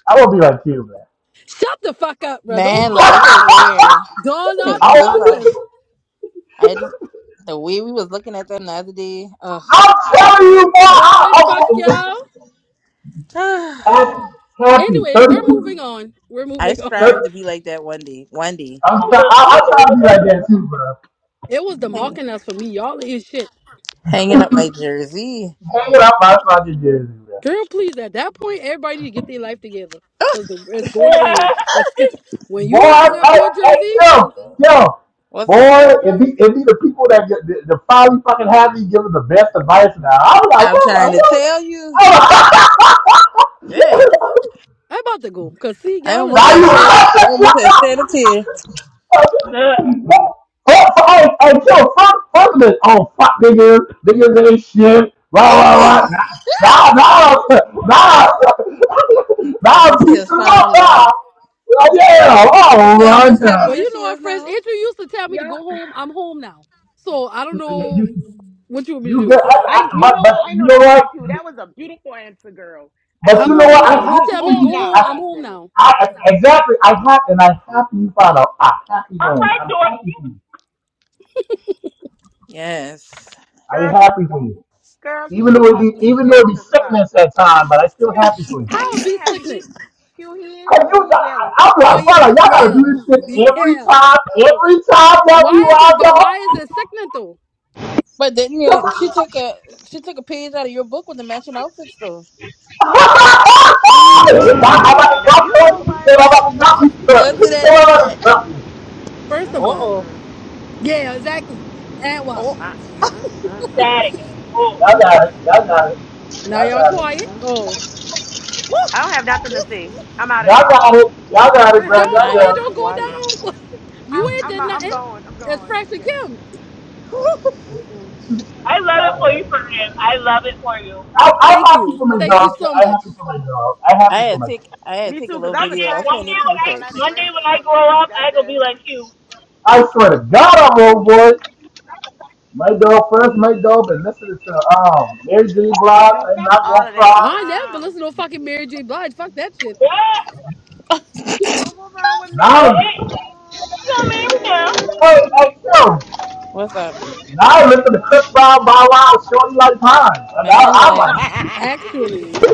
[SPEAKER 1] I want to be like Kim, man.
[SPEAKER 7] Shut the fuck up, bro. Don't
[SPEAKER 2] Man,
[SPEAKER 7] start
[SPEAKER 2] like, I
[SPEAKER 7] this.
[SPEAKER 2] swear,
[SPEAKER 7] Don't
[SPEAKER 2] cause
[SPEAKER 7] not
[SPEAKER 1] I
[SPEAKER 2] you just
[SPEAKER 7] start
[SPEAKER 1] want,
[SPEAKER 2] like
[SPEAKER 7] this.
[SPEAKER 1] to,
[SPEAKER 2] I just the way we was looking at them the other day. Ugh.
[SPEAKER 1] I'm telling you,
[SPEAKER 7] Boy, fuck
[SPEAKER 1] boy. I,
[SPEAKER 7] y'all.
[SPEAKER 1] I, happy, happy,
[SPEAKER 7] Anyway, we're moving
[SPEAKER 1] 32,
[SPEAKER 7] on. We're
[SPEAKER 2] I
[SPEAKER 7] moving on.
[SPEAKER 1] thirty,
[SPEAKER 2] strive to be like that one day. One day,
[SPEAKER 1] I'm
[SPEAKER 9] All
[SPEAKER 1] try, I, I try to be like that too, bro.
[SPEAKER 7] It was the
[SPEAKER 2] Hang,
[SPEAKER 7] mocking us for me. Y'all is shit.
[SPEAKER 2] hanging up my jersey.
[SPEAKER 1] Hanging out my fucking jersey, bro.
[SPEAKER 7] Girl, please, at that point, everybody need to get their life together. Because the, it's going to end. It's gonna- When
[SPEAKER 1] Boy,
[SPEAKER 7] you hang
[SPEAKER 2] Wow.
[SPEAKER 7] up
[SPEAKER 1] hey,
[SPEAKER 7] your
[SPEAKER 1] hey,
[SPEAKER 7] jersey,
[SPEAKER 1] Kim, Kim.
[SPEAKER 2] What's up?
[SPEAKER 1] Boy, it be, it be the people that get, the, the finally fucking have me giving the best advice now. I was like,
[SPEAKER 2] I'm
[SPEAKER 1] what, what,
[SPEAKER 2] trying to
[SPEAKER 1] what?
[SPEAKER 2] tell you.
[SPEAKER 1] Oh.
[SPEAKER 2] Yes.
[SPEAKER 7] I'm about to go. Because, see,
[SPEAKER 2] I
[SPEAKER 7] y'all is
[SPEAKER 1] now
[SPEAKER 2] almost
[SPEAKER 7] run
[SPEAKER 2] had
[SPEAKER 1] you
[SPEAKER 7] up.
[SPEAKER 2] shed it. I almost had shed a tear.
[SPEAKER 1] first, hey, hey, Kim, first, first this, oh, fuck niggas, niggas ain't shit, rah,
[SPEAKER 2] Oh
[SPEAKER 1] rah, rah.
[SPEAKER 2] yeah.
[SPEAKER 1] Nah, nah, nah, nah,
[SPEAKER 2] Now she
[SPEAKER 1] peace
[SPEAKER 2] has
[SPEAKER 1] and love,
[SPEAKER 2] found
[SPEAKER 1] nah.
[SPEAKER 2] love.
[SPEAKER 1] Oh, yeah,
[SPEAKER 2] You
[SPEAKER 1] oh,
[SPEAKER 2] see how
[SPEAKER 1] run.
[SPEAKER 2] much
[SPEAKER 7] Well,
[SPEAKER 2] happier
[SPEAKER 1] nah.
[SPEAKER 7] you
[SPEAKER 2] she
[SPEAKER 7] know our
[SPEAKER 2] is
[SPEAKER 7] friends,
[SPEAKER 2] now.
[SPEAKER 7] Andrew used to tell me to go home. I'm home now. So, I don't know
[SPEAKER 1] you,
[SPEAKER 7] what you want me to
[SPEAKER 1] you get,
[SPEAKER 7] do.
[SPEAKER 1] I,
[SPEAKER 5] I,
[SPEAKER 1] I,
[SPEAKER 5] you
[SPEAKER 1] but,
[SPEAKER 5] know
[SPEAKER 1] but
[SPEAKER 5] what? I
[SPEAKER 1] you
[SPEAKER 5] know
[SPEAKER 1] know
[SPEAKER 5] that's
[SPEAKER 1] what?
[SPEAKER 5] right, Q. That was a beautiful answer, girl. I
[SPEAKER 1] But
[SPEAKER 7] I'm
[SPEAKER 5] love
[SPEAKER 1] you know
[SPEAKER 5] that
[SPEAKER 7] home
[SPEAKER 1] what? I'm
[SPEAKER 7] now.
[SPEAKER 5] response.
[SPEAKER 7] You
[SPEAKER 5] She's
[SPEAKER 1] happy
[SPEAKER 7] tell me
[SPEAKER 1] for
[SPEAKER 7] to
[SPEAKER 5] home
[SPEAKER 7] go
[SPEAKER 1] you.
[SPEAKER 5] now.
[SPEAKER 7] home,
[SPEAKER 1] I,
[SPEAKER 7] I'm
[SPEAKER 5] God
[SPEAKER 7] home
[SPEAKER 5] damn it,
[SPEAKER 7] now.
[SPEAKER 1] I, exactly. I happy, and I'm happy you found out. I'm happy home.
[SPEAKER 9] right,
[SPEAKER 1] I'm
[SPEAKER 9] Dorothy.
[SPEAKER 1] happy for you.
[SPEAKER 2] Yes.
[SPEAKER 1] I'm
[SPEAKER 5] girl. Q,
[SPEAKER 1] happy for you.
[SPEAKER 5] girl, Q,
[SPEAKER 1] Even
[SPEAKER 5] he
[SPEAKER 1] though
[SPEAKER 5] ain't
[SPEAKER 1] it
[SPEAKER 5] happy.
[SPEAKER 1] be,
[SPEAKER 5] He
[SPEAKER 1] even though it
[SPEAKER 5] jealous
[SPEAKER 1] be
[SPEAKER 5] as fuck.
[SPEAKER 1] sickness at time, but
[SPEAKER 5] Q,
[SPEAKER 1] I'm still
[SPEAKER 5] Q,
[SPEAKER 1] happy for you.
[SPEAKER 5] Q
[SPEAKER 7] How
[SPEAKER 5] he
[SPEAKER 7] be
[SPEAKER 5] ain't happy. He,
[SPEAKER 7] sickening?
[SPEAKER 5] Q, he ain't
[SPEAKER 1] Cause
[SPEAKER 5] happy.
[SPEAKER 1] you,
[SPEAKER 5] He
[SPEAKER 1] I,
[SPEAKER 5] jealous.
[SPEAKER 1] I'm
[SPEAKER 7] Oh,
[SPEAKER 1] like, brother,
[SPEAKER 7] yeah,
[SPEAKER 1] y'all gotta
[SPEAKER 7] yeah,
[SPEAKER 1] do this shit every
[SPEAKER 7] yeah.
[SPEAKER 1] time, every time that we
[SPEAKER 7] Why is
[SPEAKER 1] ride
[SPEAKER 7] it? But
[SPEAKER 1] y'all.
[SPEAKER 7] why is it sickening though?
[SPEAKER 2] But then you know,
[SPEAKER 1] Come
[SPEAKER 2] she
[SPEAKER 1] on.
[SPEAKER 2] took a she took a page out of your book with the matching outfits though.
[SPEAKER 1] I'm about
[SPEAKER 5] Ooh,
[SPEAKER 1] to
[SPEAKER 5] now
[SPEAKER 1] drop
[SPEAKER 5] you know
[SPEAKER 1] you. Say
[SPEAKER 5] what?
[SPEAKER 1] I'm about to drop
[SPEAKER 2] Don't do
[SPEAKER 1] you.
[SPEAKER 2] that.
[SPEAKER 1] Say I'm
[SPEAKER 2] Don't do
[SPEAKER 1] about to
[SPEAKER 2] that. Uh
[SPEAKER 1] drop you.
[SPEAKER 7] First
[SPEAKER 5] Mm,
[SPEAKER 7] of
[SPEAKER 5] mm, mm,
[SPEAKER 7] all,
[SPEAKER 2] oh.
[SPEAKER 5] mm.
[SPEAKER 7] yeah, exactly. And what?
[SPEAKER 2] Oh.
[SPEAKER 5] Uh, mm, mm, mm,
[SPEAKER 9] Static. Oh,
[SPEAKER 1] Y'all got it. Y'all got it.
[SPEAKER 7] Now
[SPEAKER 1] Y'all
[SPEAKER 7] y'all
[SPEAKER 1] got
[SPEAKER 5] mm,
[SPEAKER 1] it.
[SPEAKER 7] quiet.
[SPEAKER 5] mm.
[SPEAKER 7] Oh,
[SPEAKER 5] I don't have nothing to see. I'm out of that.
[SPEAKER 1] Y'all got it. Y'all got it, bro. Y'all
[SPEAKER 7] don't
[SPEAKER 2] I
[SPEAKER 7] Toya,
[SPEAKER 2] am
[SPEAKER 1] got it.
[SPEAKER 7] don't go
[SPEAKER 2] quiet.
[SPEAKER 7] down. you
[SPEAKER 5] I'm
[SPEAKER 7] ain't
[SPEAKER 5] I'm
[SPEAKER 7] did
[SPEAKER 5] I'm
[SPEAKER 7] nothing.
[SPEAKER 5] going. I'm
[SPEAKER 7] It's
[SPEAKER 5] going.
[SPEAKER 7] Fresh and
[SPEAKER 5] Yeah.
[SPEAKER 7] Kim.
[SPEAKER 5] Mm-mm-mm.
[SPEAKER 9] I love
[SPEAKER 1] Y'all
[SPEAKER 9] it
[SPEAKER 1] got
[SPEAKER 9] for
[SPEAKER 1] it.
[SPEAKER 9] you, Fran. I love it for you. One
[SPEAKER 1] I, I'm
[SPEAKER 7] Thank
[SPEAKER 1] happy
[SPEAKER 7] you.
[SPEAKER 1] for my
[SPEAKER 7] Thank you
[SPEAKER 1] dog.
[SPEAKER 7] so
[SPEAKER 1] I'm
[SPEAKER 7] much.
[SPEAKER 1] happy for my dog. I'm
[SPEAKER 2] I
[SPEAKER 1] happy for
[SPEAKER 2] had
[SPEAKER 1] my
[SPEAKER 2] to
[SPEAKER 1] dog.
[SPEAKER 2] take I had to
[SPEAKER 5] Me
[SPEAKER 2] take a
[SPEAKER 5] too, cause
[SPEAKER 2] little
[SPEAKER 5] I've been
[SPEAKER 2] video.
[SPEAKER 9] day,
[SPEAKER 2] I'll
[SPEAKER 5] tired of
[SPEAKER 9] one
[SPEAKER 2] send
[SPEAKER 9] day
[SPEAKER 5] hearing
[SPEAKER 2] it to
[SPEAKER 5] her
[SPEAKER 9] when
[SPEAKER 2] you
[SPEAKER 5] with
[SPEAKER 9] I,
[SPEAKER 5] all that
[SPEAKER 9] one
[SPEAKER 2] first.
[SPEAKER 9] day
[SPEAKER 5] aggression
[SPEAKER 9] when I
[SPEAKER 5] about
[SPEAKER 9] grow
[SPEAKER 5] niggas.
[SPEAKER 9] up, I gonna be
[SPEAKER 5] Goddamn.
[SPEAKER 9] like you.
[SPEAKER 1] I swear to God, I'm old boy. My dog first, my dog, and listening to um Mary J. Blige
[SPEAKER 5] Well,
[SPEAKER 1] I'm
[SPEAKER 5] fuck
[SPEAKER 1] Not
[SPEAKER 5] all
[SPEAKER 1] Gonna
[SPEAKER 5] of that.
[SPEAKER 1] Cry.
[SPEAKER 7] I never
[SPEAKER 5] Um,
[SPEAKER 7] listen to no fucking Mary J. Blige. Fuck that shit.
[SPEAKER 9] Yeah.
[SPEAKER 5] but what wrong with
[SPEAKER 1] Now,
[SPEAKER 9] Hey,
[SPEAKER 5] Mary?
[SPEAKER 9] hey, you gonna marry me now?
[SPEAKER 1] hey, hey, yo.
[SPEAKER 2] What's up,
[SPEAKER 1] Now I listen to Chris Brown, Bow Wow, Shorty Like Pines. And I,
[SPEAKER 2] man?
[SPEAKER 1] I'm
[SPEAKER 5] Um,
[SPEAKER 2] Like
[SPEAKER 7] Actually,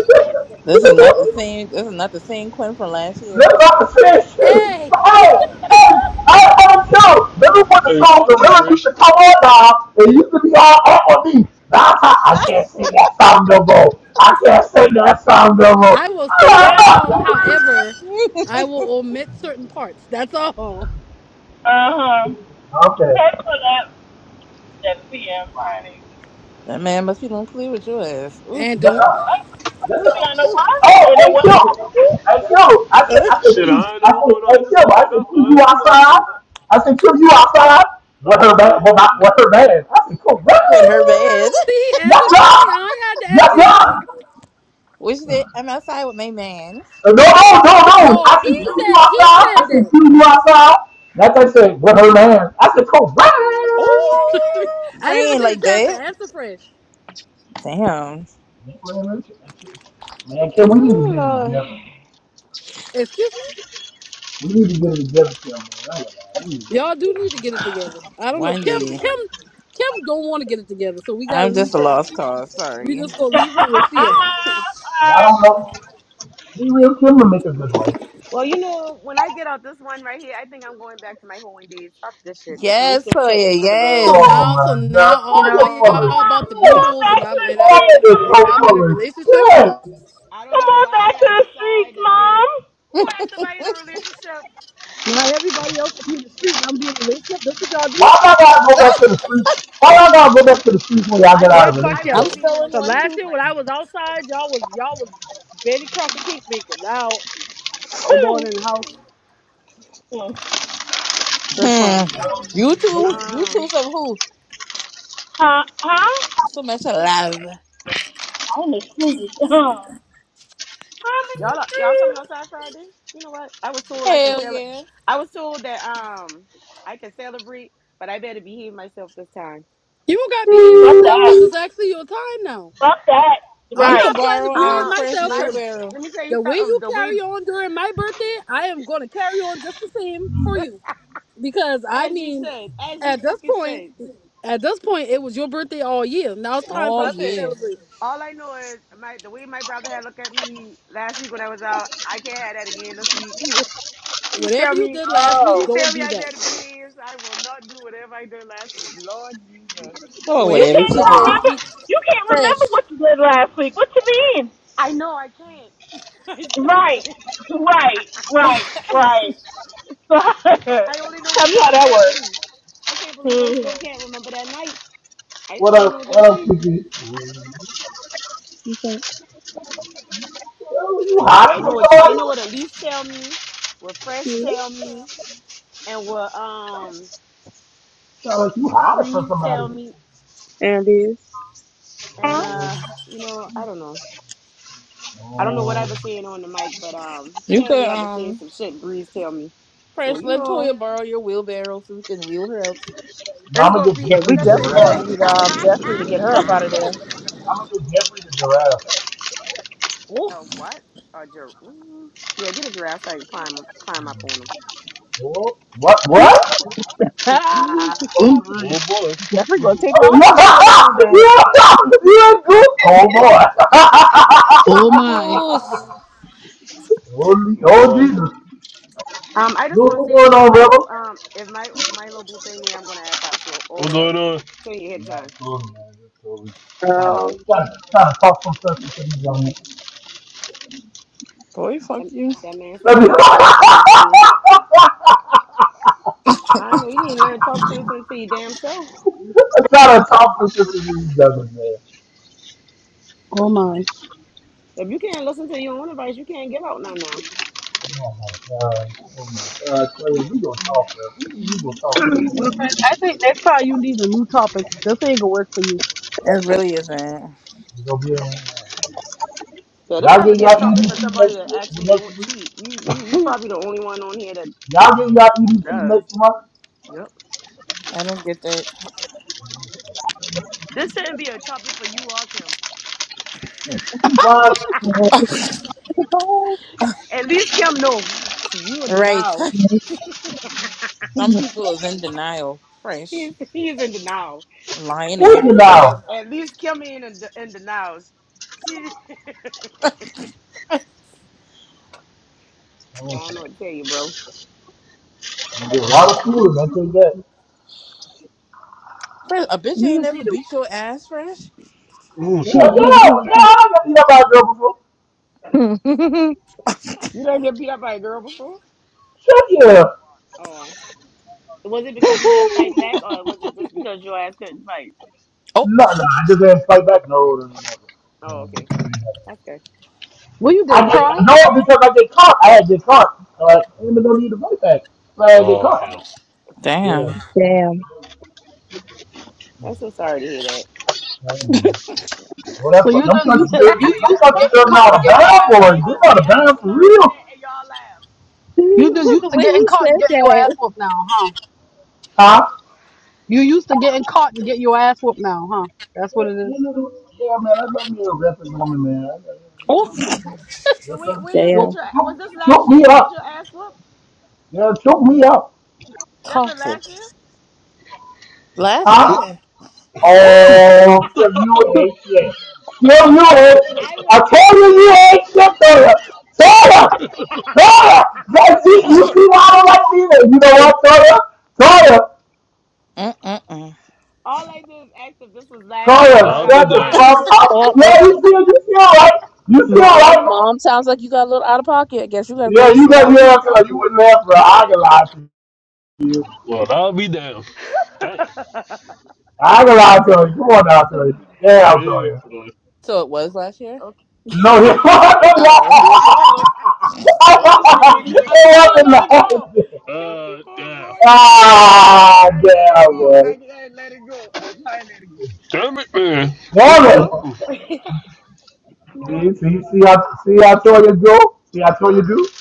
[SPEAKER 2] this is not the
[SPEAKER 1] like,
[SPEAKER 2] same. This is not the same Quinn from last year.
[SPEAKER 1] That's what I'm saying. Shoot.
[SPEAKER 7] hey,
[SPEAKER 1] Hey, hey, I am sure. Remember when the
[SPEAKER 11] Hey,
[SPEAKER 1] song the
[SPEAKER 11] fuck you,
[SPEAKER 1] Realest used
[SPEAKER 11] Fresh.
[SPEAKER 1] to come on now? It used to be all up on me. Now I, I can't sing that song no more. I can't sing that song no more.
[SPEAKER 7] I will sing the song. However, I will omit certain parts. That's all.
[SPEAKER 9] Uh huh.
[SPEAKER 1] okay.
[SPEAKER 9] Thanks for that. Just being funny.
[SPEAKER 2] that man must be don't play with your ass.
[SPEAKER 7] And
[SPEAKER 1] Yes,
[SPEAKER 7] don't
[SPEAKER 1] sir.
[SPEAKER 9] But
[SPEAKER 1] Yes, sir.
[SPEAKER 9] you know what?
[SPEAKER 1] Oh,
[SPEAKER 9] In the
[SPEAKER 1] hey, yo.
[SPEAKER 9] way, I do.
[SPEAKER 1] Hey, yo. I said, I said,
[SPEAKER 11] Shit,
[SPEAKER 1] you.
[SPEAKER 11] I ain't
[SPEAKER 1] I
[SPEAKER 11] know what's
[SPEAKER 1] said,
[SPEAKER 11] going on. I
[SPEAKER 1] hey,
[SPEAKER 11] just
[SPEAKER 1] yo.
[SPEAKER 11] woke
[SPEAKER 1] I
[SPEAKER 11] back
[SPEAKER 1] said,
[SPEAKER 11] up.
[SPEAKER 1] you,
[SPEAKER 11] I
[SPEAKER 1] you
[SPEAKER 11] ain't seen nothing,
[SPEAKER 1] outside?
[SPEAKER 11] so
[SPEAKER 1] I said, you, you outside?
[SPEAKER 11] I
[SPEAKER 1] What her
[SPEAKER 11] was
[SPEAKER 1] man?
[SPEAKER 11] it.
[SPEAKER 1] What my, what her man? I said, come on.
[SPEAKER 2] with her man.
[SPEAKER 7] see he
[SPEAKER 1] Yes,
[SPEAKER 7] answered for
[SPEAKER 1] sir.
[SPEAKER 7] me. I ain't had to
[SPEAKER 1] Yes,
[SPEAKER 7] answer y'all.
[SPEAKER 1] sir.
[SPEAKER 2] Which day I'm outside with my man.
[SPEAKER 1] Uh, No, no, no, no.
[SPEAKER 7] No,
[SPEAKER 1] I
[SPEAKER 7] he
[SPEAKER 1] said, you, you
[SPEAKER 7] said he
[SPEAKER 1] outside? I
[SPEAKER 7] said
[SPEAKER 1] said,
[SPEAKER 7] that.
[SPEAKER 1] you, you outside? That thing said, what her man? I said, come on.
[SPEAKER 2] Oh,
[SPEAKER 7] I didn't
[SPEAKER 2] friend
[SPEAKER 7] even get
[SPEAKER 2] like
[SPEAKER 7] a chance to
[SPEAKER 2] that.
[SPEAKER 7] answer fresh.
[SPEAKER 2] Damn,
[SPEAKER 1] Man, can we need to
[SPEAKER 5] Oh
[SPEAKER 1] get it
[SPEAKER 5] Lord.
[SPEAKER 1] together?
[SPEAKER 7] Excuse me?
[SPEAKER 1] We need to get it together, Kim. Man. I We need to get it
[SPEAKER 7] Y'all do
[SPEAKER 1] together.
[SPEAKER 7] need to get it together. I don't know. Kim
[SPEAKER 2] Wendy,
[SPEAKER 7] Kim Kim don't want to get it together, so we gotta
[SPEAKER 2] I'm just
[SPEAKER 7] leave
[SPEAKER 2] a
[SPEAKER 7] her.
[SPEAKER 2] lost cause.
[SPEAKER 7] We
[SPEAKER 2] Sorry.
[SPEAKER 7] just gonna leave her where she at.
[SPEAKER 1] I
[SPEAKER 9] Uh,
[SPEAKER 1] don't know. Be real, Kim will make a good wife.
[SPEAKER 5] Well, you know, when I get out this one right here, I think I'm going back to my hoeing days. Fuck this shit. This
[SPEAKER 2] Yes,
[SPEAKER 5] relationship shit is
[SPEAKER 2] Toya.
[SPEAKER 5] for the
[SPEAKER 7] So
[SPEAKER 5] birds.
[SPEAKER 1] Oh
[SPEAKER 2] Yes.
[SPEAKER 7] now
[SPEAKER 1] my
[SPEAKER 7] so
[SPEAKER 1] God,
[SPEAKER 7] now
[SPEAKER 5] You
[SPEAKER 1] Kanye
[SPEAKER 7] all
[SPEAKER 5] know,
[SPEAKER 1] full
[SPEAKER 9] Come
[SPEAKER 7] y'all
[SPEAKER 1] of
[SPEAKER 9] on,
[SPEAKER 7] about the b
[SPEAKER 9] come
[SPEAKER 1] shit.
[SPEAKER 9] on
[SPEAKER 7] holes
[SPEAKER 9] back
[SPEAKER 7] and
[SPEAKER 9] to
[SPEAKER 7] I'm
[SPEAKER 9] the
[SPEAKER 7] and I'm
[SPEAKER 1] Kanye
[SPEAKER 9] streets,
[SPEAKER 7] in a
[SPEAKER 1] is
[SPEAKER 7] and
[SPEAKER 1] so
[SPEAKER 9] mom.
[SPEAKER 7] I'm in a
[SPEAKER 1] full of
[SPEAKER 7] relationship.
[SPEAKER 1] shit.
[SPEAKER 5] I don't
[SPEAKER 9] Come
[SPEAKER 5] know
[SPEAKER 9] on
[SPEAKER 5] why
[SPEAKER 9] back to
[SPEAKER 5] I
[SPEAKER 9] the streets,
[SPEAKER 5] decided to get it.
[SPEAKER 9] mom.
[SPEAKER 5] Who asked if I in a relationship?
[SPEAKER 7] Now everybody else will be in the street and I'm being in a relationship. That's what y'all do?
[SPEAKER 1] Why do I gotta go back to the streets? Why do I gotta go back to the streets when y'all
[SPEAKER 5] I
[SPEAKER 1] get out
[SPEAKER 7] Boy,
[SPEAKER 5] must
[SPEAKER 1] of a
[SPEAKER 7] fuck
[SPEAKER 5] I
[SPEAKER 2] I'm
[SPEAKER 5] must
[SPEAKER 7] y'all.
[SPEAKER 1] relationship?
[SPEAKER 5] be
[SPEAKER 2] still
[SPEAKER 5] in
[SPEAKER 2] in
[SPEAKER 5] the
[SPEAKER 7] Cause
[SPEAKER 2] one
[SPEAKER 5] street.
[SPEAKER 7] last
[SPEAKER 2] two
[SPEAKER 7] year when I
[SPEAKER 2] frame.
[SPEAKER 7] was outside, y'all was y'all was Betty Crocker cake maker. Now I go in
[SPEAKER 9] Cool.
[SPEAKER 7] the house.
[SPEAKER 9] Hmm.
[SPEAKER 7] That's fine.
[SPEAKER 2] Hmm. You two, you two
[SPEAKER 5] Um,
[SPEAKER 2] some who?
[SPEAKER 9] Huh? Huh?
[SPEAKER 2] So much love.
[SPEAKER 9] I'm in the streets. Huh. I'm in the
[SPEAKER 5] y'all are- y'all coming
[SPEAKER 9] streets.
[SPEAKER 5] outside Friday? You know what? I was told I can
[SPEAKER 2] Hell
[SPEAKER 5] celebrate.
[SPEAKER 2] yeah.
[SPEAKER 5] I was told that um I can celebrate, but I better behave myself this time.
[SPEAKER 7] You don't gotta behave
[SPEAKER 5] Mm-mm.
[SPEAKER 9] Fuck
[SPEAKER 7] yourself because
[SPEAKER 9] that.
[SPEAKER 7] it's actually your time now.
[SPEAKER 9] Fuck that.
[SPEAKER 7] I'm
[SPEAKER 2] You
[SPEAKER 9] Right.
[SPEAKER 2] could
[SPEAKER 7] not planning to
[SPEAKER 2] borrow
[SPEAKER 7] behave
[SPEAKER 2] um
[SPEAKER 5] Uh,
[SPEAKER 2] fresh
[SPEAKER 7] myself
[SPEAKER 5] my
[SPEAKER 7] because
[SPEAKER 2] wheelbarrow.
[SPEAKER 5] let me tell
[SPEAKER 7] the
[SPEAKER 5] you
[SPEAKER 7] way you
[SPEAKER 5] something. The way
[SPEAKER 7] carry on during my birthday, I am going to carry on just the same for you. Because I
[SPEAKER 5] as you
[SPEAKER 7] mean,
[SPEAKER 5] said, as you
[SPEAKER 7] at this
[SPEAKER 5] fucking
[SPEAKER 7] point,
[SPEAKER 5] said.
[SPEAKER 7] at this point, it was your birthday all year. Now it's time for
[SPEAKER 2] Oh
[SPEAKER 7] us to
[SPEAKER 5] Listen,
[SPEAKER 2] yeah.
[SPEAKER 7] celebrate.
[SPEAKER 5] all I know is my the way my brother had looked at me last week when I was out. I can't have that again this week. He was he tell
[SPEAKER 7] Whatever you
[SPEAKER 5] me.
[SPEAKER 7] did last week,
[SPEAKER 5] He
[SPEAKER 9] Oh.
[SPEAKER 5] tell
[SPEAKER 7] don't
[SPEAKER 5] me
[SPEAKER 7] do
[SPEAKER 5] I
[SPEAKER 7] that.
[SPEAKER 5] better behave, so I will not do whatever I did last week. Lord Jesus.
[SPEAKER 2] Or
[SPEAKER 9] You
[SPEAKER 7] Whatever
[SPEAKER 2] whatever
[SPEAKER 7] you
[SPEAKER 9] can't
[SPEAKER 2] she
[SPEAKER 7] did
[SPEAKER 2] did.
[SPEAKER 7] last
[SPEAKER 9] remember.
[SPEAKER 7] week,
[SPEAKER 9] You can't
[SPEAKER 2] Fresh.
[SPEAKER 9] remember what you did last week. What you mean?
[SPEAKER 5] I know I can't. I still
[SPEAKER 9] Right.
[SPEAKER 5] can't.
[SPEAKER 9] Right. Right. Right.
[SPEAKER 5] I only know
[SPEAKER 9] tell
[SPEAKER 5] what
[SPEAKER 9] me how
[SPEAKER 5] y'all
[SPEAKER 9] that
[SPEAKER 5] tell
[SPEAKER 9] works.
[SPEAKER 5] me. I can't believe I still
[SPEAKER 9] hmm
[SPEAKER 5] can't remember that night. I just
[SPEAKER 1] What
[SPEAKER 5] only
[SPEAKER 1] else?
[SPEAKER 5] know what y'all
[SPEAKER 1] What else,
[SPEAKER 5] see.
[SPEAKER 1] Kiki?
[SPEAKER 10] You can't
[SPEAKER 1] You you
[SPEAKER 11] Oh,
[SPEAKER 1] hiding
[SPEAKER 5] I know
[SPEAKER 1] from
[SPEAKER 5] what I
[SPEAKER 1] somebody?
[SPEAKER 5] know what Elise tell me, what Fresh
[SPEAKER 10] see it.
[SPEAKER 5] tell me, and what um
[SPEAKER 1] Sound like you hiding from
[SPEAKER 5] Breeze
[SPEAKER 1] somebody.
[SPEAKER 5] tell me,
[SPEAKER 10] There it is.
[SPEAKER 5] and
[SPEAKER 1] Oh,
[SPEAKER 5] uh you know I don't know. I don't know what I've
[SPEAKER 1] oh.
[SPEAKER 5] been saying on the mic, but um
[SPEAKER 2] You could
[SPEAKER 5] apparently I've been
[SPEAKER 2] um
[SPEAKER 5] saying some shit Breeze tell me. So
[SPEAKER 2] Precious,
[SPEAKER 5] you
[SPEAKER 2] let
[SPEAKER 5] know
[SPEAKER 2] Toya borrow your wheelbarrow so we can wheel her out.
[SPEAKER 1] No,
[SPEAKER 5] it's
[SPEAKER 1] I'm gonna
[SPEAKER 5] gonna
[SPEAKER 1] get
[SPEAKER 5] be
[SPEAKER 9] Yeah,
[SPEAKER 1] Jeffrey
[SPEAKER 9] we
[SPEAKER 1] the
[SPEAKER 5] that's
[SPEAKER 9] definitely gonna
[SPEAKER 5] it.
[SPEAKER 1] giraffe.
[SPEAKER 9] need um Jeffrey to get her up out of there.
[SPEAKER 1] I'm gonna get Jeffrey the giraffe.
[SPEAKER 2] Oh,
[SPEAKER 5] A what? A giraffe? Yeah, get a giraffe so I can climb climb up on them.
[SPEAKER 1] What? What? What?
[SPEAKER 5] um,
[SPEAKER 7] Oh
[SPEAKER 11] oh
[SPEAKER 7] my.
[SPEAKER 11] boy.
[SPEAKER 9] Jeffrey gonna take
[SPEAKER 1] you
[SPEAKER 9] off with toy on his back.
[SPEAKER 1] you good? Oh boy.
[SPEAKER 7] Oh my.
[SPEAKER 2] goose.
[SPEAKER 1] Holy,
[SPEAKER 11] What
[SPEAKER 1] oh
[SPEAKER 11] up?
[SPEAKER 1] Jesus.
[SPEAKER 5] I just
[SPEAKER 1] Goose,
[SPEAKER 5] want to see
[SPEAKER 1] what's going
[SPEAKER 5] if
[SPEAKER 1] on,
[SPEAKER 5] my
[SPEAKER 1] brother?
[SPEAKER 5] little um if my my little boo thing there, I'm gonna act up. So oh
[SPEAKER 11] What's
[SPEAKER 5] well,
[SPEAKER 11] going on?
[SPEAKER 5] so you ahead of
[SPEAKER 1] Not
[SPEAKER 5] time.
[SPEAKER 1] cool, man. That's cool. Trying to,
[SPEAKER 9] Um,
[SPEAKER 1] trying to, trying to talk some sense into these young men.
[SPEAKER 2] Boy, fuck
[SPEAKER 5] That,
[SPEAKER 2] you.
[SPEAKER 5] that man say
[SPEAKER 1] Let
[SPEAKER 5] I
[SPEAKER 1] me-
[SPEAKER 5] go always be his boo. I know you need to learn to talk sense into your damn self.
[SPEAKER 1] I'm trying to talk some
[SPEAKER 7] Oh
[SPEAKER 1] sense
[SPEAKER 7] my.
[SPEAKER 1] into these young men, man.
[SPEAKER 7] Oh my.
[SPEAKER 5] If you can't listen to your own advice, you can't give out none now.
[SPEAKER 1] Oh my God. Oh my God. Player, we gonna talk, man. We, we gonna talk. We gonna,
[SPEAKER 7] Well, friend, I think next time you need a new topic. This ain't gonna work for you.
[SPEAKER 2] It really isn't.
[SPEAKER 1] we gonna be in line.
[SPEAKER 5] Yeah, this
[SPEAKER 1] Y'all
[SPEAKER 5] has to
[SPEAKER 1] get
[SPEAKER 5] be a
[SPEAKER 1] y'all
[SPEAKER 5] topic for
[SPEAKER 1] EDP
[SPEAKER 5] somebody
[SPEAKER 1] next
[SPEAKER 5] that
[SPEAKER 1] year,
[SPEAKER 5] actually don't
[SPEAKER 1] next week.
[SPEAKER 5] cheat. You you you probably the only one on here that
[SPEAKER 1] Y'all get y'all EBT
[SPEAKER 5] does.
[SPEAKER 1] next month?
[SPEAKER 5] Yep.
[SPEAKER 2] I don't get that.
[SPEAKER 5] This shouldn't be a topic for you all, Kim.
[SPEAKER 1] Why,
[SPEAKER 5] At least Kim know See, you in
[SPEAKER 2] Right.
[SPEAKER 5] denial.
[SPEAKER 2] Some people is in denial. Fresh.
[SPEAKER 5] He's he's in denial.
[SPEAKER 2] Lying to
[SPEAKER 5] At
[SPEAKER 1] who's
[SPEAKER 5] least
[SPEAKER 1] it
[SPEAKER 2] everybody.
[SPEAKER 5] at,
[SPEAKER 1] now?
[SPEAKER 5] at least Kim ain't in, de- in denial. She
[SPEAKER 1] I
[SPEAKER 5] I don't know what to
[SPEAKER 1] am
[SPEAKER 5] tell you, bro.
[SPEAKER 1] gonna get a lot of food, I take that.
[SPEAKER 2] Fresh, a bitch
[SPEAKER 7] You
[SPEAKER 2] ain't
[SPEAKER 7] just
[SPEAKER 2] never
[SPEAKER 7] need to.
[SPEAKER 2] beat your ass, Fresh.
[SPEAKER 11] Oh, shit.
[SPEAKER 1] Yeah, yeah, yeah, I got eat up girl before.
[SPEAKER 5] You done get beat up by a girl before?
[SPEAKER 1] Shit, yeah.
[SPEAKER 5] Oh, was it because you didn't fight back, or was it just because your ass couldn't fight?
[SPEAKER 2] Oh,
[SPEAKER 1] No, no, I just didn't fight back. No, no, no, no. Yeah,
[SPEAKER 5] Oh, okay,
[SPEAKER 1] I ain't have it.
[SPEAKER 5] that's good.
[SPEAKER 7] What you did?
[SPEAKER 1] I get,
[SPEAKER 7] Cry?
[SPEAKER 1] no, because I get caught. I had get caught. So I ain't even no need to fight back. So I get
[SPEAKER 11] Oh,
[SPEAKER 1] caught.
[SPEAKER 11] hell.
[SPEAKER 1] Yeah.
[SPEAKER 2] damn.
[SPEAKER 9] Damn.
[SPEAKER 5] I'm so sorry to hear that.
[SPEAKER 1] I don't know. Well,
[SPEAKER 7] So
[SPEAKER 1] that's what,
[SPEAKER 7] you
[SPEAKER 1] I'm
[SPEAKER 7] just
[SPEAKER 1] country
[SPEAKER 7] used to
[SPEAKER 1] girls,
[SPEAKER 7] you
[SPEAKER 1] I'm
[SPEAKER 7] used to
[SPEAKER 5] why,
[SPEAKER 1] country
[SPEAKER 7] getting
[SPEAKER 1] girls
[SPEAKER 5] why
[SPEAKER 7] caught
[SPEAKER 1] now
[SPEAKER 7] and
[SPEAKER 1] the
[SPEAKER 5] y'all
[SPEAKER 7] getting your
[SPEAKER 1] bad
[SPEAKER 5] laugh?
[SPEAKER 7] ass
[SPEAKER 1] boys.
[SPEAKER 5] I
[SPEAKER 7] whooped.
[SPEAKER 1] You're
[SPEAKER 5] just
[SPEAKER 1] not
[SPEAKER 5] say
[SPEAKER 1] a
[SPEAKER 5] I'm so
[SPEAKER 1] bad for
[SPEAKER 5] sorry to hear
[SPEAKER 1] real.
[SPEAKER 5] that, and y'all laugh. You
[SPEAKER 7] You
[SPEAKER 5] know
[SPEAKER 7] just
[SPEAKER 5] what?
[SPEAKER 9] the
[SPEAKER 7] used to
[SPEAKER 9] way
[SPEAKER 7] getting
[SPEAKER 9] you
[SPEAKER 7] caught and
[SPEAKER 9] said
[SPEAKER 7] getting your ass
[SPEAKER 9] that.
[SPEAKER 7] whooped now, huh?
[SPEAKER 1] Huh?
[SPEAKER 7] You used to getting caught and getting your ass whooped now, huh? That's what it
[SPEAKER 1] You
[SPEAKER 7] is.
[SPEAKER 1] know, yeah, man, I love me a wrestling woman, man. I, I- you
[SPEAKER 2] Oh,
[SPEAKER 1] know, put me,
[SPEAKER 5] So
[SPEAKER 1] that's a,
[SPEAKER 5] when when you get
[SPEAKER 9] Damn.
[SPEAKER 1] choke,
[SPEAKER 5] your was
[SPEAKER 1] choke,
[SPEAKER 5] this last
[SPEAKER 1] choke
[SPEAKER 5] year?
[SPEAKER 1] me
[SPEAKER 5] You get
[SPEAKER 1] up.
[SPEAKER 5] your ass whooped.
[SPEAKER 1] Yeah, choke me up.
[SPEAKER 5] That been
[SPEAKER 2] toxic.
[SPEAKER 5] last year.
[SPEAKER 2] Last
[SPEAKER 1] Huh?
[SPEAKER 2] year. Oh.
[SPEAKER 1] Oh, kill you ain't shit. Kill you
[SPEAKER 5] No,
[SPEAKER 1] ain't shit.
[SPEAKER 5] I
[SPEAKER 1] I
[SPEAKER 5] was
[SPEAKER 1] told you
[SPEAKER 5] asking.
[SPEAKER 1] you ain't shit,
[SPEAKER 5] Oh,
[SPEAKER 1] Toya. Toya! Toya! That's it. You see why I don't like me there. You know what, Toya? Toya!
[SPEAKER 2] Mm-mm-mm.
[SPEAKER 5] all I did is ask if this was last year
[SPEAKER 11] But
[SPEAKER 5] that you
[SPEAKER 1] Toya,
[SPEAKER 11] I'll
[SPEAKER 5] got
[SPEAKER 11] be
[SPEAKER 1] shut
[SPEAKER 5] beat
[SPEAKER 1] the
[SPEAKER 5] out.
[SPEAKER 11] down.
[SPEAKER 1] fuck up.
[SPEAKER 9] Oh,
[SPEAKER 1] Yeah,
[SPEAKER 9] oh,
[SPEAKER 1] you feel, you feel right. You feel
[SPEAKER 9] mom,
[SPEAKER 1] right.
[SPEAKER 9] mom sounds like you got a little out of pocket. I guess you gotta
[SPEAKER 1] Yeah,
[SPEAKER 9] go
[SPEAKER 1] you
[SPEAKER 9] sit
[SPEAKER 1] got
[SPEAKER 9] down
[SPEAKER 1] your ass up.
[SPEAKER 9] too.
[SPEAKER 1] You you wouldn't laugh for I can lie to you.
[SPEAKER 11] But I'll be down. Damn.
[SPEAKER 1] I can lie to you. Come on now, I tell
[SPEAKER 5] okay.
[SPEAKER 1] you. Damn, I'll tell
[SPEAKER 11] Big
[SPEAKER 1] you.
[SPEAKER 11] boy.
[SPEAKER 2] So it was last year?
[SPEAKER 1] No, he wasn't
[SPEAKER 11] Uh,
[SPEAKER 1] lying.
[SPEAKER 2] Oh.
[SPEAKER 11] do it sound like, no, it
[SPEAKER 7] Man,
[SPEAKER 11] sound like
[SPEAKER 7] they
[SPEAKER 11] him.
[SPEAKER 5] I try to
[SPEAKER 7] crying.
[SPEAKER 5] let it go.
[SPEAKER 1] he wasn't lying.
[SPEAKER 5] Kim
[SPEAKER 11] Uh,
[SPEAKER 5] keep on
[SPEAKER 11] damn.
[SPEAKER 5] going with it. I gotta do it. there.
[SPEAKER 1] Ah,
[SPEAKER 5] I let it
[SPEAKER 1] damn,
[SPEAKER 5] go.
[SPEAKER 1] boy.
[SPEAKER 5] I gotta let it go. I try to let
[SPEAKER 11] Damn it, man.
[SPEAKER 5] it go. See,
[SPEAKER 1] Damn it.
[SPEAKER 5] Kim.
[SPEAKER 11] Mm-mm-mm.
[SPEAKER 5] you know
[SPEAKER 1] See,
[SPEAKER 5] what?
[SPEAKER 1] see, see, I, see, I told you, do. See, I told you, do.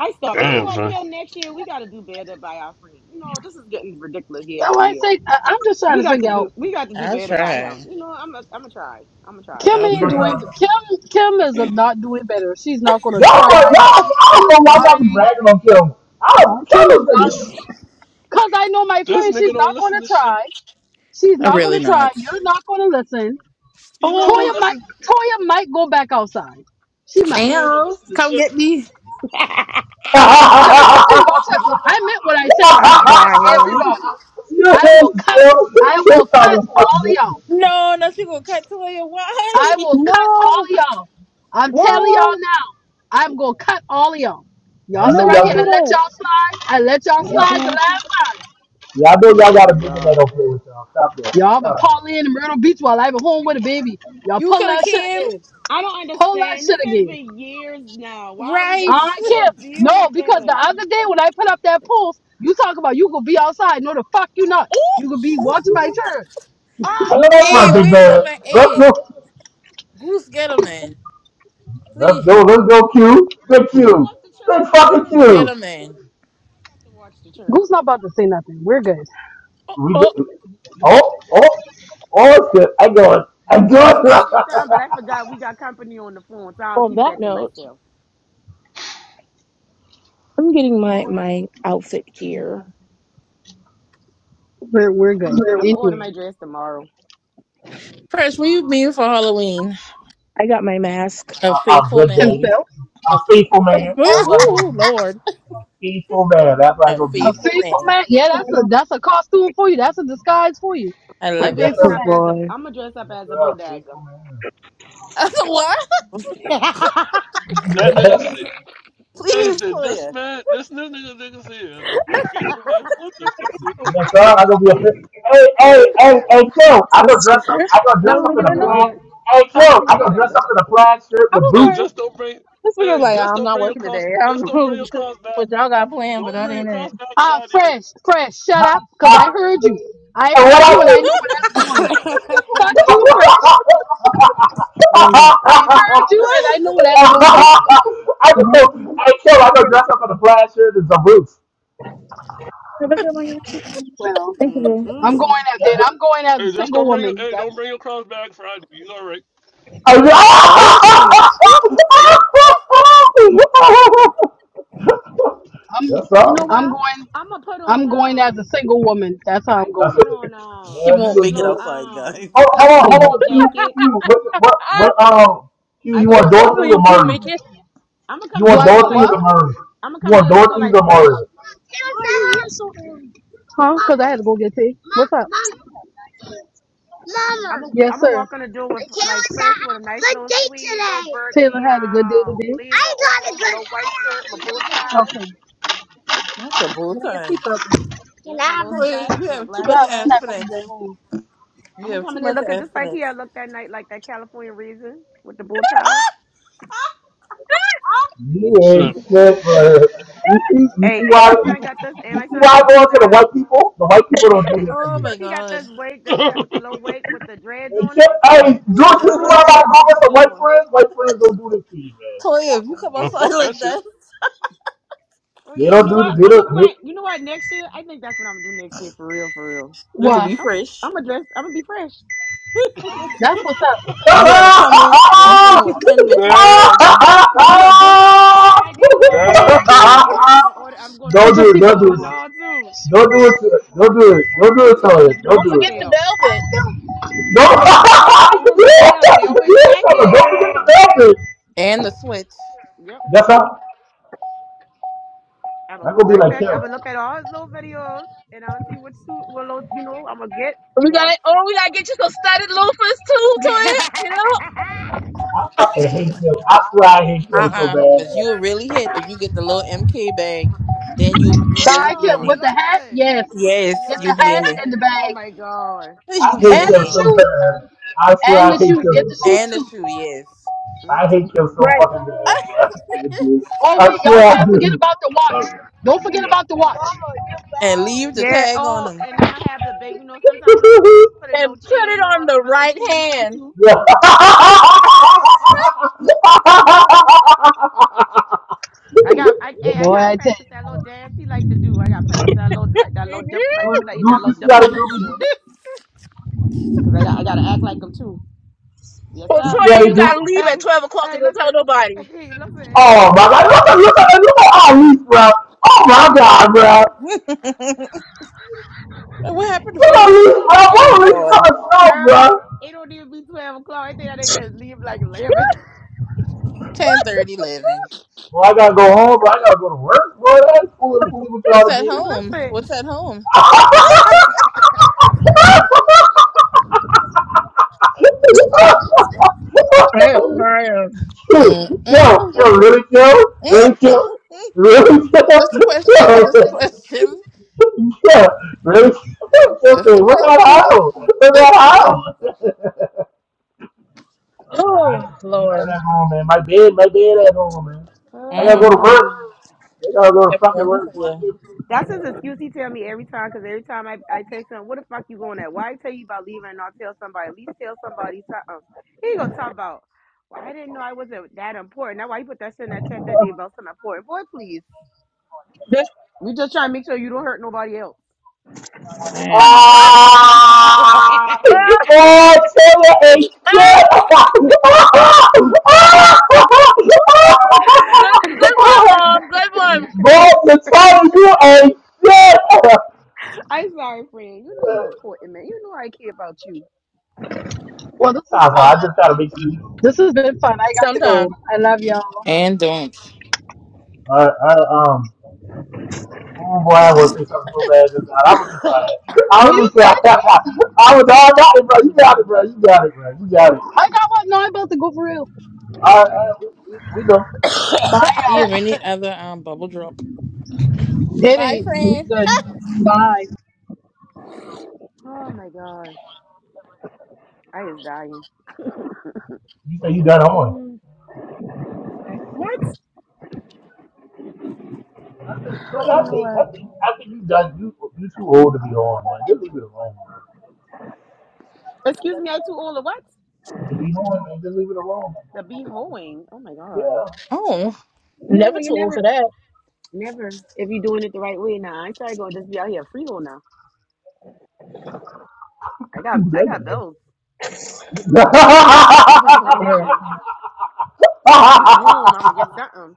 [SPEAKER 5] I stop. You know
[SPEAKER 11] Damn,
[SPEAKER 5] what,
[SPEAKER 11] son.
[SPEAKER 5] Kim? Next year we gotta do better by our friend. You know this is getting ridiculous year
[SPEAKER 7] That's
[SPEAKER 5] after
[SPEAKER 7] why I
[SPEAKER 5] year.
[SPEAKER 7] say I, I'm just trying
[SPEAKER 5] We
[SPEAKER 7] to
[SPEAKER 5] got to
[SPEAKER 7] figure
[SPEAKER 5] do.
[SPEAKER 7] out.
[SPEAKER 5] We got to do
[SPEAKER 2] I'll
[SPEAKER 5] better by him.
[SPEAKER 2] try.
[SPEAKER 5] You know, I'm. i am a. I'm gonna try. I'm gonna try. I
[SPEAKER 7] Kim
[SPEAKER 2] I'll
[SPEAKER 1] You
[SPEAKER 5] promise.
[SPEAKER 7] ain't
[SPEAKER 1] gonna
[SPEAKER 2] try.
[SPEAKER 7] doing.
[SPEAKER 1] tell him.
[SPEAKER 7] Kim Kim is not doing better. She's not gonna
[SPEAKER 1] Y'all, y'all, I
[SPEAKER 7] try. She's
[SPEAKER 1] don't know why y'all be
[SPEAKER 7] lying.
[SPEAKER 1] ragging on Kim. I don't,
[SPEAKER 7] Kim is not.
[SPEAKER 1] Kim is,
[SPEAKER 11] This,
[SPEAKER 7] Cause I know my
[SPEAKER 11] this
[SPEAKER 7] friend. She's
[SPEAKER 11] nigga don't
[SPEAKER 7] not
[SPEAKER 11] listen
[SPEAKER 7] gonna
[SPEAKER 11] to shit.
[SPEAKER 7] try. She's
[SPEAKER 2] I'm
[SPEAKER 7] not
[SPEAKER 2] really
[SPEAKER 7] gonna try.
[SPEAKER 2] not.
[SPEAKER 7] You're not gonna listen.
[SPEAKER 11] He not
[SPEAKER 2] Oh.
[SPEAKER 11] gonna
[SPEAKER 7] Toya might.
[SPEAKER 11] listen.
[SPEAKER 7] Toya might go back outside. She might.
[SPEAKER 11] He ain't gonna
[SPEAKER 2] Ow.
[SPEAKER 11] listen to
[SPEAKER 2] Come
[SPEAKER 11] shit.
[SPEAKER 2] get me.
[SPEAKER 7] Kim, watch me box her. I meant what I said.
[SPEAKER 9] I'm
[SPEAKER 7] I'ma cut
[SPEAKER 9] crying.
[SPEAKER 7] everybody.
[SPEAKER 1] You
[SPEAKER 7] I will cut,
[SPEAKER 1] dumb,
[SPEAKER 7] I
[SPEAKER 1] you
[SPEAKER 7] will cut
[SPEAKER 1] dumb
[SPEAKER 7] all of
[SPEAKER 1] fucking-
[SPEAKER 7] y'all.
[SPEAKER 2] No, nothing gonna cut Toya. Why?
[SPEAKER 7] I will cut all
[SPEAKER 9] No.
[SPEAKER 7] of y'all. I'm telling
[SPEAKER 9] Why?
[SPEAKER 7] y'all now, I'm gonna cut all of y'all. Y'all
[SPEAKER 1] I
[SPEAKER 7] sit
[SPEAKER 1] know
[SPEAKER 9] No,
[SPEAKER 7] right
[SPEAKER 1] y'all.
[SPEAKER 9] don't
[SPEAKER 7] here.
[SPEAKER 9] do
[SPEAKER 7] I
[SPEAKER 1] been-
[SPEAKER 5] Mm.
[SPEAKER 7] let
[SPEAKER 9] that.
[SPEAKER 7] y'all slide. I let y'all
[SPEAKER 1] you
[SPEAKER 7] slide the
[SPEAKER 11] Mm-hmm.
[SPEAKER 7] last
[SPEAKER 1] Yeah, I know
[SPEAKER 5] Oh
[SPEAKER 1] y'all got
[SPEAKER 5] my
[SPEAKER 1] a big man that
[SPEAKER 5] God.
[SPEAKER 1] don't play with y'all. Stop
[SPEAKER 7] time.
[SPEAKER 1] that.
[SPEAKER 7] Y'all been
[SPEAKER 1] Stop that.
[SPEAKER 7] partying in Myrtle Beach while I was home with a baby. Y'all
[SPEAKER 2] You
[SPEAKER 7] pull
[SPEAKER 2] could have
[SPEAKER 7] that shit
[SPEAKER 2] came
[SPEAKER 7] again.
[SPEAKER 5] I don't
[SPEAKER 7] Pull that
[SPEAKER 5] understand.
[SPEAKER 7] shit
[SPEAKER 5] This has
[SPEAKER 7] again.
[SPEAKER 5] been years now. Why we
[SPEAKER 2] right.
[SPEAKER 5] got to
[SPEAKER 7] I
[SPEAKER 5] still
[SPEAKER 7] can't.
[SPEAKER 5] deal with
[SPEAKER 7] No, because the
[SPEAKER 5] this?
[SPEAKER 7] other day when I put up that post, you talk about you gonna be outside. No, the fuck you not.
[SPEAKER 2] Ooh,
[SPEAKER 7] You gonna be
[SPEAKER 5] Ooh.
[SPEAKER 7] watching my turn.
[SPEAKER 1] I
[SPEAKER 5] Oh
[SPEAKER 1] know
[SPEAKER 5] my
[SPEAKER 1] that's
[SPEAKER 9] Oh,
[SPEAKER 1] my
[SPEAKER 2] hey,
[SPEAKER 5] God!
[SPEAKER 1] big
[SPEAKER 2] where's
[SPEAKER 1] man.
[SPEAKER 2] your man?
[SPEAKER 5] What?
[SPEAKER 1] Let's
[SPEAKER 2] Hey,
[SPEAKER 1] go.
[SPEAKER 2] Goose, get him, man.
[SPEAKER 1] Let's
[SPEAKER 2] Please,
[SPEAKER 1] go. Let's go.
[SPEAKER 5] Who
[SPEAKER 1] Q.
[SPEAKER 5] who
[SPEAKER 1] Good
[SPEAKER 5] gonna
[SPEAKER 1] Q.
[SPEAKER 5] watch the
[SPEAKER 1] Good
[SPEAKER 5] churn? Me?
[SPEAKER 1] fucking
[SPEAKER 2] get
[SPEAKER 1] Q.
[SPEAKER 2] him, man.
[SPEAKER 5] I got to watch the churn.
[SPEAKER 7] Who's not about to say nothing? We're good.
[SPEAKER 2] Oh,
[SPEAKER 1] We.
[SPEAKER 9] oh,
[SPEAKER 1] Go,
[SPEAKER 2] oh,
[SPEAKER 1] oh. Oh. Oh shit. I got it. I
[SPEAKER 5] I had
[SPEAKER 1] got
[SPEAKER 5] almost
[SPEAKER 2] hey.
[SPEAKER 5] said
[SPEAKER 1] it.
[SPEAKER 5] something, but I forgot we got company on the phone, so I'll
[SPEAKER 9] on
[SPEAKER 5] keep
[SPEAKER 9] that
[SPEAKER 5] that to
[SPEAKER 9] note,
[SPEAKER 5] myself.
[SPEAKER 9] I'm getting
[SPEAKER 5] You know
[SPEAKER 9] my
[SPEAKER 5] what?
[SPEAKER 9] my outfit here.
[SPEAKER 7] We're we're good.
[SPEAKER 5] I'm gonna order
[SPEAKER 7] Anyway,
[SPEAKER 5] my dress tomorrow.
[SPEAKER 2] Fresh, what you mean for Halloween?
[SPEAKER 9] I got my mask.
[SPEAKER 2] A
[SPEAKER 1] I, I'm
[SPEAKER 2] faithful
[SPEAKER 1] good
[SPEAKER 2] man.
[SPEAKER 1] daddy.
[SPEAKER 7] himself.
[SPEAKER 1] I'm
[SPEAKER 2] A
[SPEAKER 1] faithful
[SPEAKER 2] faithful
[SPEAKER 1] man.
[SPEAKER 2] man.
[SPEAKER 9] Ooh,
[SPEAKER 1] That's
[SPEAKER 2] Ah,
[SPEAKER 1] what I'm gonna be.
[SPEAKER 9] Lord.
[SPEAKER 1] A faithful man. That's what I'm
[SPEAKER 2] A
[SPEAKER 1] gonna be.
[SPEAKER 7] A
[SPEAKER 2] faithful
[SPEAKER 1] Mr.
[SPEAKER 7] faithful
[SPEAKER 1] Father.
[SPEAKER 2] man.
[SPEAKER 7] man. Yeah, that's a
[SPEAKER 9] Oh
[SPEAKER 7] that's a costume for you. That's a disguise for you.
[SPEAKER 2] I
[SPEAKER 5] I
[SPEAKER 2] love
[SPEAKER 1] Yes
[SPEAKER 2] it.
[SPEAKER 5] dressing
[SPEAKER 7] Faithful
[SPEAKER 1] sir.
[SPEAKER 5] up
[SPEAKER 7] man.
[SPEAKER 5] as a.
[SPEAKER 9] boy.
[SPEAKER 5] I'm gonna dress up
[SPEAKER 1] Yes
[SPEAKER 5] as a
[SPEAKER 1] sir. A
[SPEAKER 5] bodega.
[SPEAKER 1] Faithful man.
[SPEAKER 2] what?
[SPEAKER 11] That nigga see, hey,
[SPEAKER 2] Please,
[SPEAKER 11] th- this
[SPEAKER 2] Toya.
[SPEAKER 11] man, this new nigga, nigga see a, g- a fearful man. What the fuck is wrong?
[SPEAKER 1] yes sir.
[SPEAKER 11] What the
[SPEAKER 1] I'm gonna be a
[SPEAKER 11] fuck?
[SPEAKER 1] faithful. Hey, hey, hey, hey, Kim, I'm
[SPEAKER 9] That's a
[SPEAKER 1] gonna dress up.
[SPEAKER 9] speaker.
[SPEAKER 1] I'm gonna
[SPEAKER 9] That
[SPEAKER 1] dress
[SPEAKER 9] was
[SPEAKER 5] oh
[SPEAKER 1] up in
[SPEAKER 9] making
[SPEAKER 5] my
[SPEAKER 9] that
[SPEAKER 1] a
[SPEAKER 9] noise.
[SPEAKER 1] plaid.
[SPEAKER 5] God!
[SPEAKER 1] Hey,
[SPEAKER 9] I,
[SPEAKER 5] I'm gonna
[SPEAKER 1] Kim,
[SPEAKER 5] be a
[SPEAKER 1] I'm gonna dress
[SPEAKER 5] bodega.
[SPEAKER 1] up in a plaid shirt
[SPEAKER 9] I
[SPEAKER 1] with
[SPEAKER 9] was
[SPEAKER 11] Hey,
[SPEAKER 1] boots.
[SPEAKER 9] worried.
[SPEAKER 11] just don't bring,
[SPEAKER 9] This speaker was
[SPEAKER 11] hey,
[SPEAKER 9] like,
[SPEAKER 11] just
[SPEAKER 9] I'm
[SPEAKER 11] don't
[SPEAKER 9] not
[SPEAKER 11] bring your
[SPEAKER 9] working
[SPEAKER 11] cross,
[SPEAKER 9] today. I don't
[SPEAKER 11] just don't
[SPEAKER 9] know
[SPEAKER 11] bring
[SPEAKER 9] what
[SPEAKER 11] your
[SPEAKER 9] y-
[SPEAKER 11] cross back.
[SPEAKER 9] what y'all got planned, but
[SPEAKER 11] Don't
[SPEAKER 9] that
[SPEAKER 11] bring your
[SPEAKER 9] ain't
[SPEAKER 11] cross
[SPEAKER 9] it.
[SPEAKER 11] back
[SPEAKER 7] Ah,
[SPEAKER 11] Friday, nigga.
[SPEAKER 7] fresh, fresh. Shut up, cause I
[SPEAKER 1] Ah,
[SPEAKER 7] heard you. I
[SPEAKER 1] and what
[SPEAKER 7] heard
[SPEAKER 1] I
[SPEAKER 7] you, and I
[SPEAKER 1] do?
[SPEAKER 7] know where that's going. Fuck you, fresh.
[SPEAKER 9] Oh, yeah.
[SPEAKER 7] I heard
[SPEAKER 5] Try
[SPEAKER 7] you, and I know where that's going.
[SPEAKER 1] I
[SPEAKER 9] Mhm.
[SPEAKER 1] feel, I feel like I go
[SPEAKER 9] Okay.
[SPEAKER 1] dress up in a plaid shirt and some boots.
[SPEAKER 9] Have a good one. You're sick.
[SPEAKER 7] Well,
[SPEAKER 9] Thank you.
[SPEAKER 7] I'm
[SPEAKER 5] Mm-mm.
[SPEAKER 7] going as then. I'm going as a
[SPEAKER 11] Hey, just
[SPEAKER 7] single
[SPEAKER 11] don't bring your,
[SPEAKER 7] woman.
[SPEAKER 11] hey, don't
[SPEAKER 7] That's
[SPEAKER 11] bring your cross back Friday. You all right?
[SPEAKER 1] I go,
[SPEAKER 2] Oh,
[SPEAKER 1] ah!
[SPEAKER 2] shoes.
[SPEAKER 7] I'm
[SPEAKER 1] That's
[SPEAKER 5] You know
[SPEAKER 1] all.
[SPEAKER 7] I'm
[SPEAKER 5] what?
[SPEAKER 7] going
[SPEAKER 5] I'm gonna put
[SPEAKER 7] I'm
[SPEAKER 5] on
[SPEAKER 7] going as a
[SPEAKER 5] um
[SPEAKER 7] single woman. That's how
[SPEAKER 5] I
[SPEAKER 7] I'm
[SPEAKER 5] gonna
[SPEAKER 1] That's
[SPEAKER 7] going.
[SPEAKER 5] put
[SPEAKER 1] it.
[SPEAKER 5] on um
[SPEAKER 2] She
[SPEAKER 1] Yeah, you
[SPEAKER 2] won't
[SPEAKER 5] Fresh
[SPEAKER 1] look
[SPEAKER 2] make it
[SPEAKER 5] Low
[SPEAKER 1] good.
[SPEAKER 2] outside,
[SPEAKER 5] um
[SPEAKER 2] guys.
[SPEAKER 1] Hold,
[SPEAKER 5] his
[SPEAKER 1] hold on, hold on,
[SPEAKER 9] girl.
[SPEAKER 5] blazer
[SPEAKER 1] Q.
[SPEAKER 5] jacket.
[SPEAKER 1] Q, what, what,
[SPEAKER 9] Ah,
[SPEAKER 1] what, um, Q,
[SPEAKER 5] I
[SPEAKER 1] you
[SPEAKER 5] gonna
[SPEAKER 9] Kim,
[SPEAKER 1] want
[SPEAKER 5] put
[SPEAKER 9] just
[SPEAKER 1] Dorothy
[SPEAKER 9] when
[SPEAKER 1] or
[SPEAKER 9] you make
[SPEAKER 1] Marty?
[SPEAKER 9] it,
[SPEAKER 5] I'm gonna
[SPEAKER 1] You
[SPEAKER 5] come in
[SPEAKER 7] Do
[SPEAKER 5] here
[SPEAKER 1] want
[SPEAKER 7] I
[SPEAKER 5] looking
[SPEAKER 7] want
[SPEAKER 1] Dorothy
[SPEAKER 5] like
[SPEAKER 1] as
[SPEAKER 7] what?
[SPEAKER 1] a Murray?
[SPEAKER 5] I'm gonna
[SPEAKER 1] You
[SPEAKER 5] come in
[SPEAKER 1] want
[SPEAKER 5] here looking
[SPEAKER 1] Dorothy or
[SPEAKER 5] like fresh.
[SPEAKER 1] Murray?
[SPEAKER 7] Huh? Cause I had to go get tea. What's up?
[SPEAKER 5] I'm gonna
[SPEAKER 7] Yes,
[SPEAKER 5] I'm gonna
[SPEAKER 7] sir.
[SPEAKER 5] walk in the door with like fresh with a nice little sweet little
[SPEAKER 7] Taylor
[SPEAKER 5] burgundy
[SPEAKER 7] had a good day today. Taylor had a good day
[SPEAKER 5] um
[SPEAKER 7] today.
[SPEAKER 5] blazer
[SPEAKER 7] I got a
[SPEAKER 5] on, my
[SPEAKER 7] good.
[SPEAKER 5] little
[SPEAKER 7] I
[SPEAKER 5] white shirt,
[SPEAKER 7] had
[SPEAKER 5] my
[SPEAKER 7] a
[SPEAKER 5] bow
[SPEAKER 7] good day.
[SPEAKER 5] tie,
[SPEAKER 7] Okay.
[SPEAKER 2] Not the bull
[SPEAKER 7] Get in your
[SPEAKER 2] tie.
[SPEAKER 7] seatbelt. then. Can
[SPEAKER 5] yeah,
[SPEAKER 7] I
[SPEAKER 5] my
[SPEAKER 7] have
[SPEAKER 5] little
[SPEAKER 7] a
[SPEAKER 2] Toya,
[SPEAKER 7] snack?
[SPEAKER 5] slacks,
[SPEAKER 2] you
[SPEAKER 5] my
[SPEAKER 2] have
[SPEAKER 7] You
[SPEAKER 2] too
[SPEAKER 5] black
[SPEAKER 2] much
[SPEAKER 7] have a
[SPEAKER 5] slacks.
[SPEAKER 2] ass
[SPEAKER 7] snack
[SPEAKER 2] for
[SPEAKER 7] when you
[SPEAKER 2] that.
[SPEAKER 7] get home.
[SPEAKER 2] You
[SPEAKER 5] I'm gonna
[SPEAKER 2] have
[SPEAKER 5] come
[SPEAKER 2] too
[SPEAKER 5] in here
[SPEAKER 2] much
[SPEAKER 5] looking just like
[SPEAKER 2] excellence.
[SPEAKER 5] he I looked that night, like that California reason with the bow tie.
[SPEAKER 11] Oh,
[SPEAKER 1] You ain't
[SPEAKER 11] shit.
[SPEAKER 1] shit, bro. You see, you
[SPEAKER 5] Hey,
[SPEAKER 1] see
[SPEAKER 5] and
[SPEAKER 1] why,
[SPEAKER 5] my
[SPEAKER 1] you,
[SPEAKER 5] son got this, and
[SPEAKER 1] you
[SPEAKER 5] my
[SPEAKER 1] see
[SPEAKER 5] son
[SPEAKER 1] why I
[SPEAKER 5] got this
[SPEAKER 1] go into the
[SPEAKER 5] down.
[SPEAKER 1] white people? The white people
[SPEAKER 5] But
[SPEAKER 1] don't do this to
[SPEAKER 2] Oh
[SPEAKER 1] you.
[SPEAKER 2] my
[SPEAKER 5] he got
[SPEAKER 2] god.
[SPEAKER 5] this wig, this hat with the low wig with the dreads
[SPEAKER 1] They
[SPEAKER 5] on it.
[SPEAKER 1] can't, hey,
[SPEAKER 5] You got
[SPEAKER 1] George,
[SPEAKER 5] the
[SPEAKER 1] you see
[SPEAKER 5] long
[SPEAKER 1] why I gotta
[SPEAKER 5] dreads.
[SPEAKER 1] go
[SPEAKER 5] I'm
[SPEAKER 1] against
[SPEAKER 5] put
[SPEAKER 1] the
[SPEAKER 5] that
[SPEAKER 1] white
[SPEAKER 5] on.
[SPEAKER 1] friends? White friends don't do this to you, man.
[SPEAKER 2] Toya, if you come
[SPEAKER 11] well,
[SPEAKER 2] outside
[SPEAKER 11] fuck that
[SPEAKER 2] like
[SPEAKER 11] shit.
[SPEAKER 2] that,
[SPEAKER 1] They
[SPEAKER 5] You
[SPEAKER 1] don't
[SPEAKER 2] please.
[SPEAKER 5] know
[SPEAKER 1] do
[SPEAKER 5] what?
[SPEAKER 1] this, they
[SPEAKER 5] I'm
[SPEAKER 1] don't,
[SPEAKER 5] gonna
[SPEAKER 1] they,
[SPEAKER 5] plan. You know what? Next year, I think that's what I'm gonna do next year for real, for real.
[SPEAKER 2] You're gonna
[SPEAKER 7] Why?
[SPEAKER 2] be
[SPEAKER 5] I'm,
[SPEAKER 2] fresh.
[SPEAKER 5] I'm gonna dress. I'm gonna be fresh
[SPEAKER 7] That's what's up.
[SPEAKER 2] You gotta come in, walk in with 10 bitches
[SPEAKER 11] Man,
[SPEAKER 2] beside you.
[SPEAKER 5] for real. Don't y'all steal my idea now.
[SPEAKER 11] man, no,
[SPEAKER 5] I'm
[SPEAKER 11] man.
[SPEAKER 5] I'm gonna order. I'm gonna
[SPEAKER 7] Put
[SPEAKER 1] don't
[SPEAKER 5] order
[SPEAKER 7] your
[SPEAKER 1] do
[SPEAKER 5] the
[SPEAKER 1] it, don't
[SPEAKER 7] seatbelt
[SPEAKER 5] clothes
[SPEAKER 1] do it.
[SPEAKER 5] and
[SPEAKER 7] on.
[SPEAKER 5] all too.
[SPEAKER 1] Don't do
[SPEAKER 5] Boy,
[SPEAKER 1] it, to- it. don't do it, don't do it,
[SPEAKER 5] It gonna
[SPEAKER 9] don't,
[SPEAKER 5] be
[SPEAKER 1] Toya. Don't
[SPEAKER 9] don't
[SPEAKER 5] funny
[SPEAKER 1] do
[SPEAKER 5] as
[SPEAKER 9] forget the
[SPEAKER 1] it.
[SPEAKER 5] hell. I,
[SPEAKER 9] velvet.
[SPEAKER 7] No.
[SPEAKER 1] Don't,
[SPEAKER 5] I ju- yeah, I gonna get me a
[SPEAKER 1] don't
[SPEAKER 5] velvet
[SPEAKER 1] forget
[SPEAKER 5] jacket.
[SPEAKER 1] the
[SPEAKER 11] Ah!
[SPEAKER 1] bathroom.
[SPEAKER 2] And the sweat.
[SPEAKER 5] Yep.
[SPEAKER 1] That's how
[SPEAKER 5] I'm gonna
[SPEAKER 1] I'm
[SPEAKER 5] go
[SPEAKER 1] gonna be
[SPEAKER 5] right
[SPEAKER 1] like
[SPEAKER 5] back.
[SPEAKER 1] Kim.
[SPEAKER 5] I'm gonna look at all his little videos and I'll see what suit, what little, you know, I'm gonna get.
[SPEAKER 9] We got
[SPEAKER 5] Watch.
[SPEAKER 9] or we gotta get you some studded loafers too to
[SPEAKER 5] Girl,
[SPEAKER 9] it, you know?
[SPEAKER 1] I fucking hate Kim. I swear I hate
[SPEAKER 2] Uh
[SPEAKER 1] Kim so bad.
[SPEAKER 2] uh But
[SPEAKER 1] bro.
[SPEAKER 2] you'll really hit if you get the little MK bag. Then you you really
[SPEAKER 7] I can
[SPEAKER 2] be in
[SPEAKER 7] not
[SPEAKER 2] there.
[SPEAKER 7] with the hat.
[SPEAKER 5] listen,
[SPEAKER 7] Yes.
[SPEAKER 2] Yes,
[SPEAKER 7] Get
[SPEAKER 2] you'll
[SPEAKER 7] the
[SPEAKER 2] be
[SPEAKER 7] hat
[SPEAKER 2] in there.
[SPEAKER 7] and the
[SPEAKER 5] listen. Oh
[SPEAKER 7] bag
[SPEAKER 5] my god.
[SPEAKER 1] I
[SPEAKER 2] You'll
[SPEAKER 1] hate
[SPEAKER 2] be
[SPEAKER 7] and
[SPEAKER 5] Oh
[SPEAKER 2] in
[SPEAKER 7] the
[SPEAKER 1] Kim
[SPEAKER 2] there.
[SPEAKER 1] so
[SPEAKER 7] shoe
[SPEAKER 5] god.
[SPEAKER 1] bad. I swear
[SPEAKER 7] and
[SPEAKER 1] I
[SPEAKER 7] the
[SPEAKER 1] hate
[SPEAKER 7] shoes. Get the
[SPEAKER 1] Kim.
[SPEAKER 7] shoe
[SPEAKER 2] And the
[SPEAKER 7] too.
[SPEAKER 2] shoe, yes.
[SPEAKER 1] I hate Kim
[SPEAKER 5] Mm-mm-mm.
[SPEAKER 1] so
[SPEAKER 9] Right.
[SPEAKER 1] fucking bad. Bro. I swear I do.
[SPEAKER 7] Oh
[SPEAKER 1] I
[SPEAKER 7] wait, y'all
[SPEAKER 1] swear I
[SPEAKER 7] can't forget
[SPEAKER 1] do.
[SPEAKER 7] about the watch. Don't forget about the watch. Oh, you're
[SPEAKER 2] And leave
[SPEAKER 7] loud.
[SPEAKER 2] the
[SPEAKER 5] Yeah.
[SPEAKER 2] tag on
[SPEAKER 5] Oh,
[SPEAKER 2] them.
[SPEAKER 5] and I'm gonna have the big. You know, sometimes you like to put a put a
[SPEAKER 9] And
[SPEAKER 5] little
[SPEAKER 9] put it
[SPEAKER 5] chin
[SPEAKER 9] on
[SPEAKER 5] on. Put
[SPEAKER 9] the
[SPEAKER 5] my little
[SPEAKER 9] right
[SPEAKER 5] chin on
[SPEAKER 9] hand.
[SPEAKER 5] too.
[SPEAKER 1] Yeah.
[SPEAKER 5] I got. I hey, I
[SPEAKER 7] Boy,
[SPEAKER 5] got to
[SPEAKER 7] I tell
[SPEAKER 5] practice
[SPEAKER 7] you.
[SPEAKER 5] that little dance he like to do. I got to practice that little like that little dup
[SPEAKER 9] Mhm.
[SPEAKER 1] do, do
[SPEAKER 5] like he like that
[SPEAKER 1] you see
[SPEAKER 5] little dup
[SPEAKER 1] how
[SPEAKER 5] he
[SPEAKER 1] they
[SPEAKER 5] do.
[SPEAKER 1] do me, dude?
[SPEAKER 5] Yeah. Cause I got I got to act like him too. Yes
[SPEAKER 9] Well,
[SPEAKER 1] You
[SPEAKER 5] sir.
[SPEAKER 1] see how
[SPEAKER 9] Toya,
[SPEAKER 1] they
[SPEAKER 9] you gotta
[SPEAKER 1] do?
[SPEAKER 9] leave at
[SPEAKER 5] Hey
[SPEAKER 9] twelve o'clock
[SPEAKER 5] hey
[SPEAKER 9] and don't tell
[SPEAKER 5] listen
[SPEAKER 9] nobody.
[SPEAKER 5] hey listen hey,
[SPEAKER 1] Oh my
[SPEAKER 5] hey,
[SPEAKER 1] god, look at look
[SPEAKER 5] hey.
[SPEAKER 1] at look at all these, bro. Oh my god, bro.
[SPEAKER 2] what happened to
[SPEAKER 1] Look at
[SPEAKER 5] Yeah.
[SPEAKER 2] French?
[SPEAKER 1] these, bro. What
[SPEAKER 5] Hey,
[SPEAKER 1] are these
[SPEAKER 5] listen,
[SPEAKER 2] Gone.
[SPEAKER 1] coming from,
[SPEAKER 5] girl,
[SPEAKER 1] bro?
[SPEAKER 5] it don't even be 12 o'clock. I think that nigga is leave like 11.
[SPEAKER 2] 10 30, 11.
[SPEAKER 1] Well, I gotta go home, bro. I gotta go to work, bro. That's cool and cool with y'all
[SPEAKER 2] What's
[SPEAKER 1] to
[SPEAKER 2] at
[SPEAKER 1] be.
[SPEAKER 2] home?
[SPEAKER 5] listen,
[SPEAKER 2] What's at home?
[SPEAKER 5] I.
[SPEAKER 9] I am tired.
[SPEAKER 1] Kill,
[SPEAKER 2] Mm-mm.
[SPEAKER 1] kill, kill, really kill, really kill, really kill,
[SPEAKER 2] just a question.
[SPEAKER 1] kill
[SPEAKER 2] Just a question.
[SPEAKER 1] yeah, really?
[SPEAKER 2] Just a
[SPEAKER 1] What's that
[SPEAKER 2] question.
[SPEAKER 1] how? What's that how? Nah, I
[SPEAKER 9] Oh
[SPEAKER 1] you left that
[SPEAKER 9] Lord.
[SPEAKER 1] home, man. My bed, my bed at home, man. I gotta go
[SPEAKER 2] Mm.
[SPEAKER 1] to work.
[SPEAKER 5] uh,
[SPEAKER 1] I gotta go to
[SPEAKER 2] Good
[SPEAKER 1] fucking
[SPEAKER 2] morning
[SPEAKER 1] work.
[SPEAKER 2] for
[SPEAKER 1] man.
[SPEAKER 2] you.
[SPEAKER 5] That's his excuse he tell me every time, because every time I, I text him, what the fuck you going at? Why I tell you about leaving and I'll tell somebody? At least tell somebody something. He gonna talk about, well, I didn't know I wasn't that important. That's why he put that shit in that chat that day about something important. Boy, please.
[SPEAKER 9] good
[SPEAKER 5] We just trying to make sure you don't hurt nobody else.
[SPEAKER 2] Damn.
[SPEAKER 1] Ah! Oh, Taylor ain't shit!
[SPEAKER 9] good one, Mom. Good one.
[SPEAKER 1] Boy, the Taylor, you ain't shit!
[SPEAKER 5] I'm sorry, friend. You know you important, man. You know I care about you.
[SPEAKER 7] Well, this is. um.
[SPEAKER 1] I just gotta make sure.
[SPEAKER 7] This has been fun. I got to
[SPEAKER 9] Sometimes.
[SPEAKER 7] go. I love y'all.
[SPEAKER 2] And don't. Do
[SPEAKER 1] I, I, um, Oh boy, I want to say something so bad just now. I would be crying. I
[SPEAKER 7] What
[SPEAKER 1] would
[SPEAKER 7] you
[SPEAKER 1] be crying.
[SPEAKER 7] say?
[SPEAKER 1] I was, I got it, bro. You got it, bro. You got it, bro. You got it.
[SPEAKER 7] I got one. No, I'm about to go for real.
[SPEAKER 1] All right, all right we, we, we know.
[SPEAKER 7] Bye,
[SPEAKER 2] you have
[SPEAKER 7] y'all.
[SPEAKER 2] any other um bubble drop?
[SPEAKER 7] It
[SPEAKER 2] Bye,
[SPEAKER 7] ain't. We
[SPEAKER 2] friend.
[SPEAKER 7] good. Bye.
[SPEAKER 5] oh my god, I is dying.
[SPEAKER 1] You say you done on.
[SPEAKER 5] Mm, I- what?
[SPEAKER 1] I think, Tony,
[SPEAKER 5] You
[SPEAKER 1] I
[SPEAKER 5] know
[SPEAKER 1] think, I
[SPEAKER 5] what?
[SPEAKER 1] think, I think you done. You, you too old to be on, man. Just leave it alone, man.
[SPEAKER 5] Excuse me, I too old. What?
[SPEAKER 1] To be on, man. Just leave it alone.
[SPEAKER 5] The be behoing. Oh my god.
[SPEAKER 1] Yeah.
[SPEAKER 2] Oh.
[SPEAKER 5] No,
[SPEAKER 9] Never
[SPEAKER 5] you
[SPEAKER 9] too old for
[SPEAKER 5] never,
[SPEAKER 9] that.
[SPEAKER 5] never. If you're doing it the right way, now I ain't sorry gonna just be out here free freehold now. I got, I
[SPEAKER 1] That
[SPEAKER 5] got
[SPEAKER 1] is-
[SPEAKER 5] bills. What's wrong with
[SPEAKER 9] Yeah.
[SPEAKER 5] you? If I'm gonna do them, I'm gonna get something.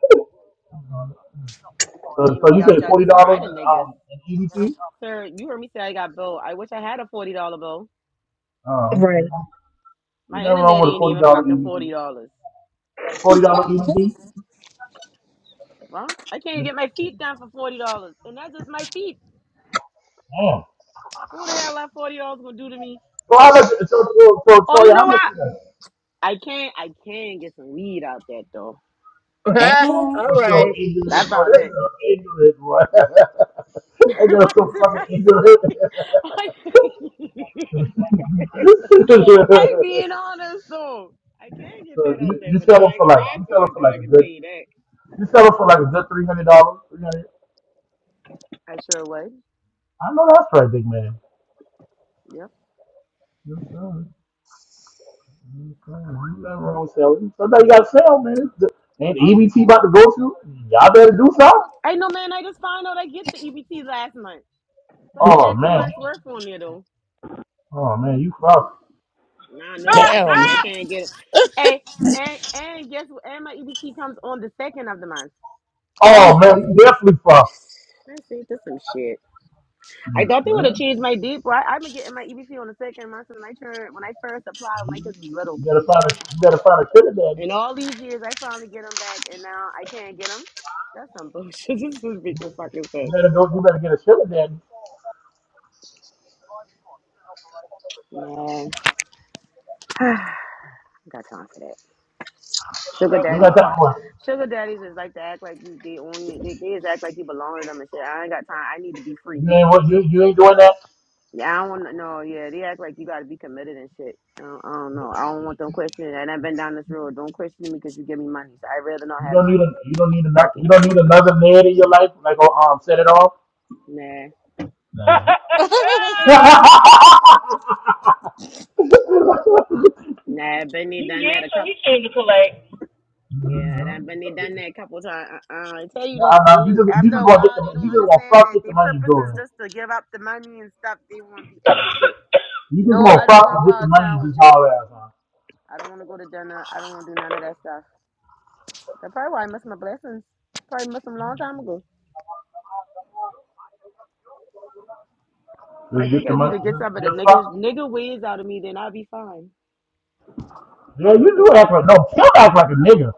[SPEAKER 5] But you
[SPEAKER 1] so,
[SPEAKER 5] ain't gonna
[SPEAKER 1] so
[SPEAKER 5] be
[SPEAKER 1] you
[SPEAKER 5] out
[SPEAKER 1] said
[SPEAKER 5] there
[SPEAKER 1] forty
[SPEAKER 5] just
[SPEAKER 1] dollars
[SPEAKER 5] riding
[SPEAKER 1] in
[SPEAKER 5] niggas.
[SPEAKER 1] um in EBT?
[SPEAKER 5] Sir, you heard me say I got bill. I wish I had a forty dollar bill.
[SPEAKER 1] Oh,
[SPEAKER 9] Right.
[SPEAKER 1] okay. You
[SPEAKER 5] My
[SPEAKER 1] never wrong
[SPEAKER 5] internet
[SPEAKER 1] with a
[SPEAKER 5] ain't
[SPEAKER 1] forty
[SPEAKER 5] even
[SPEAKER 1] dollar
[SPEAKER 5] fucking forty
[SPEAKER 1] EBT.
[SPEAKER 5] dollars.
[SPEAKER 1] Forty dollar EBT.
[SPEAKER 5] Well, I can't
[SPEAKER 1] Damn.
[SPEAKER 5] even get my feet done for forty dollars, and that's just my feet. So what the hell that forty dollars gonna do to me?
[SPEAKER 1] So how much? So so, so
[SPEAKER 5] Oh,
[SPEAKER 1] Troy,
[SPEAKER 5] you
[SPEAKER 1] how
[SPEAKER 5] know
[SPEAKER 1] much
[SPEAKER 5] what?
[SPEAKER 1] is that?
[SPEAKER 5] I can I can get some weed out there though.
[SPEAKER 9] Uh-huh.
[SPEAKER 1] So,
[SPEAKER 2] Damn.
[SPEAKER 9] All
[SPEAKER 1] so
[SPEAKER 9] right.
[SPEAKER 1] English
[SPEAKER 5] That
[SPEAKER 1] boy,
[SPEAKER 5] about
[SPEAKER 1] that
[SPEAKER 5] it.
[SPEAKER 1] girl English boy. that girl so
[SPEAKER 5] What's the
[SPEAKER 1] fucking English.
[SPEAKER 5] rest? I being honest though. I can
[SPEAKER 1] so
[SPEAKER 5] get that
[SPEAKER 1] you,
[SPEAKER 5] out there,
[SPEAKER 1] you
[SPEAKER 5] but I
[SPEAKER 1] sell them
[SPEAKER 5] ain't
[SPEAKER 1] for
[SPEAKER 5] gonna
[SPEAKER 1] like
[SPEAKER 5] ride
[SPEAKER 1] you sell
[SPEAKER 5] for
[SPEAKER 1] them
[SPEAKER 5] it
[SPEAKER 1] for
[SPEAKER 5] though.
[SPEAKER 1] like
[SPEAKER 5] I
[SPEAKER 1] a
[SPEAKER 5] can tell
[SPEAKER 1] good
[SPEAKER 5] you that.
[SPEAKER 1] you sell them for like a good three hundred dollars. Three hundred.
[SPEAKER 5] I sure would.
[SPEAKER 1] I know that's right, big man.
[SPEAKER 5] Yep.
[SPEAKER 1] Yes, sir. Yes, sir. Ain't Nothing wrong with selling. Sometimes you gotta sell, man. It's the- And the EBT about to go to, y'all better do something.
[SPEAKER 5] I know, man. I just found out I get the EBT last month, so I
[SPEAKER 1] Oh
[SPEAKER 5] had two
[SPEAKER 1] man.
[SPEAKER 5] months worth on there though.
[SPEAKER 1] Oh man, you fuck.
[SPEAKER 5] Nah, that's
[SPEAKER 9] Ah,
[SPEAKER 5] mine coming.
[SPEAKER 2] Damn.
[SPEAKER 5] I
[SPEAKER 9] ah.
[SPEAKER 5] can't get it. Hey, and and guess what? And my EBT comes on the second of the month.
[SPEAKER 2] Uh.
[SPEAKER 1] Oh man, you definitely fuck.
[SPEAKER 5] I see. That's some shit. I thought they would have
[SPEAKER 1] Man,
[SPEAKER 5] changed my deep. Right? I've been getting my EBT on the second month since I turned when I first applied when my
[SPEAKER 1] you
[SPEAKER 5] kids was little.
[SPEAKER 1] you better find a you better find a sugar daddy.
[SPEAKER 5] And all these years, I finally get them back, and now I can't get them. That's some bullshit. this is big fucking
[SPEAKER 1] You
[SPEAKER 5] sense.
[SPEAKER 1] better go. You better get a sugar daddy.
[SPEAKER 5] Nah, I got time for that.
[SPEAKER 9] The
[SPEAKER 5] Sugar
[SPEAKER 1] You
[SPEAKER 5] daddies
[SPEAKER 9] Struggle.
[SPEAKER 1] got that
[SPEAKER 5] start.
[SPEAKER 1] one.
[SPEAKER 5] Sugar daddies is like to act like you. They own you. They, they just act like you belong to them and shit. I ain't got time. I need to be free.
[SPEAKER 1] You ain't what you you ain't doing that.
[SPEAKER 5] Yeah, I don't want no. Yeah, they act like you got to be committed and shit. I don't, I don't know. I don't want them questioning. And I've been down this road. Don't question me because you give me money. So I'd rather not
[SPEAKER 1] You
[SPEAKER 5] have the
[SPEAKER 1] don't need
[SPEAKER 5] money.
[SPEAKER 1] a you don't need another
[SPEAKER 5] Fuck it.
[SPEAKER 1] you don't need another man in your life like oh um set it off.
[SPEAKER 5] Nah,
[SPEAKER 1] Nah. nah,
[SPEAKER 5] nah. Benny
[SPEAKER 9] he
[SPEAKER 5] done
[SPEAKER 9] yeah,
[SPEAKER 5] that a
[SPEAKER 9] so
[SPEAKER 5] couple.
[SPEAKER 9] he came to collect.
[SPEAKER 5] Yeah, that Benny done that a couple times. Uh, uh, I tell you, they,
[SPEAKER 1] nah, you
[SPEAKER 5] they,
[SPEAKER 1] just you
[SPEAKER 5] after
[SPEAKER 1] just
[SPEAKER 5] a
[SPEAKER 1] want to get
[SPEAKER 5] while, they
[SPEAKER 1] the you
[SPEAKER 5] don't
[SPEAKER 1] just want to
[SPEAKER 5] understand
[SPEAKER 1] fuck
[SPEAKER 5] that
[SPEAKER 1] get the
[SPEAKER 5] their
[SPEAKER 1] money
[SPEAKER 5] purpose is
[SPEAKER 1] going.
[SPEAKER 5] just to give up the money and stuff. They want to be extra shit.
[SPEAKER 1] You just
[SPEAKER 5] No,
[SPEAKER 1] want
[SPEAKER 5] I
[SPEAKER 1] to
[SPEAKER 5] don't
[SPEAKER 1] fuck
[SPEAKER 5] want to
[SPEAKER 1] and
[SPEAKER 5] go
[SPEAKER 1] get the
[SPEAKER 5] out of
[SPEAKER 1] money and
[SPEAKER 5] town
[SPEAKER 1] just
[SPEAKER 5] with
[SPEAKER 1] haul
[SPEAKER 5] you.
[SPEAKER 1] ass on.
[SPEAKER 5] I don't want to go to dinner. I don't want to do none of that stuff. That's probably why I missed my blessings. Probably missed them a long time ago. I
[SPEAKER 1] Just get
[SPEAKER 5] think
[SPEAKER 1] the
[SPEAKER 5] I need
[SPEAKER 1] money.
[SPEAKER 5] to get
[SPEAKER 1] Just,
[SPEAKER 5] some of the
[SPEAKER 1] just fuck.
[SPEAKER 5] niggas nigga ways out of me, then I'll be fine.
[SPEAKER 1] Yeah, you do act like no. Kim act like a nigga.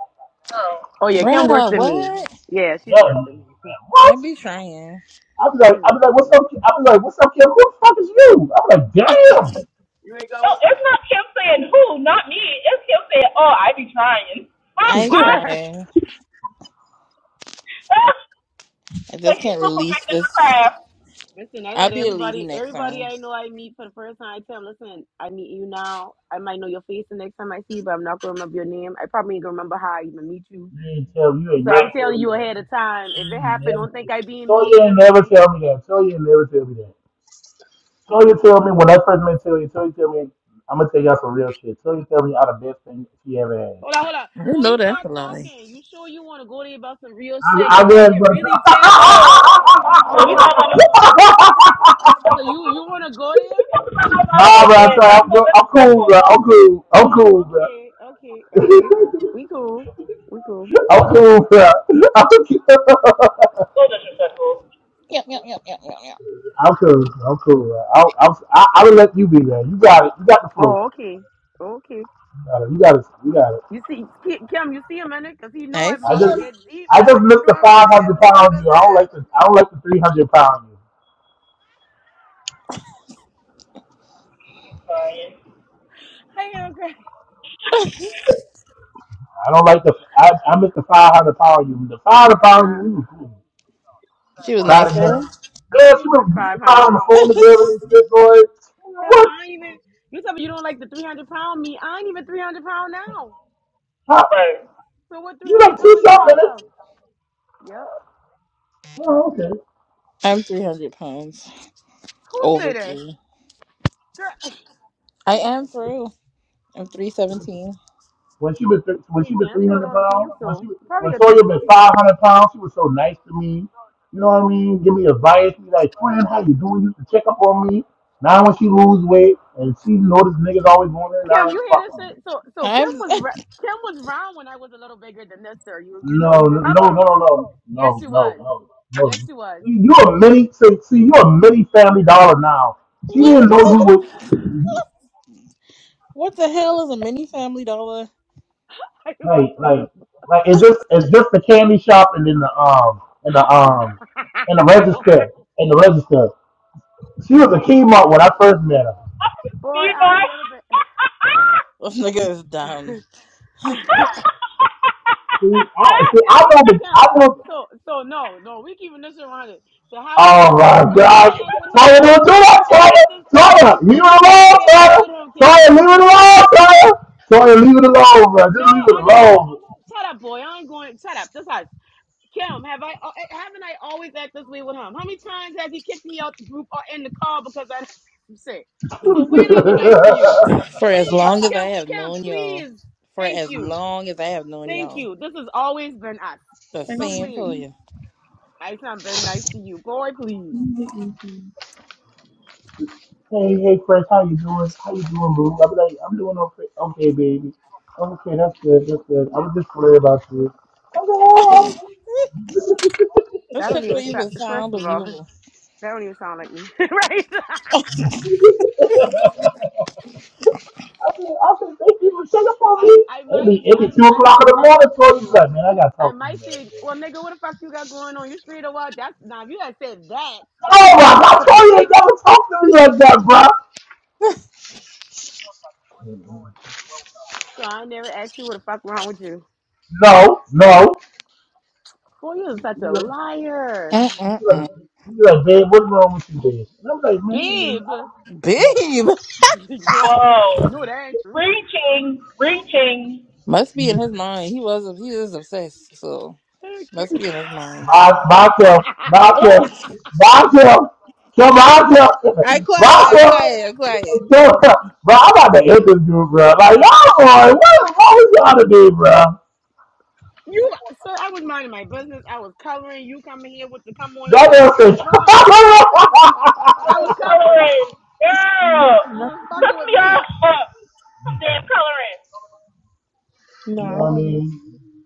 [SPEAKER 9] Oh.
[SPEAKER 5] Oh yeah, Kim worse
[SPEAKER 2] Bruh,
[SPEAKER 5] than me.
[SPEAKER 2] what?
[SPEAKER 5] Yeah, she's
[SPEAKER 1] Yeah,
[SPEAKER 5] worse
[SPEAKER 1] man,
[SPEAKER 5] than me.
[SPEAKER 2] I
[SPEAKER 1] what?
[SPEAKER 2] be trying.
[SPEAKER 1] I be like,
[SPEAKER 5] She's
[SPEAKER 1] I be
[SPEAKER 5] worse
[SPEAKER 1] like,
[SPEAKER 5] than
[SPEAKER 1] what's
[SPEAKER 5] me.
[SPEAKER 1] up? Ki- I be like, what's up, Kim? Who the fuck is you? I be like, damn.
[SPEAKER 10] You ain't
[SPEAKER 9] No,
[SPEAKER 10] going?
[SPEAKER 9] it's not him saying who, not me. It's him saying, oh, I be trying.
[SPEAKER 2] I trying. I
[SPEAKER 9] like
[SPEAKER 2] just
[SPEAKER 9] she's
[SPEAKER 2] can't
[SPEAKER 9] still
[SPEAKER 2] release
[SPEAKER 9] perfecting
[SPEAKER 2] this.
[SPEAKER 9] her craft.
[SPEAKER 5] listen, I
[SPEAKER 2] I'll
[SPEAKER 5] let
[SPEAKER 2] be a lady
[SPEAKER 5] everybody
[SPEAKER 2] next
[SPEAKER 5] everybody
[SPEAKER 2] time.
[SPEAKER 5] I know I meet for the first time, I tell them, listen, I meet you now. I might know your face the next time I see you, but I'm not gonna remember your name. I probably ain't gonna remember how I even meet you.
[SPEAKER 1] You ain't tell you ain't
[SPEAKER 5] So I'm
[SPEAKER 1] never
[SPEAKER 9] Right.
[SPEAKER 1] tell
[SPEAKER 5] telling
[SPEAKER 1] me
[SPEAKER 5] you
[SPEAKER 1] that.
[SPEAKER 5] ahead of time.
[SPEAKER 1] You
[SPEAKER 5] If it
[SPEAKER 1] ain't
[SPEAKER 5] happened,
[SPEAKER 1] never
[SPEAKER 5] don't
[SPEAKER 1] tell
[SPEAKER 5] think
[SPEAKER 1] me.
[SPEAKER 5] I being
[SPEAKER 1] Toya
[SPEAKER 5] mean or
[SPEAKER 1] ain't never
[SPEAKER 5] nothing.
[SPEAKER 1] tell me that. Toya ain't never tell me that. Toya tell me when I first met Toya. Toya tell me I'm gonna tell y'all some real shit. Toya tell me y'all the best thing she ever had.
[SPEAKER 5] Hold on, hold on.
[SPEAKER 2] You
[SPEAKER 5] Before
[SPEAKER 2] know
[SPEAKER 5] you
[SPEAKER 2] that's a
[SPEAKER 5] start
[SPEAKER 2] lie.
[SPEAKER 5] talking, you sure you want to go there about some real
[SPEAKER 1] I,
[SPEAKER 5] shit?
[SPEAKER 1] I
[SPEAKER 5] Cause I
[SPEAKER 1] was,
[SPEAKER 5] can
[SPEAKER 1] but
[SPEAKER 5] really tell him.
[SPEAKER 9] Whoa. When you talk about my when
[SPEAKER 5] So you you want to go there?
[SPEAKER 9] you talk about my mama
[SPEAKER 1] nah,
[SPEAKER 9] like
[SPEAKER 1] bro.
[SPEAKER 5] Do
[SPEAKER 1] I'm
[SPEAKER 9] that,
[SPEAKER 5] you?
[SPEAKER 1] sorry.
[SPEAKER 9] that's
[SPEAKER 1] I'm,
[SPEAKER 9] so
[SPEAKER 1] go- I'm cool,
[SPEAKER 9] disrespectful.
[SPEAKER 1] bro. I'm cool. I'm
[SPEAKER 5] Oh,
[SPEAKER 1] cool, bro.
[SPEAKER 5] okay, okay, okay. We cool. We cool.
[SPEAKER 1] I'm cool, bro. I'm
[SPEAKER 9] So disrespectful.
[SPEAKER 2] Yep, yep, yep, yep, yep, yep.
[SPEAKER 1] cool. I'm cool. I'm cool. Bro. I, I'm, I, I will let you be there. You got it. You got the flow.
[SPEAKER 5] Oh, okay, okay.
[SPEAKER 1] You got it. You got it. You got it.
[SPEAKER 5] You see, Ki- Kim, you see him in it? Cause he know
[SPEAKER 2] Hey,
[SPEAKER 5] I'm
[SPEAKER 2] for
[SPEAKER 1] I
[SPEAKER 5] about to
[SPEAKER 1] just,
[SPEAKER 2] you.
[SPEAKER 5] get deep
[SPEAKER 1] I
[SPEAKER 5] now.
[SPEAKER 1] just
[SPEAKER 5] You
[SPEAKER 1] looked
[SPEAKER 5] know
[SPEAKER 1] the
[SPEAKER 5] I'm about to get
[SPEAKER 1] 500
[SPEAKER 5] deep with
[SPEAKER 1] pound
[SPEAKER 5] his
[SPEAKER 1] you. I don't
[SPEAKER 5] ass.
[SPEAKER 1] like the, I don't like the 300 pound you.
[SPEAKER 9] Sorry.
[SPEAKER 5] Hey, okay.
[SPEAKER 1] I don't like the. I, I miss the 500 power you. The 500 power you,
[SPEAKER 5] Uh,
[SPEAKER 1] we was cool.
[SPEAKER 2] She was
[SPEAKER 1] Cry
[SPEAKER 2] nicer.
[SPEAKER 1] together.
[SPEAKER 5] first,
[SPEAKER 1] Yeah,
[SPEAKER 5] I
[SPEAKER 1] she
[SPEAKER 5] ain't been
[SPEAKER 1] was, used to cry on
[SPEAKER 5] 500.
[SPEAKER 1] the phone together. and shit, boy.
[SPEAKER 5] Hell,
[SPEAKER 1] What?
[SPEAKER 5] I ain't even, you tell me you don't like the 300 pound me. I ain't even 300 pound now.
[SPEAKER 1] How?
[SPEAKER 9] Right.
[SPEAKER 5] So what
[SPEAKER 1] You
[SPEAKER 5] 300
[SPEAKER 1] like two
[SPEAKER 5] pound you
[SPEAKER 1] something?
[SPEAKER 5] talk about? Yep.
[SPEAKER 1] Oh, okay.
[SPEAKER 2] I'm 300 pounds.
[SPEAKER 5] Who
[SPEAKER 2] Over
[SPEAKER 5] said that?
[SPEAKER 2] three.
[SPEAKER 5] Girl,
[SPEAKER 2] I
[SPEAKER 5] please
[SPEAKER 2] am
[SPEAKER 5] stop
[SPEAKER 2] for
[SPEAKER 5] talking.
[SPEAKER 2] real. I'm 317.
[SPEAKER 1] When she was th- when she
[SPEAKER 5] Hey,
[SPEAKER 1] was
[SPEAKER 5] damn sure
[SPEAKER 1] 300
[SPEAKER 5] don't see
[SPEAKER 1] pounds,
[SPEAKER 5] him
[SPEAKER 1] when she
[SPEAKER 5] so.
[SPEAKER 1] was,
[SPEAKER 5] Probably
[SPEAKER 1] when
[SPEAKER 5] your
[SPEAKER 1] Sawyer
[SPEAKER 5] teddies.
[SPEAKER 1] was 500 pounds, she was so nice to me. You know what I mean? Give me advice. Be like, friend, how you doing? You used to check up on me. Now when she lose weight and she notices niggas always want her, now
[SPEAKER 5] Kim, you hear
[SPEAKER 1] fuck
[SPEAKER 5] this
[SPEAKER 1] her.
[SPEAKER 5] shit? So, so Kim
[SPEAKER 2] I'm.
[SPEAKER 5] was ra- Kim was round when I was a little bigger than this, sir. You, you
[SPEAKER 1] No,
[SPEAKER 5] know, you
[SPEAKER 1] no, no,
[SPEAKER 5] remember?
[SPEAKER 1] no,
[SPEAKER 5] Yes,
[SPEAKER 1] no,
[SPEAKER 5] she
[SPEAKER 1] no, no,
[SPEAKER 5] was.
[SPEAKER 1] no,
[SPEAKER 5] Yes,
[SPEAKER 1] no.
[SPEAKER 5] she was.
[SPEAKER 1] You you a mini, see, see, you a mini Family Dollar now. She
[SPEAKER 2] what?
[SPEAKER 1] didn't know you would
[SPEAKER 2] What the hell is a mini family dollar?
[SPEAKER 5] I don't
[SPEAKER 1] like,
[SPEAKER 5] know.
[SPEAKER 1] like, like. It's just, it's just the candy shop and then the um, and the um, and the register and the register. She was a Kmart when I first met her.
[SPEAKER 5] Boy,
[SPEAKER 9] See,
[SPEAKER 5] I
[SPEAKER 9] boy.
[SPEAKER 5] ain't never been.
[SPEAKER 2] This nigga is dumb.
[SPEAKER 1] See, I, see, I
[SPEAKER 5] Kim,
[SPEAKER 1] know
[SPEAKER 5] wait,
[SPEAKER 1] the,
[SPEAKER 5] Kim.
[SPEAKER 1] I know.
[SPEAKER 5] So, so no, no, we keeping this around it. So how I
[SPEAKER 1] Oh
[SPEAKER 5] act with
[SPEAKER 1] my
[SPEAKER 5] how
[SPEAKER 1] gosh.
[SPEAKER 5] I act with him
[SPEAKER 1] Tyler, do it,
[SPEAKER 5] now?
[SPEAKER 1] do it,
[SPEAKER 5] Hasn't
[SPEAKER 1] Tyler.
[SPEAKER 5] this
[SPEAKER 1] Tyler,
[SPEAKER 5] always
[SPEAKER 1] leave it
[SPEAKER 5] been the same
[SPEAKER 1] alone,
[SPEAKER 5] way I act
[SPEAKER 1] Tyler.
[SPEAKER 5] with him, Kim?
[SPEAKER 1] Tyler, leave it alone, Tyler. Tyler, leave it alone, bro. Just
[SPEAKER 5] No,
[SPEAKER 1] leave it
[SPEAKER 5] I'm not. Shut up, boy. I ain't going. Shut up. That's how. Kim, have I uh, eh, haven't I always acted this way with him? How many times has he kicked me out the group or in the car because I done said some shit? So when I've been nice to you?
[SPEAKER 1] alone.
[SPEAKER 2] For as
[SPEAKER 5] When?
[SPEAKER 2] long as I
[SPEAKER 5] Kim,
[SPEAKER 2] have
[SPEAKER 5] Kim,
[SPEAKER 2] known y'all.
[SPEAKER 5] please.
[SPEAKER 2] For
[SPEAKER 5] Thank
[SPEAKER 2] as
[SPEAKER 5] you.
[SPEAKER 2] long as I have known
[SPEAKER 5] Thank
[SPEAKER 2] y'all.
[SPEAKER 5] you. This has always been us.
[SPEAKER 2] The
[SPEAKER 5] No,
[SPEAKER 2] same
[SPEAKER 5] please.
[SPEAKER 2] for you.
[SPEAKER 5] I not been nice to you. Boy, please.
[SPEAKER 1] hey, hey, Chris, how you doing? How you doing, boo? I'm like, I'm doing okay, okay, baby. Okay, that's good, that's good. I
[SPEAKER 5] You,
[SPEAKER 1] was just worried about you. i oh,
[SPEAKER 2] This
[SPEAKER 5] that don't
[SPEAKER 2] shit don't
[SPEAKER 5] even sound
[SPEAKER 2] even
[SPEAKER 5] first
[SPEAKER 2] sound
[SPEAKER 5] of all,
[SPEAKER 2] believable.
[SPEAKER 5] that don't even sound like me. right?
[SPEAKER 1] I'm- Okay, awesome. Thank you for checking up on
[SPEAKER 5] I
[SPEAKER 1] me.
[SPEAKER 5] I
[SPEAKER 1] It
[SPEAKER 5] might
[SPEAKER 1] be
[SPEAKER 5] have
[SPEAKER 1] it be two
[SPEAKER 5] I I
[SPEAKER 1] o'clock
[SPEAKER 5] might
[SPEAKER 1] in the
[SPEAKER 5] check
[SPEAKER 1] morning,
[SPEAKER 5] up for
[SPEAKER 1] Tori. You be
[SPEAKER 5] you
[SPEAKER 1] like, man, I gotta
[SPEAKER 5] I
[SPEAKER 1] talk to you,
[SPEAKER 5] might
[SPEAKER 1] man.
[SPEAKER 5] say, well, nigga, what the fuck you got going on? You straight or what? That's now if you had said that, that
[SPEAKER 1] Oh
[SPEAKER 5] could
[SPEAKER 1] my
[SPEAKER 5] have sound
[SPEAKER 1] God, Tori ain't
[SPEAKER 5] believable.
[SPEAKER 1] never talked to me like that, bro.
[SPEAKER 5] So I never asked you what the fuck wrong with you.
[SPEAKER 1] No, no.
[SPEAKER 5] Boy, you're such
[SPEAKER 1] You
[SPEAKER 5] a
[SPEAKER 1] like,
[SPEAKER 5] liar.
[SPEAKER 1] you like,
[SPEAKER 2] Mm-mm-mm.
[SPEAKER 1] you like, babe, what's wrong with you, babe? And I'm like, man,
[SPEAKER 5] Babe.
[SPEAKER 1] I don't.
[SPEAKER 2] Babe!
[SPEAKER 5] Boy,
[SPEAKER 9] Whoa.
[SPEAKER 5] no, that ain't true.
[SPEAKER 9] Reaching, reaching.
[SPEAKER 2] Must be in his mind. He was he is obsessed, so must be in his mind.
[SPEAKER 1] Bob, Bob, Kel, Bob,
[SPEAKER 2] Oh
[SPEAKER 1] Kel, Bob, Kel, Kel, Bob, Kel,
[SPEAKER 2] I quiet,
[SPEAKER 1] Bob,
[SPEAKER 2] I'm
[SPEAKER 1] Kel.
[SPEAKER 2] quiet, I'm quiet.
[SPEAKER 1] Bro, I'm about to end this dude, bro. Like, y'all, boy, what is wrong with y'all today, bro?
[SPEAKER 5] You sir, I was minding my business. I was coloring. You coming here with the come on here.
[SPEAKER 1] God
[SPEAKER 5] I, I was
[SPEAKER 1] answers.
[SPEAKER 5] fine.
[SPEAKER 9] I
[SPEAKER 5] I
[SPEAKER 9] was
[SPEAKER 5] was coloring.
[SPEAKER 9] coloring. Girl.
[SPEAKER 5] You
[SPEAKER 10] No,
[SPEAKER 5] was
[SPEAKER 9] Put
[SPEAKER 5] fucking with
[SPEAKER 9] me off.
[SPEAKER 5] me.
[SPEAKER 9] Some damn coloring.
[SPEAKER 10] no,
[SPEAKER 1] you know
[SPEAKER 10] I don't
[SPEAKER 1] what I
[SPEAKER 10] know.
[SPEAKER 1] mean?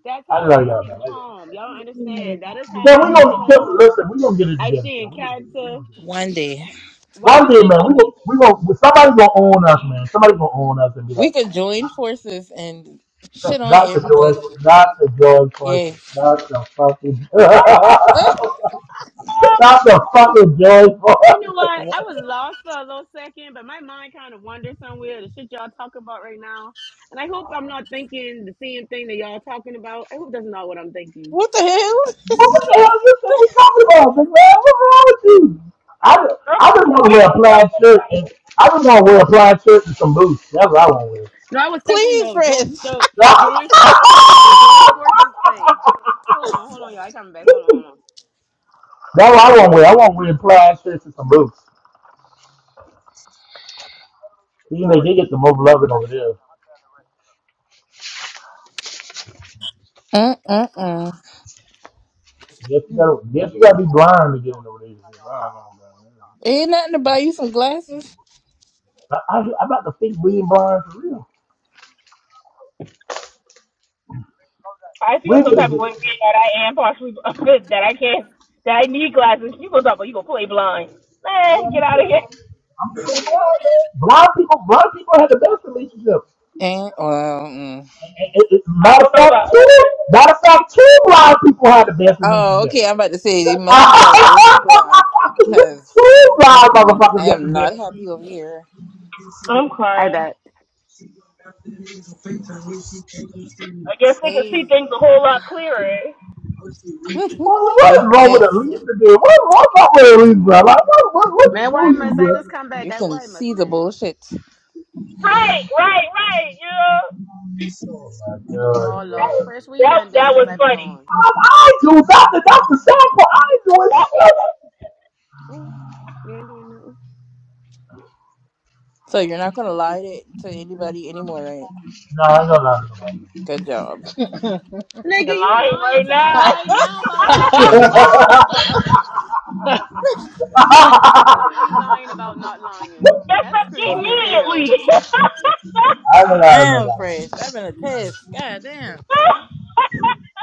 [SPEAKER 5] That's
[SPEAKER 1] I
[SPEAKER 5] how
[SPEAKER 1] love
[SPEAKER 5] I
[SPEAKER 1] y'all,
[SPEAKER 5] stay
[SPEAKER 1] man.
[SPEAKER 5] calm. Y'all don't understand. That is how
[SPEAKER 1] I
[SPEAKER 5] I
[SPEAKER 1] love y'all. Kim, we
[SPEAKER 5] stay
[SPEAKER 1] gonna Kim,
[SPEAKER 5] calm.
[SPEAKER 1] listen. We gonna get it
[SPEAKER 5] I
[SPEAKER 1] together,
[SPEAKER 5] stay
[SPEAKER 1] Kim.
[SPEAKER 5] in
[SPEAKER 1] We gonna get it. We
[SPEAKER 5] character.
[SPEAKER 1] gonna get it.
[SPEAKER 2] One day
[SPEAKER 5] Why
[SPEAKER 1] One
[SPEAKER 5] you
[SPEAKER 1] day,
[SPEAKER 5] think
[SPEAKER 1] man,
[SPEAKER 5] I
[SPEAKER 1] we
[SPEAKER 5] be?
[SPEAKER 1] gonna we gonna somebody gonna own us, man. Somebody gonna own us and be
[SPEAKER 2] we
[SPEAKER 1] like,
[SPEAKER 2] could join forces and shit on
[SPEAKER 1] not the George,
[SPEAKER 2] everybody.
[SPEAKER 1] not the George person,
[SPEAKER 2] Yes.
[SPEAKER 1] not the fucking,
[SPEAKER 9] I tried
[SPEAKER 2] Uh,
[SPEAKER 9] Um,
[SPEAKER 1] not the fucking George
[SPEAKER 5] You know
[SPEAKER 1] person.
[SPEAKER 5] what? I
[SPEAKER 2] wh-
[SPEAKER 5] was lost for a little second, but my mind kind of wandered somewhere. The shit y'all talking about right now, and I hope I'm not thinking the same thing that y'all talking about. I hope that's not what I'm thinking.
[SPEAKER 2] what the hell?
[SPEAKER 1] What was the hell you think we talking about, big man? What's wrong with you? I, ju-
[SPEAKER 9] Girl,
[SPEAKER 1] I
[SPEAKER 9] cause
[SPEAKER 1] just want to
[SPEAKER 9] where
[SPEAKER 1] wear
[SPEAKER 9] you
[SPEAKER 1] a plaid
[SPEAKER 9] from?
[SPEAKER 1] shirt and I just want to wear a plaid shirt and some boots. That's what I want to wear.
[SPEAKER 5] No, I was stuck on
[SPEAKER 2] Please,
[SPEAKER 5] the jo-
[SPEAKER 2] friends.
[SPEAKER 5] the the joint the joint forces thing. Hold on, hold on, y'all. I coming back. Hold on, hold on.
[SPEAKER 1] That's what I want to wear. I want to wear plaid shirts and some boots. You know, they get the most loving over there.
[SPEAKER 2] Uh uh uh.
[SPEAKER 1] Yes, you gotta, yes, you gotta be blind to get in over there. I don't know, man.
[SPEAKER 2] Ain't nothing to buy you some glasses.
[SPEAKER 1] I, I, I'm about to think we ain't blind for real.
[SPEAKER 9] I feel
[SPEAKER 1] We
[SPEAKER 9] some
[SPEAKER 1] could have
[SPEAKER 9] type of
[SPEAKER 1] just,
[SPEAKER 9] way that I am partially that I can't, that I need glasses. You gonna talk about you gonna play blind?
[SPEAKER 1] yeah,
[SPEAKER 9] Man, get
[SPEAKER 1] I'm
[SPEAKER 9] out of here.
[SPEAKER 1] I'm pretty blind, man. Blind people, blind people have the best relationship.
[SPEAKER 2] Ain't well. Mm.
[SPEAKER 1] it- it-
[SPEAKER 9] I
[SPEAKER 1] matter of
[SPEAKER 9] don't know
[SPEAKER 1] fact,
[SPEAKER 9] about.
[SPEAKER 1] two, matter of fact, two blind people have the best
[SPEAKER 2] Oh,
[SPEAKER 1] relationship.
[SPEAKER 2] okay. I'm about to say they must be gotta both be blind, cause
[SPEAKER 1] two blind
[SPEAKER 2] mm-mm, I
[SPEAKER 1] motherfuckers got the
[SPEAKER 2] am not
[SPEAKER 1] best
[SPEAKER 2] happy
[SPEAKER 1] relationship.
[SPEAKER 2] over here.
[SPEAKER 9] I'm
[SPEAKER 5] I
[SPEAKER 9] crying.
[SPEAKER 5] bet,
[SPEAKER 9] I guess they can
[SPEAKER 2] Hey,
[SPEAKER 9] see things a whole lot clearer.
[SPEAKER 1] what
[SPEAKER 2] you
[SPEAKER 1] is wrong with
[SPEAKER 2] yes,
[SPEAKER 1] Elisa, dude? What, what's up with Elisa, bro? Like, what, what, what's
[SPEAKER 5] man.
[SPEAKER 1] to
[SPEAKER 5] Why
[SPEAKER 1] you, bro?
[SPEAKER 5] must I just come
[SPEAKER 2] you
[SPEAKER 5] back? I,
[SPEAKER 2] can
[SPEAKER 5] why must
[SPEAKER 2] see the
[SPEAKER 5] man?
[SPEAKER 2] bullshit.
[SPEAKER 9] Right, right, right. You know
[SPEAKER 1] Oh my god,
[SPEAKER 5] Oh
[SPEAKER 1] bro.
[SPEAKER 9] that
[SPEAKER 5] Lord,
[SPEAKER 9] was,
[SPEAKER 5] fresh, what you
[SPEAKER 9] that,
[SPEAKER 5] done did
[SPEAKER 9] that
[SPEAKER 5] since
[SPEAKER 9] was
[SPEAKER 5] I been
[SPEAKER 9] funny.
[SPEAKER 5] gone?
[SPEAKER 1] I, I ain't do nothing. That's the sad part. I ain't doing
[SPEAKER 9] That was
[SPEAKER 1] shit.
[SPEAKER 9] funny.
[SPEAKER 5] Ooh, you ain't doing nothing,
[SPEAKER 2] So you're not gonna lie to, to anybody anymore, right?
[SPEAKER 1] No, I ain't gonna lie to
[SPEAKER 2] Good job.
[SPEAKER 9] The
[SPEAKER 5] nigga. You
[SPEAKER 9] line
[SPEAKER 5] lying
[SPEAKER 9] right
[SPEAKER 5] to us
[SPEAKER 9] now.
[SPEAKER 5] right now about not
[SPEAKER 4] what?
[SPEAKER 1] nobody no more.
[SPEAKER 3] Lying.
[SPEAKER 5] lying.
[SPEAKER 1] I
[SPEAKER 5] Literally lying about not lying.
[SPEAKER 9] That's
[SPEAKER 5] That's
[SPEAKER 9] up
[SPEAKER 5] crazy as
[SPEAKER 9] immediately.
[SPEAKER 5] hell.
[SPEAKER 1] ain't gonna lie to
[SPEAKER 2] Damn,
[SPEAKER 1] nobody.
[SPEAKER 2] Fresh. I've been a test. God damn.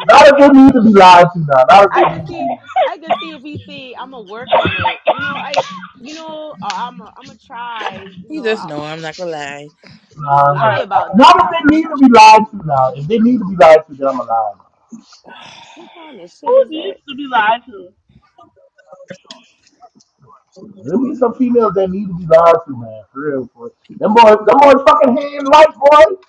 [SPEAKER 1] Not if they need to be lied to now. Not
[SPEAKER 5] Yeah,
[SPEAKER 1] if they
[SPEAKER 5] I can
[SPEAKER 1] need to be.
[SPEAKER 5] see. I can see if he say I'm gonna work on it. You know, I. You know, i am a, I'm gonna try. You
[SPEAKER 2] You
[SPEAKER 5] know,
[SPEAKER 2] just
[SPEAKER 5] I,
[SPEAKER 2] know
[SPEAKER 5] I-
[SPEAKER 2] I'm not gonna lie.
[SPEAKER 5] you
[SPEAKER 1] Nah,
[SPEAKER 5] just
[SPEAKER 1] nah, am
[SPEAKER 9] All right,
[SPEAKER 5] lie about
[SPEAKER 1] not
[SPEAKER 5] not
[SPEAKER 1] if they
[SPEAKER 5] lying.
[SPEAKER 1] need to
[SPEAKER 5] That's
[SPEAKER 1] be lied
[SPEAKER 5] crazy.
[SPEAKER 1] to now. If they need to be lied to, then I'm going
[SPEAKER 5] What kind of shit
[SPEAKER 9] who
[SPEAKER 5] is that?
[SPEAKER 9] needs to be lied to?
[SPEAKER 1] There be some females that need to be lied to, man. For real, boy. Them boys, them boys fucking hand light, boy.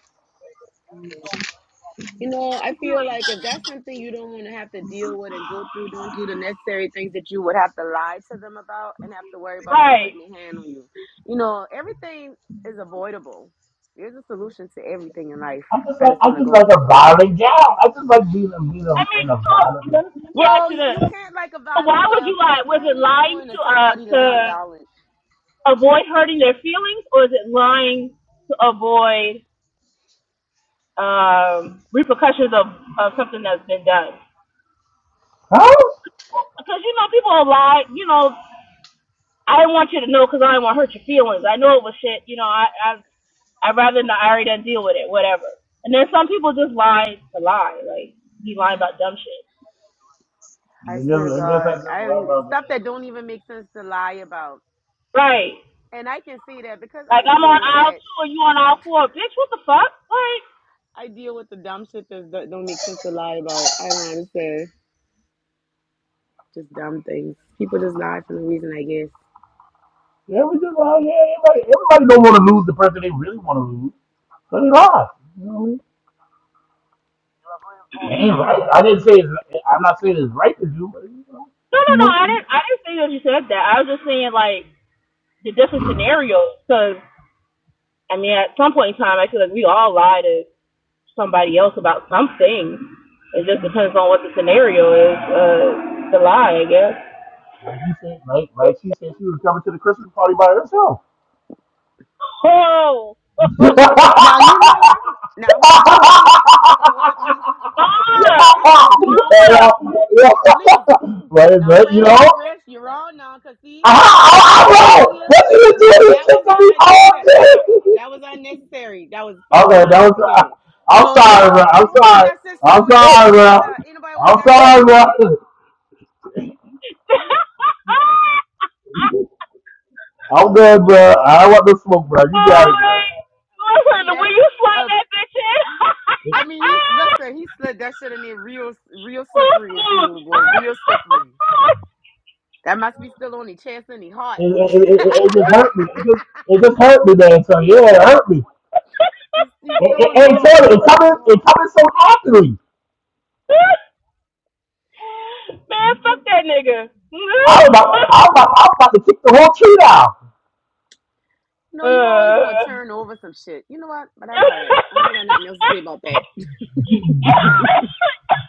[SPEAKER 5] You know, I
[SPEAKER 9] If you
[SPEAKER 5] feel
[SPEAKER 9] like,
[SPEAKER 5] like if that's something you don't want to have to deal with and go through, don't do the necessary things that you would have to lie to them about and have to worry about them
[SPEAKER 9] right.
[SPEAKER 5] putting their hand on you. You know, everything is avoidable. There's a solution to everything in life.
[SPEAKER 1] I just
[SPEAKER 5] I
[SPEAKER 1] like,
[SPEAKER 5] just
[SPEAKER 1] I
[SPEAKER 5] want to
[SPEAKER 1] just
[SPEAKER 5] go
[SPEAKER 1] like
[SPEAKER 5] to
[SPEAKER 1] a
[SPEAKER 5] say that.
[SPEAKER 1] violent gal. I just like being a being
[SPEAKER 9] I
[SPEAKER 1] a,
[SPEAKER 9] mean,
[SPEAKER 1] in a
[SPEAKER 9] so
[SPEAKER 1] violent.
[SPEAKER 9] let me ask
[SPEAKER 5] Well,
[SPEAKER 9] you
[SPEAKER 5] you
[SPEAKER 9] this:
[SPEAKER 5] you
[SPEAKER 9] so
[SPEAKER 5] can't like a
[SPEAKER 9] Why
[SPEAKER 5] violent
[SPEAKER 9] would
[SPEAKER 5] gal
[SPEAKER 9] you
[SPEAKER 5] because you
[SPEAKER 9] lie? Was it
[SPEAKER 5] apparently you're
[SPEAKER 9] lying
[SPEAKER 5] going to
[SPEAKER 9] to uh
[SPEAKER 5] somebody that's not
[SPEAKER 9] to
[SPEAKER 5] violent.
[SPEAKER 9] avoid hurting their feelings, or is it lying to avoid um repercussions of of something that's been done?
[SPEAKER 1] Huh?
[SPEAKER 9] Because you know, people will lie. You know, I didn't want you to know because I didn't want to hurt your feelings. I know it was shit. You know, I I I'd rather not. I already done deal with it. Whatever. And then some people just lie to lie, like be lying about dumb shit.
[SPEAKER 1] I
[SPEAKER 5] I
[SPEAKER 1] guess,
[SPEAKER 5] swear to
[SPEAKER 1] I guess I
[SPEAKER 5] God,
[SPEAKER 1] just
[SPEAKER 5] I
[SPEAKER 1] love about
[SPEAKER 5] stuff
[SPEAKER 1] that.
[SPEAKER 5] that don't even make sense to lie about,
[SPEAKER 9] Right.
[SPEAKER 5] and I can see that because
[SPEAKER 9] Like
[SPEAKER 5] I
[SPEAKER 9] I'm
[SPEAKER 5] deal
[SPEAKER 9] on
[SPEAKER 5] with
[SPEAKER 9] aisle
[SPEAKER 5] that
[SPEAKER 9] two and you on aisle four, bitch. What the fuck? Like,
[SPEAKER 5] I deal with the dumb shit that don't don't make sense to lie about. I don't understand. Just dumb things. People just lie for no reason, I guess.
[SPEAKER 1] Yeah, we just, uh, yeah, everybody, everybody don't want to lose the person they really want to lose, so they lie. You know what I mean? It ain't right. I didn't say it's. right. I'm not saying it's right to do, but you know,
[SPEAKER 9] no, no,
[SPEAKER 1] who
[SPEAKER 9] no. I didn't.
[SPEAKER 1] knows?
[SPEAKER 9] I didn't say that you said that. I was just saying like the different scenarios. Because I mean, at some point in time, I feel like we all lie to somebody else about something. It just depends on what the scenario is. Uh, the lie, I guess.
[SPEAKER 1] Like you said, like like she said, she was coming to the Christmas party by herself.
[SPEAKER 9] Oh, Oh, oh,
[SPEAKER 1] and,
[SPEAKER 9] oh.
[SPEAKER 5] Now you know what? Now hold up, please. Hold up, please.
[SPEAKER 9] ah, ah.
[SPEAKER 5] Uh uh please don't say
[SPEAKER 9] oh,
[SPEAKER 5] nothing. Please.
[SPEAKER 1] uh, right,
[SPEAKER 5] Now
[SPEAKER 1] but you
[SPEAKER 5] fresh,
[SPEAKER 1] know,
[SPEAKER 5] fresh, you're on now, cause see,
[SPEAKER 1] I, I,
[SPEAKER 5] and I jumped
[SPEAKER 1] I
[SPEAKER 5] on her
[SPEAKER 1] know
[SPEAKER 5] earlier.
[SPEAKER 1] what you was
[SPEAKER 5] Now
[SPEAKER 1] doing
[SPEAKER 5] that
[SPEAKER 1] this shit
[SPEAKER 5] was
[SPEAKER 1] to me
[SPEAKER 5] un-
[SPEAKER 1] all
[SPEAKER 5] unnecessary. Uh uh
[SPEAKER 1] day.
[SPEAKER 5] that was unnecessary. That was fucking
[SPEAKER 1] Okay, that was. I,
[SPEAKER 5] unnecessary. You
[SPEAKER 1] I'm
[SPEAKER 5] know,
[SPEAKER 1] sorry,
[SPEAKER 5] y'all
[SPEAKER 1] bro. I'm
[SPEAKER 5] take
[SPEAKER 1] sorry.
[SPEAKER 5] that shit
[SPEAKER 1] I'm
[SPEAKER 5] somewhere else
[SPEAKER 1] sorry,
[SPEAKER 5] up out
[SPEAKER 1] bro.
[SPEAKER 5] there. Anybody want to hear
[SPEAKER 1] I'm
[SPEAKER 5] that shit?
[SPEAKER 1] sorry, bro. I'm good, bro. I don't want to smoke, bro. You got it, bro.
[SPEAKER 9] man. Listen,
[SPEAKER 5] Apparently
[SPEAKER 9] the way you slide
[SPEAKER 5] that.
[SPEAKER 9] that bitch in.
[SPEAKER 5] I mean, he listen. He slid that shit in there real, real
[SPEAKER 9] Man,
[SPEAKER 5] slippery and smooth, boy. Real slippery. That must be still on his chest and he hot.
[SPEAKER 1] It, it, it, it it just hurt me. It just, it just hurt me, man. So yeah, it hurt me.
[SPEAKER 5] he's he's
[SPEAKER 1] It,
[SPEAKER 5] still on his
[SPEAKER 1] it, and
[SPEAKER 5] heart.
[SPEAKER 1] Taylor,
[SPEAKER 5] He's
[SPEAKER 1] it
[SPEAKER 5] still on
[SPEAKER 1] coming,
[SPEAKER 5] his
[SPEAKER 1] it
[SPEAKER 5] heart.
[SPEAKER 1] coming so happily.
[SPEAKER 9] fuck that nigga.
[SPEAKER 1] I was about, I was about, I was about to kick the whole tree down.
[SPEAKER 9] uh.
[SPEAKER 5] No, you always want to turn over some shit. You know what? But that's all right. I got nothing else to say about that.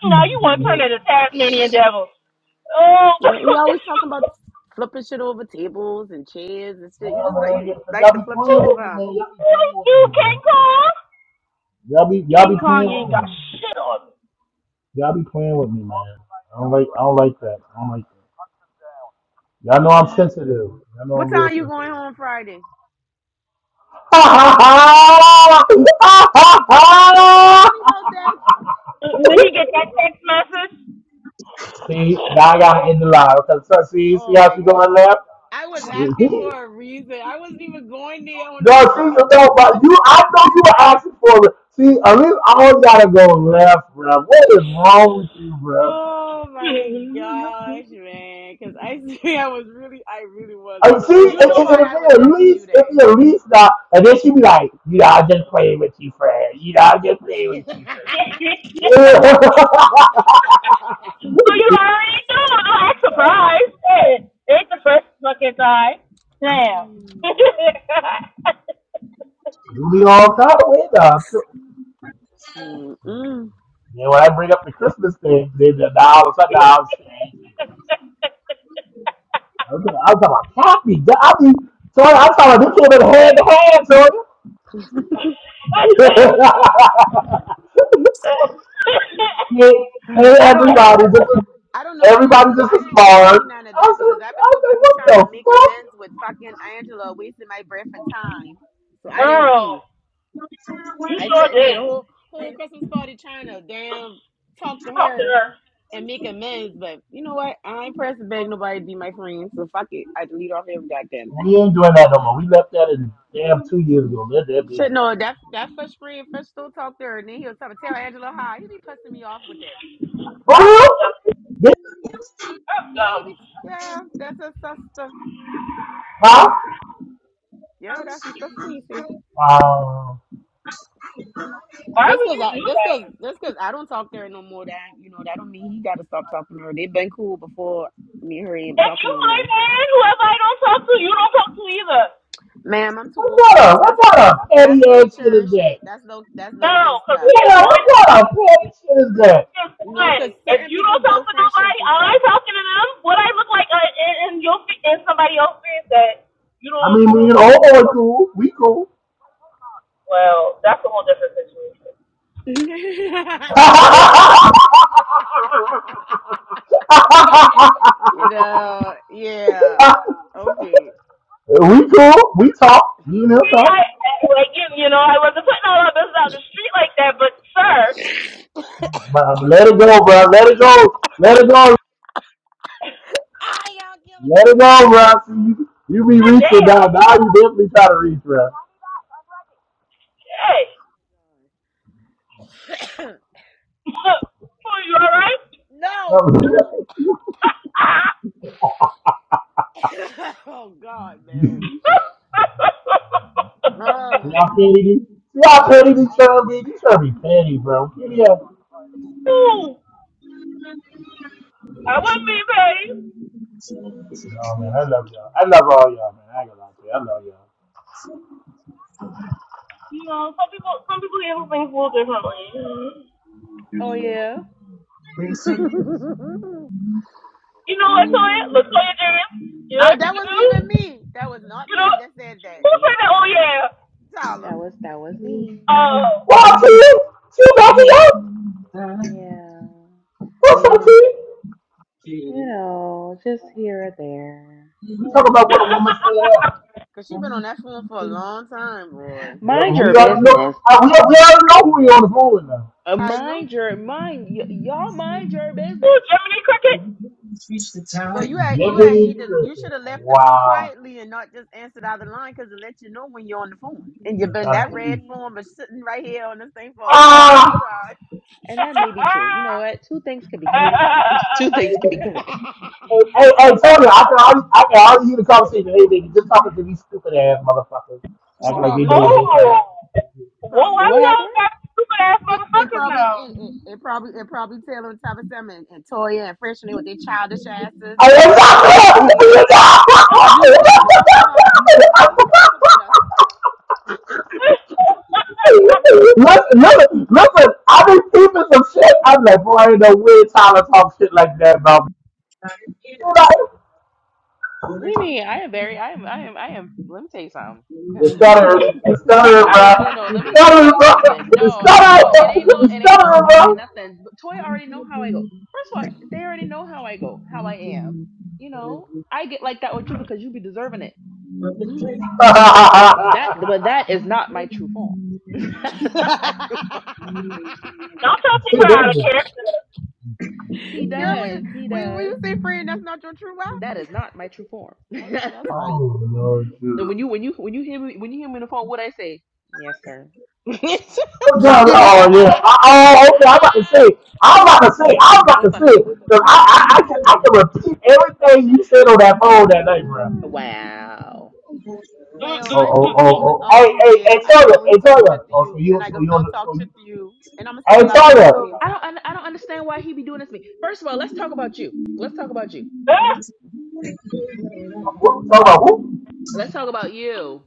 [SPEAKER 9] now you
[SPEAKER 1] Yeah,
[SPEAKER 9] want to turn into Tasmanian devil. Oh.
[SPEAKER 5] Yeah, he always talking about flipping shit over tables and chairs and shit. You just like
[SPEAKER 1] man.
[SPEAKER 5] you
[SPEAKER 1] Y'all
[SPEAKER 5] like
[SPEAKER 1] y'all
[SPEAKER 5] to
[SPEAKER 1] be
[SPEAKER 5] flip shit
[SPEAKER 1] playing
[SPEAKER 5] over.
[SPEAKER 1] with me,
[SPEAKER 5] huh?
[SPEAKER 1] man. Y'all be playing with
[SPEAKER 9] you,
[SPEAKER 1] me,
[SPEAKER 9] King
[SPEAKER 1] man.
[SPEAKER 9] Kong?
[SPEAKER 1] Y'all be, y'all be
[SPEAKER 9] King Kong
[SPEAKER 1] playing
[SPEAKER 9] you ain't
[SPEAKER 1] with
[SPEAKER 9] got
[SPEAKER 1] me.
[SPEAKER 9] shit on me.
[SPEAKER 1] Y'all be playing with me, man. I don't like, I don't like that. I don't like that. Y'all know I'm sensitive. Y'all know
[SPEAKER 5] What
[SPEAKER 1] I'm real
[SPEAKER 5] time you going
[SPEAKER 1] sensitive.
[SPEAKER 5] home Friday?
[SPEAKER 1] see,
[SPEAKER 5] What's so funny about that?
[SPEAKER 9] When he get that text message,
[SPEAKER 1] now I got to end the line. Okay, so see, see
[SPEAKER 5] Oh
[SPEAKER 1] how
[SPEAKER 5] my
[SPEAKER 1] she going
[SPEAKER 5] God.
[SPEAKER 1] left?
[SPEAKER 5] I was asking for a reason. I wasn't even going there on
[SPEAKER 1] No,
[SPEAKER 5] that
[SPEAKER 1] see, so
[SPEAKER 5] route.
[SPEAKER 1] no, but you, I know you were asking for it. See, at least I always gotta go left, bruh. What is wrong with you, bruh?
[SPEAKER 5] Oh my gosh, man. Cause I see I was really I really was.
[SPEAKER 1] And see, and,
[SPEAKER 5] You
[SPEAKER 1] and,
[SPEAKER 5] know
[SPEAKER 1] and
[SPEAKER 5] why
[SPEAKER 1] if
[SPEAKER 5] I
[SPEAKER 1] they
[SPEAKER 5] was
[SPEAKER 1] at
[SPEAKER 5] asking you
[SPEAKER 1] least, if they at
[SPEAKER 5] that.
[SPEAKER 1] least not, and then she be like, you know, I just playing with you, friend. You know, I just playing with you,
[SPEAKER 9] Yeah. So
[SPEAKER 1] friend.
[SPEAKER 9] you already knew I was surprised. Shit. It ain't the first fucking time. Damn.
[SPEAKER 5] Mm.
[SPEAKER 1] do the all kind of way now. too.
[SPEAKER 5] Mm-mm.
[SPEAKER 1] Then when I bring up the Christmas thing, then the dollars are dollars. I'm talking I'm talking about Kathy. I mean, sorry, I'm talking about this came in hand to hand, so hey, hey,
[SPEAKER 5] I don't know
[SPEAKER 1] everybody,
[SPEAKER 5] because
[SPEAKER 1] this is
[SPEAKER 5] I don't know. I didn't
[SPEAKER 1] everybody. just
[SPEAKER 5] I
[SPEAKER 1] is
[SPEAKER 5] didn't get to
[SPEAKER 1] Mars.
[SPEAKER 5] see none of
[SPEAKER 1] I
[SPEAKER 5] that
[SPEAKER 1] said,
[SPEAKER 5] because I've been
[SPEAKER 1] I
[SPEAKER 5] so
[SPEAKER 1] said,
[SPEAKER 5] busy
[SPEAKER 1] what
[SPEAKER 5] trying to
[SPEAKER 1] the
[SPEAKER 5] make amends
[SPEAKER 1] fuck?
[SPEAKER 5] with fucking Angela wasting my breath and time. So I didn't see.
[SPEAKER 9] Girl, you
[SPEAKER 5] I
[SPEAKER 9] sure
[SPEAKER 5] said, need
[SPEAKER 9] did.
[SPEAKER 5] a whole whole Christmas party trying to damn talk to
[SPEAKER 9] Talk to
[SPEAKER 5] her
[SPEAKER 9] her.
[SPEAKER 5] and make amends. But you know what? I ain't pressed to beg nobody to be my friend, so fuck it. I delete off every goddamn thing.
[SPEAKER 1] We ain't doing that no more. We left that in damn two years ago. Let that be.
[SPEAKER 5] Shit, no, that that first friend first still talk to her, and then he was trying to tell Angela hi. He be pissing me off with that.
[SPEAKER 1] For
[SPEAKER 9] That's
[SPEAKER 1] real?
[SPEAKER 9] some dumb.
[SPEAKER 1] This,
[SPEAKER 9] That's
[SPEAKER 5] Yeah, he
[SPEAKER 9] dumb.
[SPEAKER 5] be yeah, that's her sister.
[SPEAKER 1] huh?
[SPEAKER 5] Yeah, that's his sister. You see.
[SPEAKER 1] Um,
[SPEAKER 9] Why
[SPEAKER 5] Just
[SPEAKER 9] would
[SPEAKER 5] cause
[SPEAKER 9] you
[SPEAKER 5] I
[SPEAKER 9] do
[SPEAKER 5] just cause
[SPEAKER 9] that?
[SPEAKER 5] just cause I don't talk to her no more, that you know, that don't mean he gotta stop talking to her. They've been cool before me and her ain't
[SPEAKER 9] If you
[SPEAKER 5] talking no
[SPEAKER 9] my
[SPEAKER 5] more.
[SPEAKER 9] man, whoever I don't talk to, you don't talk to either.
[SPEAKER 5] Ma'am, I'm too old for
[SPEAKER 1] what kind
[SPEAKER 5] that.
[SPEAKER 1] of
[SPEAKER 5] That's
[SPEAKER 1] what kind
[SPEAKER 5] that's
[SPEAKER 1] of petty
[SPEAKER 5] that's low
[SPEAKER 1] ass shit
[SPEAKER 5] churn
[SPEAKER 1] is that?
[SPEAKER 5] shit. That's low that's low
[SPEAKER 9] No,
[SPEAKER 5] kid
[SPEAKER 9] because
[SPEAKER 5] stuff.
[SPEAKER 9] we
[SPEAKER 5] I
[SPEAKER 9] is
[SPEAKER 1] Yeah,
[SPEAKER 5] don't do
[SPEAKER 9] one
[SPEAKER 5] that.
[SPEAKER 1] what
[SPEAKER 9] now.
[SPEAKER 1] kind of petty shit is that?
[SPEAKER 9] is
[SPEAKER 5] You know,
[SPEAKER 9] one.
[SPEAKER 5] because
[SPEAKER 9] If
[SPEAKER 5] certain
[SPEAKER 9] you
[SPEAKER 5] people
[SPEAKER 9] don't talk
[SPEAKER 5] build
[SPEAKER 9] to
[SPEAKER 5] friendships
[SPEAKER 9] nobody,
[SPEAKER 5] and
[SPEAKER 9] am I
[SPEAKER 5] stuff.
[SPEAKER 9] talking to them? What I look like uh, in, in your in somebody else's face that you
[SPEAKER 1] I
[SPEAKER 9] don't
[SPEAKER 1] mean,
[SPEAKER 9] you
[SPEAKER 1] me
[SPEAKER 9] don't
[SPEAKER 1] and
[SPEAKER 9] talk
[SPEAKER 1] old
[SPEAKER 9] to?
[SPEAKER 1] boy cool. We cool.
[SPEAKER 9] Well, that's a whole different situation.
[SPEAKER 5] you know, yeah. Okay.
[SPEAKER 1] we cool. We talk. Me and him
[SPEAKER 9] See,
[SPEAKER 1] talk.
[SPEAKER 9] I, I like you, you know I wasn't putting all my business out in the street like that, but sir,
[SPEAKER 1] But let it go, bro. Let it go. Let it go.
[SPEAKER 5] Ah, y'all killing me.
[SPEAKER 1] Let
[SPEAKER 5] I
[SPEAKER 1] it go, bro. See, you, you be
[SPEAKER 9] god
[SPEAKER 1] reaching now.
[SPEAKER 9] damn,
[SPEAKER 1] Now you definitely try to reach, bro.
[SPEAKER 9] hey,
[SPEAKER 5] took it.
[SPEAKER 9] are you all right?
[SPEAKER 5] no. oh God, man.
[SPEAKER 1] See
[SPEAKER 5] Oh,
[SPEAKER 1] how petty these, see how
[SPEAKER 5] I
[SPEAKER 1] petty
[SPEAKER 5] don't-
[SPEAKER 1] these trying to be? These trying to be petty, bro. Kitty ass.
[SPEAKER 9] Ooh, I wouldn't be paid.
[SPEAKER 1] No, man, I love y'all. I love all y'all, man. I ain't gonna lie to you. I love y'all.
[SPEAKER 9] You know, some people some people handle things a little differently.
[SPEAKER 6] Oh yeah,
[SPEAKER 5] uh,
[SPEAKER 9] You know what, Latoya? Latoya Jerry, you know what you
[SPEAKER 5] that
[SPEAKER 9] could
[SPEAKER 5] wasn't even
[SPEAKER 9] do?
[SPEAKER 5] me. That was not
[SPEAKER 9] You know,
[SPEAKER 5] me that said that.
[SPEAKER 9] who said that? Oh, yeah.
[SPEAKER 5] Tyler.
[SPEAKER 6] that was that was me.
[SPEAKER 9] Oh.
[SPEAKER 1] Raw to you. She back
[SPEAKER 6] Yeah, you know, just here or there.
[SPEAKER 1] We
[SPEAKER 6] Yeah.
[SPEAKER 1] talk about what a woman stand up.
[SPEAKER 5] Cause she been on that phone for a long time, boy.
[SPEAKER 1] Yeah, but
[SPEAKER 6] mind
[SPEAKER 1] we
[SPEAKER 6] your
[SPEAKER 1] got look.
[SPEAKER 6] business.
[SPEAKER 1] uh, We got we already know who we on the phone with now.
[SPEAKER 6] Uh,
[SPEAKER 5] I know.
[SPEAKER 6] Mind your mind. Y- y'all mind your
[SPEAKER 9] who,
[SPEAKER 6] business.
[SPEAKER 9] Jiminy Cricket?
[SPEAKER 5] Well, you had you had
[SPEAKER 1] Jiminy
[SPEAKER 5] need to you
[SPEAKER 1] Cricket.
[SPEAKER 5] should have left the room
[SPEAKER 1] Wow.
[SPEAKER 5] quietly and not just answered out the line because it let you know when you're on the phone. And you've
[SPEAKER 1] I'm
[SPEAKER 5] been
[SPEAKER 1] trying
[SPEAKER 6] I
[SPEAKER 1] to
[SPEAKER 5] that
[SPEAKER 1] tell
[SPEAKER 5] red
[SPEAKER 1] you.
[SPEAKER 6] mean,
[SPEAKER 5] phone but sitting right here on this thing for a
[SPEAKER 9] I
[SPEAKER 1] Ah.
[SPEAKER 5] long
[SPEAKER 9] crying.
[SPEAKER 5] time.
[SPEAKER 6] and that may be true. You know what? Two things can be
[SPEAKER 1] Hey,
[SPEAKER 6] correct. Two
[SPEAKER 1] hey,
[SPEAKER 6] things can be correct.
[SPEAKER 1] hey, hey, Tony, I can already, I can already hear the conversation. Hey, nigga, just talking to these stupid ass motherfuckers,
[SPEAKER 6] Mm-hmm.
[SPEAKER 1] acting like they
[SPEAKER 5] Probably
[SPEAKER 1] know what
[SPEAKER 5] so.
[SPEAKER 1] they
[SPEAKER 5] Yep,
[SPEAKER 1] talking.
[SPEAKER 9] oh. Well, why
[SPEAKER 5] probably.
[SPEAKER 6] What
[SPEAKER 9] we
[SPEAKER 6] happened?
[SPEAKER 9] all got stupid ass
[SPEAKER 5] It, it
[SPEAKER 9] motherfuckers
[SPEAKER 5] probably
[SPEAKER 9] now?
[SPEAKER 5] it, it, it probably it probably Taylor and Tabitha and, and Toya and Freshman with their childish
[SPEAKER 1] I
[SPEAKER 5] asses. Yeah, that's probably what they were
[SPEAKER 1] am
[SPEAKER 5] saying. Cause you know they be talking about us now. They be talking
[SPEAKER 1] not.
[SPEAKER 5] about
[SPEAKER 1] listen,
[SPEAKER 9] I,
[SPEAKER 1] listen, listen! I be peeping some shit. I'm like, boy, ain't no way Tyler talk shit like that about me.
[SPEAKER 6] We mean I am very I am I am I am let me tell you something.
[SPEAKER 1] You stuttering, you
[SPEAKER 6] Let
[SPEAKER 1] stuttering,
[SPEAKER 6] me
[SPEAKER 1] bro.
[SPEAKER 6] tell let- no,
[SPEAKER 1] You
[SPEAKER 6] let me tell
[SPEAKER 1] stuttering,
[SPEAKER 6] you
[SPEAKER 1] bro.
[SPEAKER 6] something.
[SPEAKER 1] You
[SPEAKER 6] No, ain't no
[SPEAKER 1] stuttering,
[SPEAKER 6] it ain't no
[SPEAKER 1] you
[SPEAKER 6] it ain't no
[SPEAKER 1] stuttering, bro.
[SPEAKER 6] lie, nothing. But Toy already know how I go. First of all, they already know how I go, how I am. You know, I get like that with you because you be deserving it. That but that is not my true form. That's not my true form.
[SPEAKER 5] us.
[SPEAKER 9] don't try to take
[SPEAKER 1] Dude,
[SPEAKER 9] her
[SPEAKER 1] that
[SPEAKER 9] out of
[SPEAKER 1] guy.
[SPEAKER 9] character.
[SPEAKER 6] He
[SPEAKER 5] Girl, we
[SPEAKER 6] does, he
[SPEAKER 5] we we
[SPEAKER 6] does.
[SPEAKER 5] say friend, that's not your true wife.
[SPEAKER 6] That is not my true form.
[SPEAKER 5] I know
[SPEAKER 6] and
[SPEAKER 5] that's
[SPEAKER 1] Oh,
[SPEAKER 5] right.
[SPEAKER 1] no, dude.
[SPEAKER 6] when you when you when you hear me when you hear me on the phone, what I say? Yes, sir.
[SPEAKER 1] Oh, God, oh, yeah. Uh, Oh, okay, I'm about to say. I'm about to say. I'm about
[SPEAKER 6] Boy,
[SPEAKER 1] to
[SPEAKER 6] fuck you.
[SPEAKER 1] say.
[SPEAKER 6] Boy,
[SPEAKER 1] 'cause
[SPEAKER 6] fuck
[SPEAKER 1] I,
[SPEAKER 6] you.
[SPEAKER 1] I, I, can, I can repeat everything you said on that phone that night, bro.
[SPEAKER 6] Wow.
[SPEAKER 5] well,
[SPEAKER 1] Oh,
[SPEAKER 5] my
[SPEAKER 6] You
[SPEAKER 5] true
[SPEAKER 1] oh,
[SPEAKER 6] know,
[SPEAKER 1] oh,
[SPEAKER 5] form is
[SPEAKER 1] oh. Hey,
[SPEAKER 5] always
[SPEAKER 1] hey, hey,
[SPEAKER 5] there. I
[SPEAKER 1] Toya,
[SPEAKER 5] always
[SPEAKER 1] hey,
[SPEAKER 5] talk
[SPEAKER 1] Toya.
[SPEAKER 5] shit to
[SPEAKER 1] Oh, so
[SPEAKER 5] you, and
[SPEAKER 1] you,
[SPEAKER 5] I
[SPEAKER 1] so
[SPEAKER 5] can
[SPEAKER 1] you, on
[SPEAKER 5] still
[SPEAKER 1] the-
[SPEAKER 5] talk
[SPEAKER 1] so you.
[SPEAKER 5] shit to you, and I'ma
[SPEAKER 1] Hey,
[SPEAKER 5] still love you at
[SPEAKER 1] Toya.
[SPEAKER 5] the same
[SPEAKER 6] I don't,
[SPEAKER 5] time.
[SPEAKER 6] un- I don't understand why he be doing this to me. First of all, let's talk about you. Let's talk about you. hmm
[SPEAKER 1] Wh- Toya, who?
[SPEAKER 6] Let's talk about you.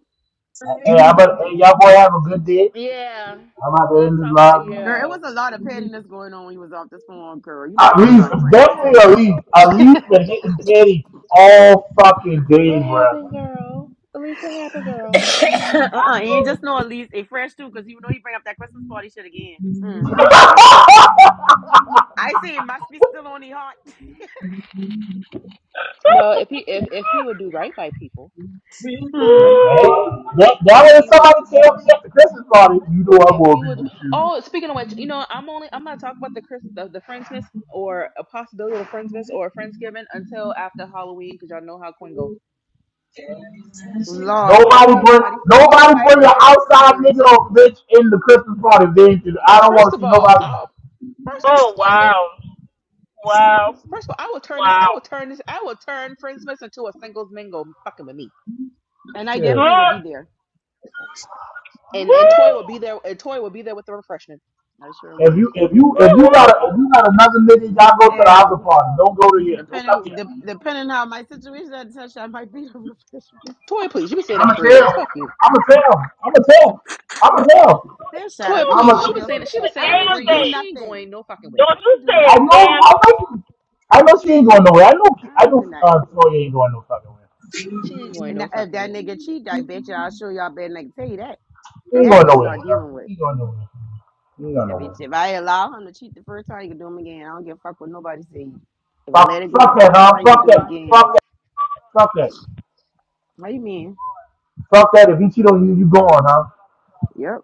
[SPEAKER 1] Hey, I bet, hey, y'all boy have a good day.
[SPEAKER 6] Yeah.
[SPEAKER 1] I'm at the
[SPEAKER 6] Let's
[SPEAKER 1] end of the
[SPEAKER 6] talk about
[SPEAKER 1] live, man.
[SPEAKER 5] Girl, it
[SPEAKER 6] you.
[SPEAKER 5] was a lot of pettiness going on when you was off this phone, girl. You know I'm
[SPEAKER 1] At
[SPEAKER 5] gonna
[SPEAKER 6] What
[SPEAKER 5] tell you
[SPEAKER 1] least,
[SPEAKER 5] about it,
[SPEAKER 6] happened, girl?
[SPEAKER 5] friend.
[SPEAKER 6] What
[SPEAKER 5] I'm gonna tell
[SPEAKER 1] definitely
[SPEAKER 6] happened,
[SPEAKER 1] at
[SPEAKER 6] girl?
[SPEAKER 1] least, at
[SPEAKER 5] you about it.
[SPEAKER 1] least been hitting Danny all fucking day,
[SPEAKER 6] What
[SPEAKER 1] bro.
[SPEAKER 6] happened, girl? At least what happened, girl?
[SPEAKER 5] uh-uh, And just know at least a fresh too, because you know you bring up that Christmas party shit again. Mm. I say it must be still on the heart.
[SPEAKER 6] Well, if he, if if he would do right by people,
[SPEAKER 5] Hmm.
[SPEAKER 1] Hey, that, that
[SPEAKER 6] if
[SPEAKER 1] when
[SPEAKER 6] he would,
[SPEAKER 1] somebody tell me at the Christmas party, you know I'm
[SPEAKER 6] if
[SPEAKER 1] gonna
[SPEAKER 6] he
[SPEAKER 1] be
[SPEAKER 6] would.
[SPEAKER 1] with you.
[SPEAKER 6] Oh, speaking of which, you know, I'm only, I'm not talking about the Chris, the, the Friendsmas or a possibility of a Friendsmas or a Friendsgiving until after Halloween, because y'all know how Quinn go.
[SPEAKER 5] Lord, because
[SPEAKER 1] Nobody
[SPEAKER 5] we ain't
[SPEAKER 1] bring,
[SPEAKER 5] nobody feel
[SPEAKER 1] nobody
[SPEAKER 5] like
[SPEAKER 1] bring
[SPEAKER 5] her
[SPEAKER 1] your outside
[SPEAKER 5] attitude.
[SPEAKER 1] nigga or bitch in the Christmas party, bitch. I don't
[SPEAKER 6] First
[SPEAKER 1] want to
[SPEAKER 6] of
[SPEAKER 1] see
[SPEAKER 6] all,
[SPEAKER 1] nobody.
[SPEAKER 6] I'll first
[SPEAKER 9] oh,
[SPEAKER 6] excuse me.
[SPEAKER 9] wow. Wow.
[SPEAKER 6] First of all, I will turn this.
[SPEAKER 9] Wow.
[SPEAKER 6] I will turn this. I will turn Friendsmas into a singles mingle fucking with me.
[SPEAKER 5] And I
[SPEAKER 1] Shit.
[SPEAKER 5] definitely will
[SPEAKER 9] Huh?
[SPEAKER 5] be there.
[SPEAKER 9] Woo!
[SPEAKER 6] And and Toy will be there. And Toy will be there with the refreshments.
[SPEAKER 5] I sure
[SPEAKER 1] If
[SPEAKER 5] will.
[SPEAKER 1] you if you if you got
[SPEAKER 9] Woo!
[SPEAKER 1] a, if you got another nigga, y'all go to the other
[SPEAKER 5] Hell,
[SPEAKER 1] party. Don't go to here. Don't come
[SPEAKER 5] depending
[SPEAKER 1] here.
[SPEAKER 5] de- depending how my situation at the touch, I might be the refreshment.
[SPEAKER 6] Toy, please. You've been saying that
[SPEAKER 1] I'ma
[SPEAKER 6] for three
[SPEAKER 1] tell.
[SPEAKER 6] years. Fuck you.
[SPEAKER 1] I'ma tell. I'ma tell. I'ma tell.
[SPEAKER 5] Man,
[SPEAKER 9] Don't
[SPEAKER 5] shut
[SPEAKER 6] Toy,
[SPEAKER 5] up.
[SPEAKER 9] you,
[SPEAKER 5] You always
[SPEAKER 6] please.
[SPEAKER 5] want
[SPEAKER 6] She
[SPEAKER 5] to
[SPEAKER 1] I'ma
[SPEAKER 6] was
[SPEAKER 9] don't
[SPEAKER 5] tell
[SPEAKER 9] you
[SPEAKER 6] saying
[SPEAKER 5] some
[SPEAKER 6] that. She
[SPEAKER 9] say
[SPEAKER 6] was
[SPEAKER 9] a
[SPEAKER 5] shit. I
[SPEAKER 6] saying that
[SPEAKER 5] don't
[SPEAKER 6] for
[SPEAKER 9] damn
[SPEAKER 5] even
[SPEAKER 6] three
[SPEAKER 5] do
[SPEAKER 6] years.
[SPEAKER 9] thing.
[SPEAKER 6] She ain't
[SPEAKER 5] nothing.
[SPEAKER 6] going no fucking way.
[SPEAKER 9] Don't
[SPEAKER 5] I
[SPEAKER 9] you
[SPEAKER 5] don't
[SPEAKER 9] say
[SPEAKER 5] do
[SPEAKER 1] I
[SPEAKER 9] a
[SPEAKER 5] nothing.
[SPEAKER 1] know.
[SPEAKER 9] damn
[SPEAKER 1] I
[SPEAKER 9] thing.
[SPEAKER 1] know. She, I know she ain't going nowhere. I know.
[SPEAKER 5] I
[SPEAKER 1] Ki- I
[SPEAKER 5] don't
[SPEAKER 1] know.
[SPEAKER 5] do
[SPEAKER 1] Uh,
[SPEAKER 5] nothing.
[SPEAKER 1] Toya ain't going no fucking where.
[SPEAKER 6] She ain't going
[SPEAKER 5] And
[SPEAKER 6] no
[SPEAKER 5] that- if
[SPEAKER 6] fucking
[SPEAKER 5] that
[SPEAKER 6] way.
[SPEAKER 5] nigga cheat, I bet you I'll show y'all bad nigga tell you that.
[SPEAKER 1] She
[SPEAKER 6] Girl,
[SPEAKER 1] ain't
[SPEAKER 5] That
[SPEAKER 1] going
[SPEAKER 5] I'm
[SPEAKER 6] please.
[SPEAKER 1] nowhere. bro.
[SPEAKER 5] not dealing with.
[SPEAKER 1] She ain't going nowhere. She ain't going
[SPEAKER 5] That bitch,
[SPEAKER 1] nowhere.
[SPEAKER 5] if I allow him to cheat the first time, you can do him again. I don't give a fuck what nobody say. If I let
[SPEAKER 1] Fuck.
[SPEAKER 5] it go the
[SPEAKER 1] Fuck that,
[SPEAKER 5] first
[SPEAKER 1] huh?
[SPEAKER 5] time, you can
[SPEAKER 1] Fuck
[SPEAKER 5] do him
[SPEAKER 1] that.
[SPEAKER 5] again.
[SPEAKER 1] Fuck that. Fuck that.
[SPEAKER 5] What do you mean?
[SPEAKER 1] Fuck that. If he cheat on you, you gone, huh?
[SPEAKER 5] Yep.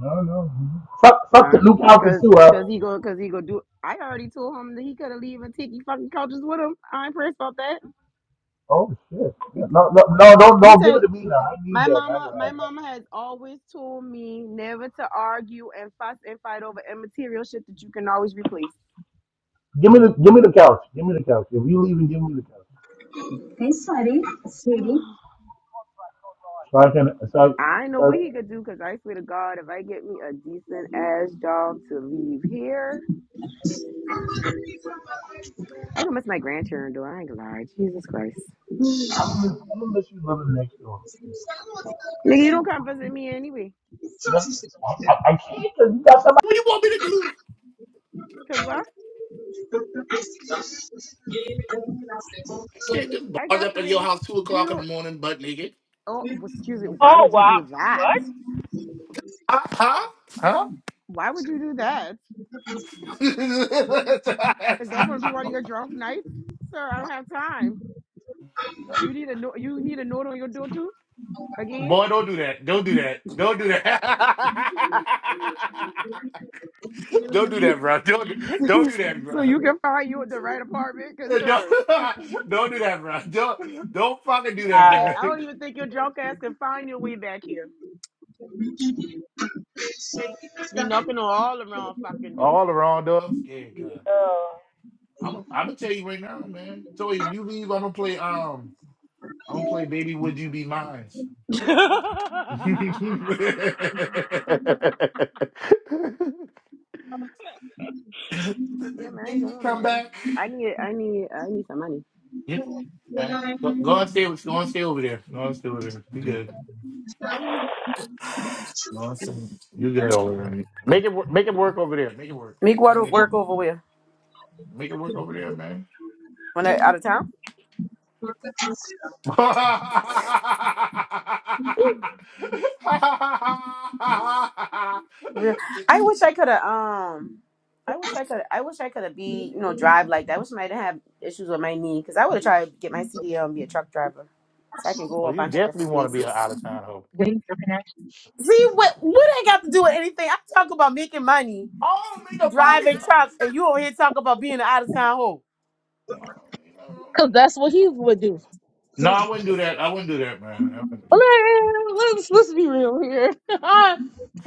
[SPEAKER 1] No, no. Fuck. Fuck the
[SPEAKER 5] Uh,
[SPEAKER 1] new couches
[SPEAKER 5] cause,
[SPEAKER 1] too, huh?
[SPEAKER 5] cause he go, cause he go do. I already told him that he could have leave and take you fucking couches with him. I ain't pressed about that.
[SPEAKER 1] Oh shit! Yeah,
[SPEAKER 5] Let
[SPEAKER 1] No, no, no, don't,
[SPEAKER 5] me
[SPEAKER 1] don't give
[SPEAKER 5] tell
[SPEAKER 1] it
[SPEAKER 5] you,
[SPEAKER 1] to me now. I need
[SPEAKER 5] my
[SPEAKER 1] that. I don't
[SPEAKER 5] mama, my
[SPEAKER 1] want
[SPEAKER 5] mama
[SPEAKER 1] that.
[SPEAKER 5] has always told me never to argue and fuss and fight over immaterial shit that you can always replace.
[SPEAKER 1] Give me the, give me the couch. Give me the couch. If you leave, and give me the couch,
[SPEAKER 10] Hey, sorry, sweetie.
[SPEAKER 1] so I can, so, I,
[SPEAKER 5] I know what
[SPEAKER 1] so
[SPEAKER 5] he could do, cause I swear to God, if I get me a decent ass job to leave here, I can miss my grandchildren. Though I ain't gonna lie, Jesus Christ,
[SPEAKER 1] I'm gonna, miss I'm gonna let you living next door.
[SPEAKER 5] nigga, you don't come visit me anyway.
[SPEAKER 1] That's, I, I I can't because you got somebody. What do you want me to do?
[SPEAKER 5] Cause what?
[SPEAKER 1] Can't just
[SPEAKER 5] I
[SPEAKER 1] barge
[SPEAKER 5] got
[SPEAKER 1] up at your
[SPEAKER 5] friends.
[SPEAKER 1] house two
[SPEAKER 5] You
[SPEAKER 1] o'clock in
[SPEAKER 5] don't.
[SPEAKER 1] the morning, butt naked.
[SPEAKER 5] Oh, well, excuse me. Why
[SPEAKER 9] Oh,
[SPEAKER 5] would you
[SPEAKER 9] wow.
[SPEAKER 5] do that?
[SPEAKER 9] What?
[SPEAKER 5] Why would you do that? Is that going to be one of your drunk nights, sir? I don't have time. You need a no- you need a note on your door too again,
[SPEAKER 1] Do that. Don't do that. don't do that, bro. Don't don't do that, bro.
[SPEAKER 5] so you can find you the right apartment, cause
[SPEAKER 1] Don't,
[SPEAKER 5] sir,
[SPEAKER 1] don't do that, bro. Don't don't fucking do that,
[SPEAKER 9] Wow.
[SPEAKER 5] shit, I
[SPEAKER 1] nigga.
[SPEAKER 5] don't even think your drunk ass can find your way back here. Be knocking on all the wrong fucking door.
[SPEAKER 1] All around, dog. I'm scared, God.
[SPEAKER 9] Oh.
[SPEAKER 1] I'm i am i gonna tell you right now, man. So if you leave, I'm gonna play um I'm gonna play Baby Would You Be Mine.
[SPEAKER 5] yeah, man, Go on, man. I need I need I need some money.
[SPEAKER 10] When I
[SPEAKER 5] Meek, what work over with? When I out of town?
[SPEAKER 10] look at this,
[SPEAKER 5] Real. I wish I could have. Um, I wish I could. I wish I could have be you know drive like that. I wish I didn't have issues with my knee because I would have tried to get my CDL and be a truck driver, so I can go a bunch of different places.
[SPEAKER 9] waiting for connection.
[SPEAKER 5] See what what I got to do with anything? I talk about making money, driving truck, and you over here talk about being an out of town hoe.
[SPEAKER 9] Because that's what he would do.
[SPEAKER 1] No,
[SPEAKER 10] man,
[SPEAKER 1] I wouldn't do that. I wouldn't do that, man.
[SPEAKER 9] Well, Let's, let's be real here.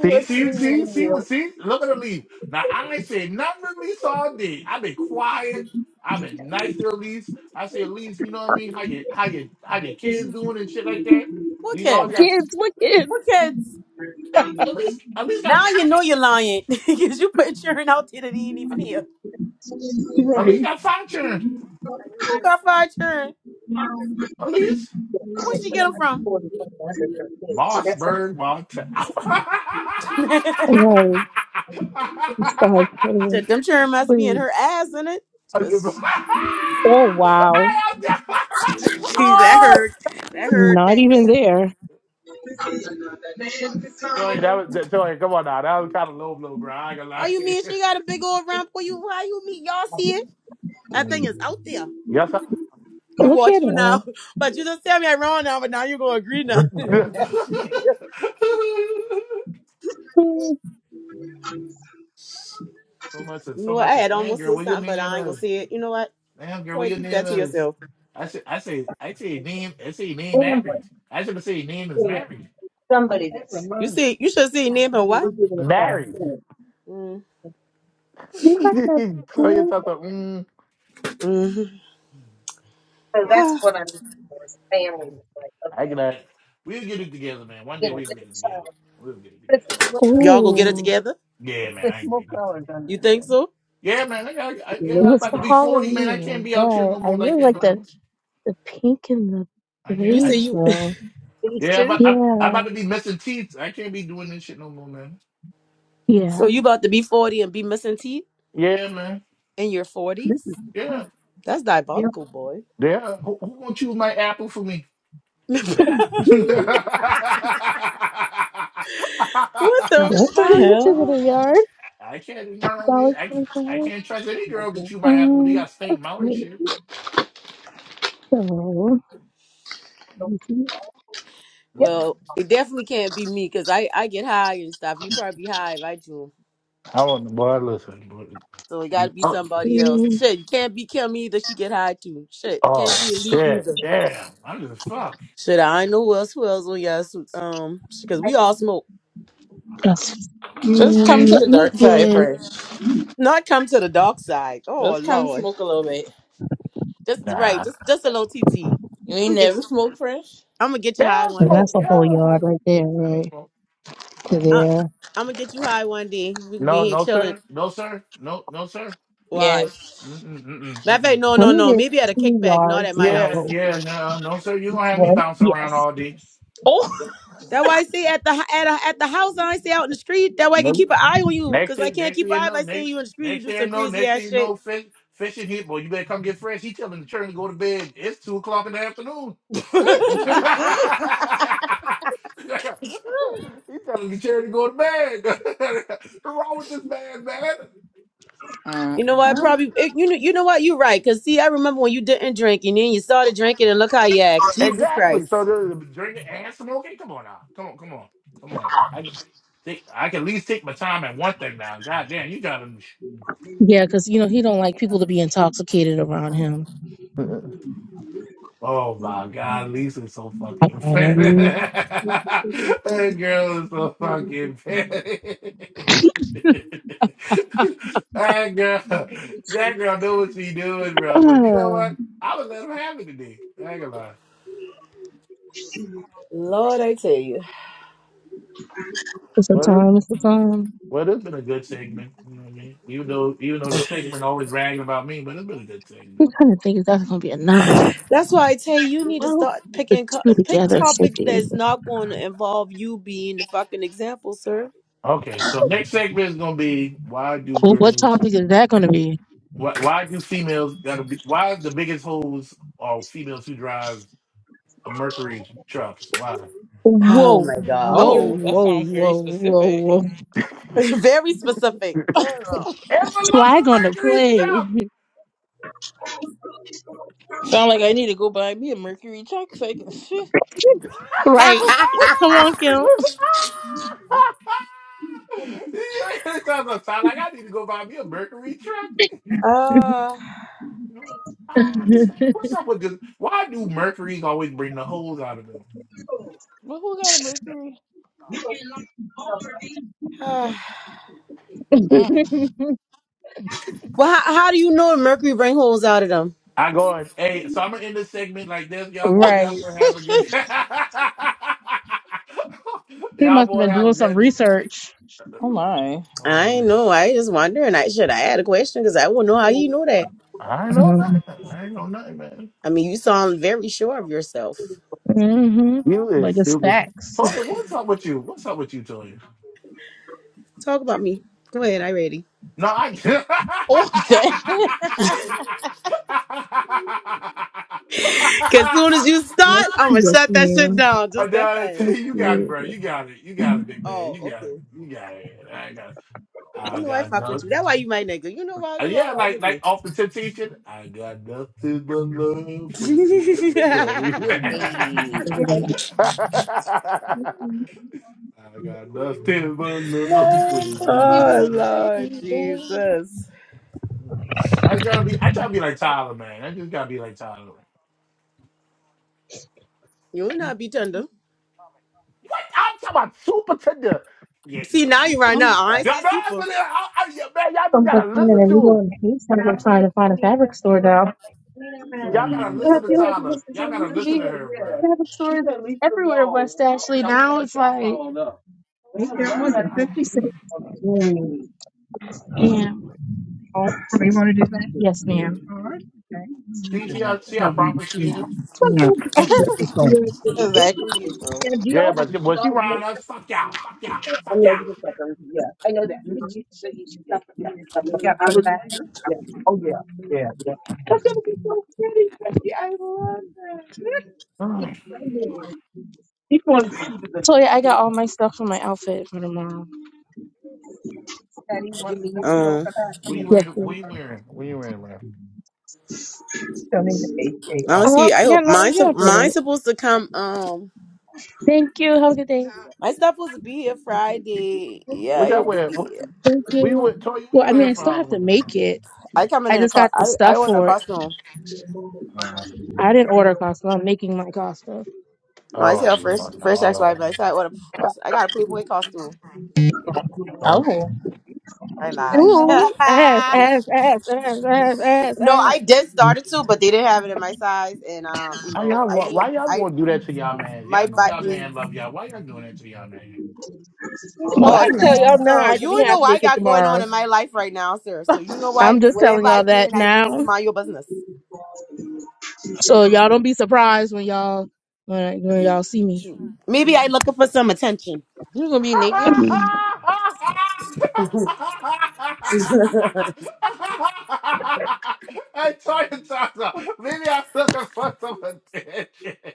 [SPEAKER 1] See, see,
[SPEAKER 9] be
[SPEAKER 1] see, see, what-
[SPEAKER 9] real.
[SPEAKER 1] see, look at her leave. Now, I ain't say nothing to Elise all day. I've been quiet. I've been nice to Elise. I say, Elise, you know what I mean? How you, how you, how your kids doing and shit like that?
[SPEAKER 5] What
[SPEAKER 1] These always
[SPEAKER 5] kids?
[SPEAKER 1] got,
[SPEAKER 9] Kids, what kids?
[SPEAKER 5] What kids?
[SPEAKER 1] at least, at least I
[SPEAKER 5] Now
[SPEAKER 1] tried.
[SPEAKER 5] you know you're lying because you put children out there that ain't even here.
[SPEAKER 9] Right.
[SPEAKER 5] Who got five children?
[SPEAKER 9] I
[SPEAKER 5] Where
[SPEAKER 9] live
[SPEAKER 5] she
[SPEAKER 9] with
[SPEAKER 5] get
[SPEAKER 9] a
[SPEAKER 5] them from?
[SPEAKER 9] forty hundred thirteen. That's a- Right. It's like, oh,
[SPEAKER 5] Shit, them children must be in
[SPEAKER 9] please.
[SPEAKER 5] her ass, in it? Because
[SPEAKER 9] Oh, wow.
[SPEAKER 5] Jeez, that hurt. That hurt
[SPEAKER 9] Not
[SPEAKER 5] back
[SPEAKER 9] even
[SPEAKER 5] there.
[SPEAKER 9] there.
[SPEAKER 10] it's all.
[SPEAKER 5] Oh, you mean she got a big old round for you? How you mean y'all see it? That thing is out there. I
[SPEAKER 9] Look
[SPEAKER 5] Watch
[SPEAKER 9] at
[SPEAKER 5] you
[SPEAKER 9] him.
[SPEAKER 5] now. But you just tell me I'm wrong now, but now you're gonna agree now. Nasty nigga.
[SPEAKER 9] Hmm.
[SPEAKER 5] You know what? I had almost said something, but I ain't gonna say it. You know what? Toy, keep that to yourself.
[SPEAKER 1] Name is married.
[SPEAKER 9] Do
[SPEAKER 5] You see, you should see name and what?
[SPEAKER 1] Married.
[SPEAKER 5] Mm.
[SPEAKER 9] you guys have
[SPEAKER 1] Tell
[SPEAKER 9] kids?
[SPEAKER 1] yourself, that, mm,
[SPEAKER 5] Mm-hmm.
[SPEAKER 1] I can, uh, we'll get it together, man. One day we'll get it together. We'll get it together.
[SPEAKER 9] It's,
[SPEAKER 5] y'all gonna get it
[SPEAKER 9] ooh,
[SPEAKER 5] together?
[SPEAKER 1] Yeah, man, I ain't thinking. that.
[SPEAKER 5] You think so?
[SPEAKER 1] Yeah, man, I, I,
[SPEAKER 9] it
[SPEAKER 1] I, yeah, I'm
[SPEAKER 9] was
[SPEAKER 1] about to
[SPEAKER 9] for
[SPEAKER 1] be 40, man. I can't
[SPEAKER 9] Halloween,
[SPEAKER 1] be out here
[SPEAKER 9] but
[SPEAKER 1] no
[SPEAKER 9] I
[SPEAKER 1] more like
[SPEAKER 9] really
[SPEAKER 1] that no
[SPEAKER 9] like the,
[SPEAKER 1] more.
[SPEAKER 9] the pink and the the
[SPEAKER 5] You say
[SPEAKER 9] beige
[SPEAKER 5] you
[SPEAKER 9] though. Yeah, yeah.
[SPEAKER 5] so you about to be 40 and be missing teeth in your 40s? That's diabolical, boy. What the
[SPEAKER 2] What the
[SPEAKER 9] How
[SPEAKER 5] fuck?
[SPEAKER 9] much is it
[SPEAKER 2] hell?
[SPEAKER 9] a yard? Dollar twenty five. Um,
[SPEAKER 1] Out and
[SPEAKER 9] wait.
[SPEAKER 1] shit.
[SPEAKER 9] So let me see. Yep.
[SPEAKER 5] Well, it definitely can't be me because I, I get high and stuff. You probably high if I dream.
[SPEAKER 1] I want the boy. Listen, boy.
[SPEAKER 5] So it gotta be
[SPEAKER 1] oh
[SPEAKER 5] somebody else.
[SPEAKER 9] Mm,
[SPEAKER 5] Shit, you can't be Kim either. She get high too. Shit, can't
[SPEAKER 1] oh,
[SPEAKER 5] be Elise
[SPEAKER 1] shit,
[SPEAKER 5] either.
[SPEAKER 1] damn! I'm just fuck.
[SPEAKER 5] Shit, I ain't know who else who else on y'all. su- Um, because we all smoke.
[SPEAKER 9] that's
[SPEAKER 2] Just come
[SPEAKER 9] mm,
[SPEAKER 2] to
[SPEAKER 9] let
[SPEAKER 2] the
[SPEAKER 9] me
[SPEAKER 2] dark side,
[SPEAKER 9] get.
[SPEAKER 2] Fresh.
[SPEAKER 5] Not come to the dark side. Oh
[SPEAKER 2] Just come
[SPEAKER 5] lord,
[SPEAKER 2] smoke a little bit.
[SPEAKER 5] just right, just just a little TT.
[SPEAKER 2] You ain't
[SPEAKER 5] I'm gonna get
[SPEAKER 2] never smoked Fresh?
[SPEAKER 5] I'm gonna get you high one
[SPEAKER 9] and
[SPEAKER 5] day.
[SPEAKER 9] that's a whole yard right there, right to
[SPEAKER 5] Uh,
[SPEAKER 9] there.
[SPEAKER 5] I'm gonna get you high one day. We could be in here chilling. Why?
[SPEAKER 2] Yes.
[SPEAKER 5] Matter of fact, no,
[SPEAKER 9] Let
[SPEAKER 5] no,
[SPEAKER 9] me
[SPEAKER 5] no.
[SPEAKER 9] get
[SPEAKER 5] Maybe at a
[SPEAKER 9] two
[SPEAKER 5] kickback, not at
[SPEAKER 9] yards
[SPEAKER 5] my
[SPEAKER 9] of
[SPEAKER 5] house.
[SPEAKER 9] both. It's One. Yes.
[SPEAKER 2] Oh!
[SPEAKER 5] That why I stay at the at a, at the house, and I stay out in the street. That way I can keep an eye on you, cause I can't keep an eye if I see you in the street. You do some crazy ass shit.
[SPEAKER 2] Uh,
[SPEAKER 5] you know what?
[SPEAKER 2] uh.
[SPEAKER 5] Probably it- you know you know what? You're right, cause see, I remember when you didn't drink and then you started drinking and look how you act. Jesus Christ,
[SPEAKER 9] Yeah, because you know he don't like people to be intoxicated around him. Um, ah,
[SPEAKER 5] Lord, I tell you.
[SPEAKER 9] it's a time. It's a time. I'm trying to think if that's gonna be enough.
[SPEAKER 5] That's why I tell you, you need to
[SPEAKER 9] Well,
[SPEAKER 5] start
[SPEAKER 9] the
[SPEAKER 5] picking co-
[SPEAKER 9] two
[SPEAKER 5] pick
[SPEAKER 9] together should
[SPEAKER 5] topics
[SPEAKER 9] be.
[SPEAKER 5] that's not going to involve you being the fucking example, sir.
[SPEAKER 9] Well, what topic is that gonna be?
[SPEAKER 5] Oh
[SPEAKER 9] Whoa,
[SPEAKER 5] my God,
[SPEAKER 9] whoa,
[SPEAKER 5] here we
[SPEAKER 2] oh, that
[SPEAKER 5] go.
[SPEAKER 9] whoa,
[SPEAKER 2] sounds very
[SPEAKER 9] whoa, whoa,
[SPEAKER 2] specific.
[SPEAKER 9] whoa!
[SPEAKER 5] Very specific, girl.
[SPEAKER 9] Flag on the play,
[SPEAKER 2] Sound like I need to go buy me a Mercury check so I can shit.
[SPEAKER 9] right? Come on, Kim.
[SPEAKER 5] Uh,
[SPEAKER 2] But who got a Mercury?
[SPEAKER 5] uh,
[SPEAKER 2] Mm.
[SPEAKER 5] well, how, how do you know Mercury bring holes out of them?
[SPEAKER 9] right. He must have been doing some research.
[SPEAKER 2] oh my.
[SPEAKER 5] I ain't know. I just wondering. I should. I had a question because I won't know how you know that. I mean, you sound very sure of yourself.
[SPEAKER 9] Mm-hmm. But just facts.
[SPEAKER 5] Talk about me. Go ahead. I ready.
[SPEAKER 2] Oh, damn.
[SPEAKER 5] Cause soon as you
[SPEAKER 9] Yes,
[SPEAKER 5] start, I'm gonna
[SPEAKER 9] yes,
[SPEAKER 5] shut that shit
[SPEAKER 9] ma'am.
[SPEAKER 5] down just that fast.
[SPEAKER 9] Let's see. Yeah.
[SPEAKER 5] Oh, okay. You know I fuck with you. That's why you my nigga. You know why you all right with me.
[SPEAKER 2] Hey.
[SPEAKER 9] So
[SPEAKER 2] No, thank
[SPEAKER 5] Oh
[SPEAKER 2] you,
[SPEAKER 5] Lord
[SPEAKER 2] baby.
[SPEAKER 5] Jesus. you will not be tender. See now you right now. I ain't say super.
[SPEAKER 9] much finer than we go in the east. I'm gonna try to find a fabric store now. I feel like it used to there used to be fabric stores everywhere in West Ashley. Now it's like It's that much Yeah. Yes, ma'am.
[SPEAKER 2] Exactly, you bro.
[SPEAKER 9] So yeah, I got all my stuff for my outfit for tomorrow. Yes, please. Tell the
[SPEAKER 5] I don't
[SPEAKER 9] HAR. Uh,
[SPEAKER 5] see. I
[SPEAKER 9] yeah,
[SPEAKER 5] hope
[SPEAKER 9] no, I'm
[SPEAKER 5] mine's
[SPEAKER 9] going about
[SPEAKER 5] mine's
[SPEAKER 9] it.
[SPEAKER 5] supposed to come. Um,
[SPEAKER 9] Thank you. Have a good day.
[SPEAKER 5] my stuff supposed to be here Friday. Yeah, I hope it be. Here.
[SPEAKER 9] Thank
[SPEAKER 1] We
[SPEAKER 9] you.
[SPEAKER 1] went, Toy. We
[SPEAKER 9] Well, I mean,
[SPEAKER 1] wearing
[SPEAKER 9] I
[SPEAKER 1] for
[SPEAKER 9] still have to
[SPEAKER 1] Halloween, man.
[SPEAKER 9] make it.
[SPEAKER 5] I come in
[SPEAKER 9] I
[SPEAKER 5] in a
[SPEAKER 9] just
[SPEAKER 5] car.
[SPEAKER 9] got the
[SPEAKER 5] I I
[SPEAKER 9] stuff
[SPEAKER 5] order a
[SPEAKER 9] for it.
[SPEAKER 5] costume.
[SPEAKER 9] I didn't order Costco. I'm making my Costco.
[SPEAKER 5] No, I tell first first ex wife. I said I order a costume. I got a Playboy costume.
[SPEAKER 2] Oh,
[SPEAKER 5] I lie.
[SPEAKER 2] yeah.
[SPEAKER 9] Ooh, ass, ass, ass, ass, ass, ass,
[SPEAKER 5] no,
[SPEAKER 9] ass.
[SPEAKER 5] I did start it too, but they didn't have it in my size, and um, you
[SPEAKER 1] Why
[SPEAKER 5] know,
[SPEAKER 1] y'all
[SPEAKER 5] I
[SPEAKER 1] want?
[SPEAKER 5] need
[SPEAKER 1] Why y'all
[SPEAKER 5] I
[SPEAKER 1] want to do that to y'all, man?
[SPEAKER 5] my
[SPEAKER 1] Y'all know
[SPEAKER 5] butt
[SPEAKER 1] y'all
[SPEAKER 5] need.
[SPEAKER 1] man love y'all. Why y'all do?
[SPEAKER 2] You
[SPEAKER 9] Well, I
[SPEAKER 5] Oh,
[SPEAKER 2] fucking
[SPEAKER 9] tell
[SPEAKER 5] see,
[SPEAKER 2] man.
[SPEAKER 9] y'all now,
[SPEAKER 5] so
[SPEAKER 9] I could be
[SPEAKER 5] you know
[SPEAKER 9] half
[SPEAKER 5] what I
[SPEAKER 9] naked
[SPEAKER 5] got going on
[SPEAKER 9] tomorrow.
[SPEAKER 5] in my life right now, sir. So you know
[SPEAKER 9] I'm
[SPEAKER 5] what?
[SPEAKER 9] just
[SPEAKER 5] Whatever
[SPEAKER 9] telling
[SPEAKER 5] I
[SPEAKER 9] y'all that
[SPEAKER 5] doing, I doing. You
[SPEAKER 9] now,
[SPEAKER 5] mind your business.
[SPEAKER 9] so y'all don't be surprised when y'all when, when y'all see me.
[SPEAKER 5] Shoot. Maybe I looking for some attention.
[SPEAKER 2] You gonna be naked?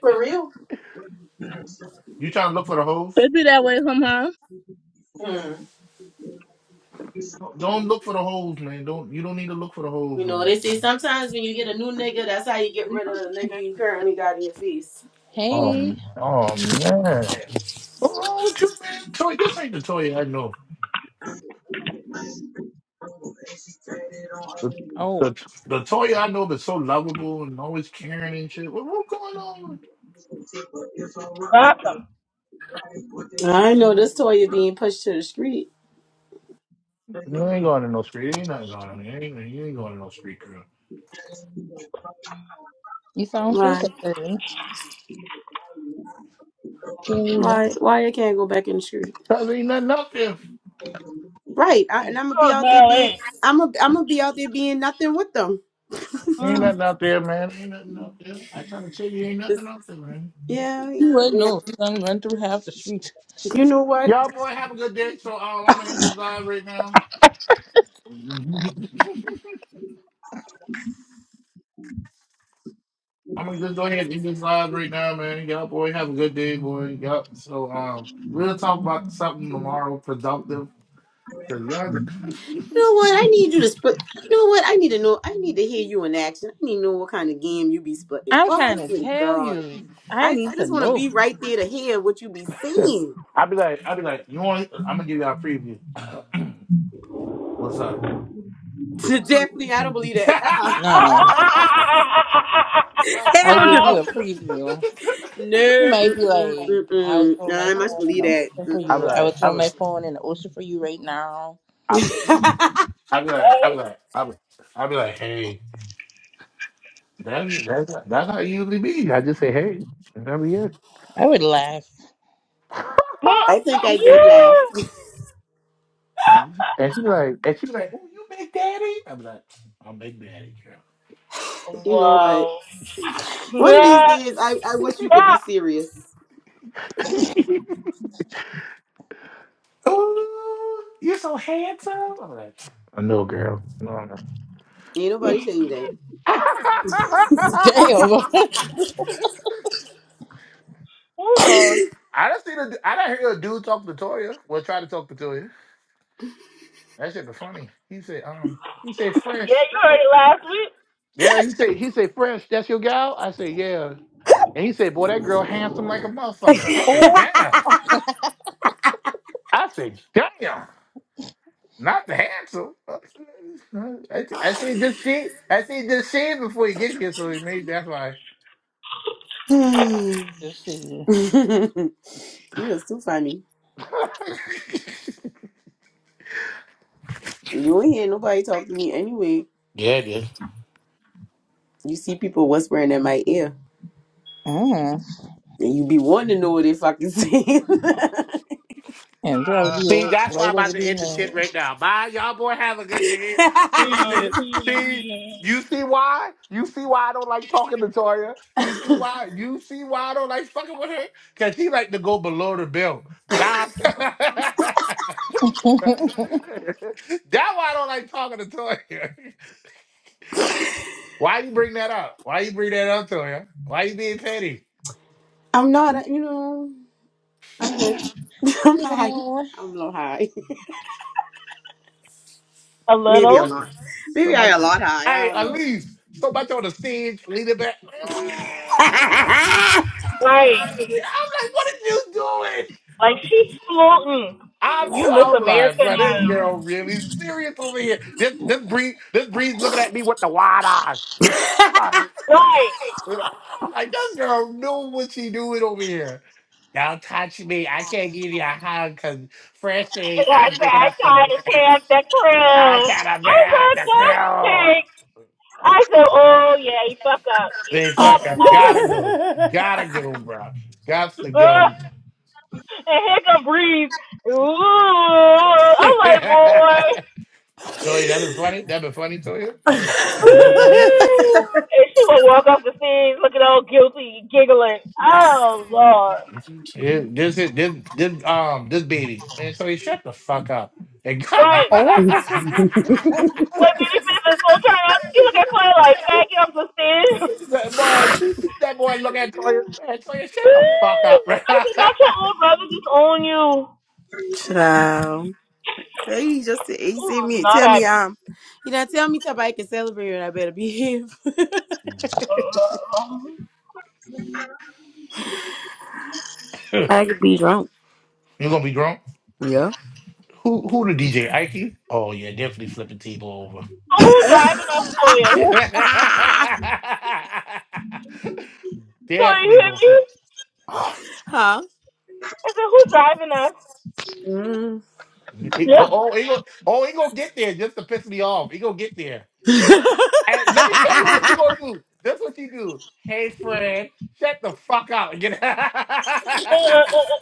[SPEAKER 5] For real.
[SPEAKER 9] It'd be that way somehow.
[SPEAKER 5] You know, they say sometimes when you get a new nigga, that's how you get rid of the nigga you currently got in your face.
[SPEAKER 2] Hey.
[SPEAKER 1] What's wrong with you, man? Toy, this ain't the Toy I know. The,
[SPEAKER 2] Oh,
[SPEAKER 1] the the Toy I know that's so lovable and always caring and shit. What, what's going on?
[SPEAKER 9] Welcome.
[SPEAKER 5] I know this Toya being pushed to the street.
[SPEAKER 2] you sound so
[SPEAKER 5] Why?
[SPEAKER 2] sad. Really
[SPEAKER 5] Why? Why I can't go back in the street? Right. I, and I'm gonna be
[SPEAKER 9] Oh,
[SPEAKER 5] out there
[SPEAKER 9] hell,
[SPEAKER 5] being.
[SPEAKER 9] eh.
[SPEAKER 5] I'm gonna. I'm gonna be out there being nothing with them.
[SPEAKER 9] Mm.
[SPEAKER 5] It's- yeah.
[SPEAKER 2] You wouldn't
[SPEAKER 5] You
[SPEAKER 2] know if you done run through half the street.
[SPEAKER 5] know what? You know what? I need you to split. You know what? I need to know. I need to hear you in action. I need to know what kind of game you be splitting.
[SPEAKER 2] I'm
[SPEAKER 5] Oh, I
[SPEAKER 2] trying to
[SPEAKER 5] swear to
[SPEAKER 2] tell
[SPEAKER 5] God.
[SPEAKER 2] you. I
[SPEAKER 5] I,
[SPEAKER 2] need
[SPEAKER 5] I
[SPEAKER 2] to
[SPEAKER 5] just want to
[SPEAKER 2] know.
[SPEAKER 5] be right there to hear what you be saying. So definitely, I don't believe that. Uh-uh.
[SPEAKER 2] No, I'll
[SPEAKER 5] Hell
[SPEAKER 2] give you
[SPEAKER 5] no.
[SPEAKER 2] a preview. You
[SPEAKER 5] No.
[SPEAKER 2] might be
[SPEAKER 5] Mm-mm,
[SPEAKER 2] like, I would
[SPEAKER 5] mm-mm.
[SPEAKER 2] throw
[SPEAKER 5] No,
[SPEAKER 2] my
[SPEAKER 5] I must
[SPEAKER 2] phone in
[SPEAKER 5] believe
[SPEAKER 2] the
[SPEAKER 5] that.
[SPEAKER 2] ocean for you.
[SPEAKER 5] Mm-mm.
[SPEAKER 2] I would throw my phone in the ocean for you right now. I would laugh.
[SPEAKER 5] I think I
[SPEAKER 9] yeah.
[SPEAKER 5] did laugh. you know what?
[SPEAKER 9] Wow.
[SPEAKER 5] One of these
[SPEAKER 9] Yeah.
[SPEAKER 5] days, I, I wish you could be
[SPEAKER 9] Ah.
[SPEAKER 5] serious. Ain't nobody tell you that.
[SPEAKER 2] Damn.
[SPEAKER 9] Hold on. Yeah, you heard it last week.
[SPEAKER 2] oh,
[SPEAKER 5] Hmm.
[SPEAKER 2] let's see.
[SPEAKER 5] You're too funny. You ain't hear nobody talk to me anyway. You see people whispering in my ear,
[SPEAKER 2] Mm.
[SPEAKER 5] and you be wanting to know what they fucking saying.
[SPEAKER 2] And drive you right over there now.
[SPEAKER 9] Mhm,
[SPEAKER 5] I'm not, you know. I'm good. I'm high.
[SPEAKER 2] no.
[SPEAKER 5] I'm low high.
[SPEAKER 9] A
[SPEAKER 5] Maybe a
[SPEAKER 9] little.
[SPEAKER 5] lot. Maybe I a lot high. I don't know.
[SPEAKER 9] Right. Like she's floating. You miss America now. Right. And I said, I tried to tear up the crew. I said, just shake. I said, oh yeah, he fuck up. He fucked up. Ugh. And here come Breeze. Ooh. I'm like, boy. Woo! And she would walk off the stage looking all guilty, giggling. Oh Lord. Right.
[SPEAKER 2] Oh.
[SPEAKER 9] What did you finish this whole time? You look at Clay like, man, get off the stage. Woo! I said, not your old brother just own you.
[SPEAKER 5] Child. Lady just said, he
[SPEAKER 9] Ooh,
[SPEAKER 5] said
[SPEAKER 9] was
[SPEAKER 5] me,
[SPEAKER 9] not
[SPEAKER 5] tell me
[SPEAKER 9] happy.
[SPEAKER 5] I'm, you know, tell me till I can celebrate and I better behave. I could be drunk. Yeah.
[SPEAKER 9] So who driving us, Sawyer? Sawyer, you hear me?
[SPEAKER 5] huh?
[SPEAKER 9] I said, who's driving us?
[SPEAKER 5] Mm.
[SPEAKER 9] Yeah. Uh, uh, uh, uh,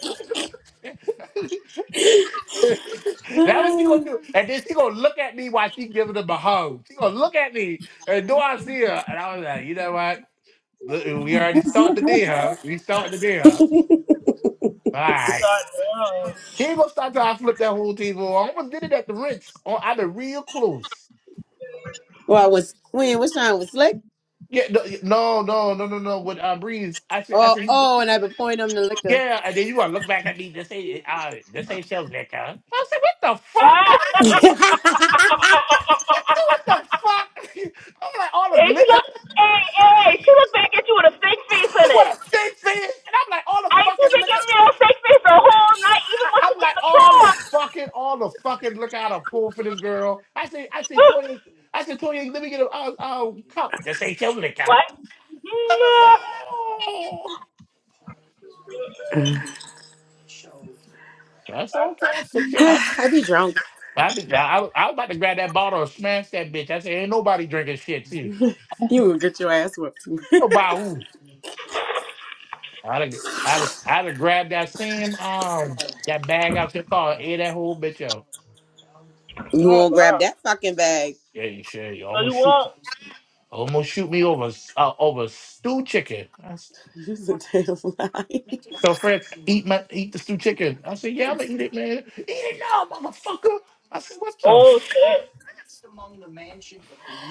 [SPEAKER 9] sorry.
[SPEAKER 5] well, I was, when, what time was Slick? Oh, oh, and I've been pouring them the liquor.
[SPEAKER 9] Uh. And she looked, hey, hey, hey, she looked back at you with a fake face on it. And she making me a fake face the whole night, even when she get in the car. what? Yeah. Mm-mm. That's the
[SPEAKER 5] I be drunk. You will get your ass whooped. You
[SPEAKER 9] oh,
[SPEAKER 5] won't grab
[SPEAKER 9] girl,
[SPEAKER 5] that fucking bag.
[SPEAKER 9] So you want?
[SPEAKER 5] You's a damn lie.
[SPEAKER 9] Oh, shit.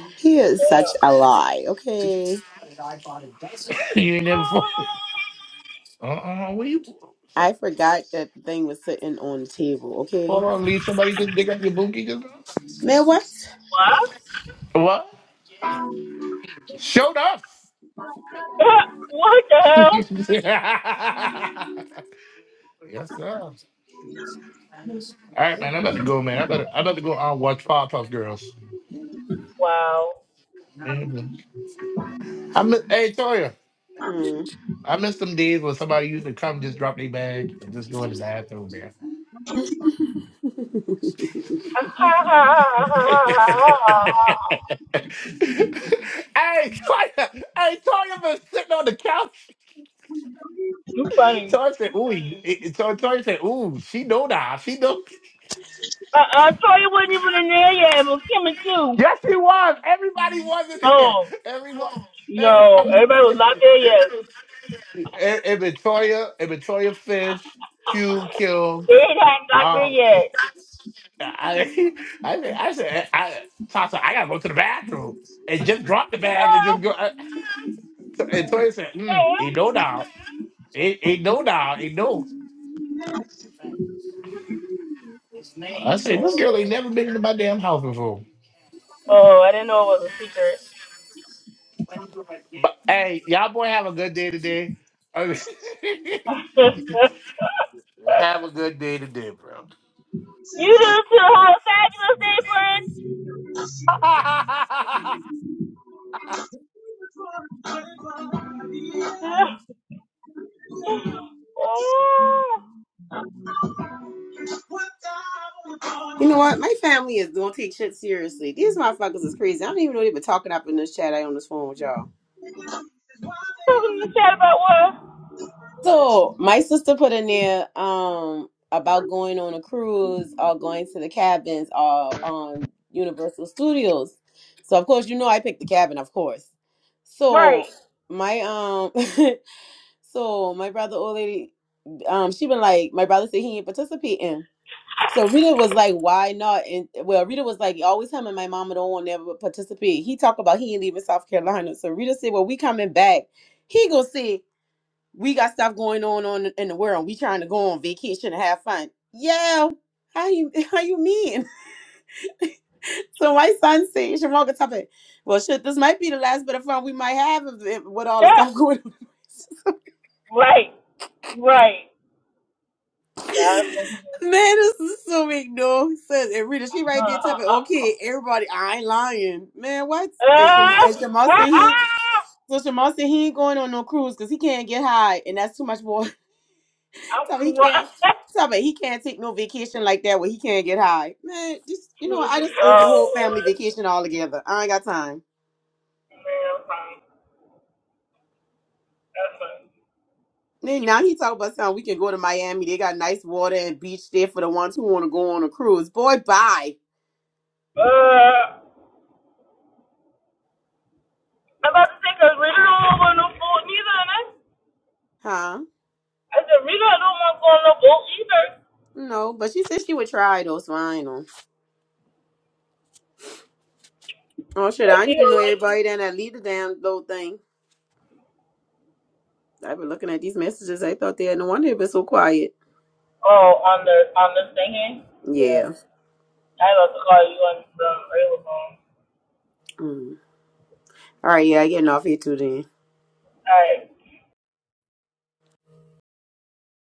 [SPEAKER 5] he is such
[SPEAKER 9] Damn.
[SPEAKER 5] a lie, okay? I forgot that the thing was sitting on the table, okay? Man, what?
[SPEAKER 9] What? what the hell? Wow.
[SPEAKER 5] Hmm.
[SPEAKER 9] you funny. I, I saw you wasn't even in there yet. It was Kim too. Oh, no. Everybody was not there yet. It hadn't good yet. Oh, I didn't know it was a secret. you do too, whole fabulous day, friend. Oh,
[SPEAKER 10] What thou art
[SPEAKER 5] You know
[SPEAKER 10] upon,
[SPEAKER 5] what? My family is don't take shit seriously. These motherfuckers is crazy. I don't even know they been talking up in this chat. I on this phone with y'all.
[SPEAKER 10] is why
[SPEAKER 9] Talking in the chat about what?
[SPEAKER 10] they
[SPEAKER 5] So my sister put in there um about going on a cruise or going to the cabins or on Universal Studios. So of course you know I picked the cabin, of course. So
[SPEAKER 9] Right.
[SPEAKER 5] my um so my brother old lady um she been like my brother said he ain't participating. So Rita was like, why not? And well, Rita was like, always him and my mama don't want to ever participate. He talked about he ain't leaving South Carolina. So Rita said, well, we coming back. He gonna see we got stuff going on on in the world. We trying to go on vacation and have fun. Yeah, how you how you mean? so my son says, Shamoka Tuppet, well, shit, this might be the last bit of fun we might have if, if- with all
[SPEAKER 9] Yeah.
[SPEAKER 5] the stuff going on.
[SPEAKER 9] Right. Right. That's me.
[SPEAKER 5] Man, this is so big no sense. And Rita, she right
[SPEAKER 9] Uh,
[SPEAKER 5] there
[SPEAKER 9] uh,
[SPEAKER 5] typing,
[SPEAKER 9] uh,
[SPEAKER 5] okay, everybody, I ain't lying. Man, what?
[SPEAKER 9] uh.
[SPEAKER 5] And, Sham- and
[SPEAKER 9] Uh,
[SPEAKER 5] Shamal
[SPEAKER 9] uh,
[SPEAKER 5] said he, so Shamal said he ain't going on no cruise because he can't get high, and that's too much
[SPEAKER 9] I'm
[SPEAKER 5] So he
[SPEAKER 9] crying.
[SPEAKER 5] can't. So me he can't take no vacation like that where he can't get high. Man, just you know, I just over the whole
[SPEAKER 9] Oh, Lord.
[SPEAKER 5] family vacation all together. I ain't got time.
[SPEAKER 9] Man, I'm crying. That's
[SPEAKER 5] Then now he talk about something we can go to Miami. They got nice water and beach there for the ones who want to go on a cruise. Boy, bye.
[SPEAKER 9] funny. Uh, I'm about to take a Rita don't want to go on no food neither, and I,
[SPEAKER 5] Huh?
[SPEAKER 9] I said Rita don't want to go on no boat either.
[SPEAKER 5] No, but she said she would try though, so I ain't know. Oh shit,
[SPEAKER 9] I
[SPEAKER 5] I
[SPEAKER 9] see
[SPEAKER 5] didn't
[SPEAKER 9] her
[SPEAKER 5] even know
[SPEAKER 9] right.
[SPEAKER 5] everybody then that lead the damn little thing. I've been looking at these messages. I thought they had no wonder it been so quiet.
[SPEAKER 9] Oh, on the on the thing here. Yeah,
[SPEAKER 5] Yeah.
[SPEAKER 9] I about to call you on the regular phone.
[SPEAKER 5] Mm. All right, yeah, I getting off here too then.
[SPEAKER 9] All right.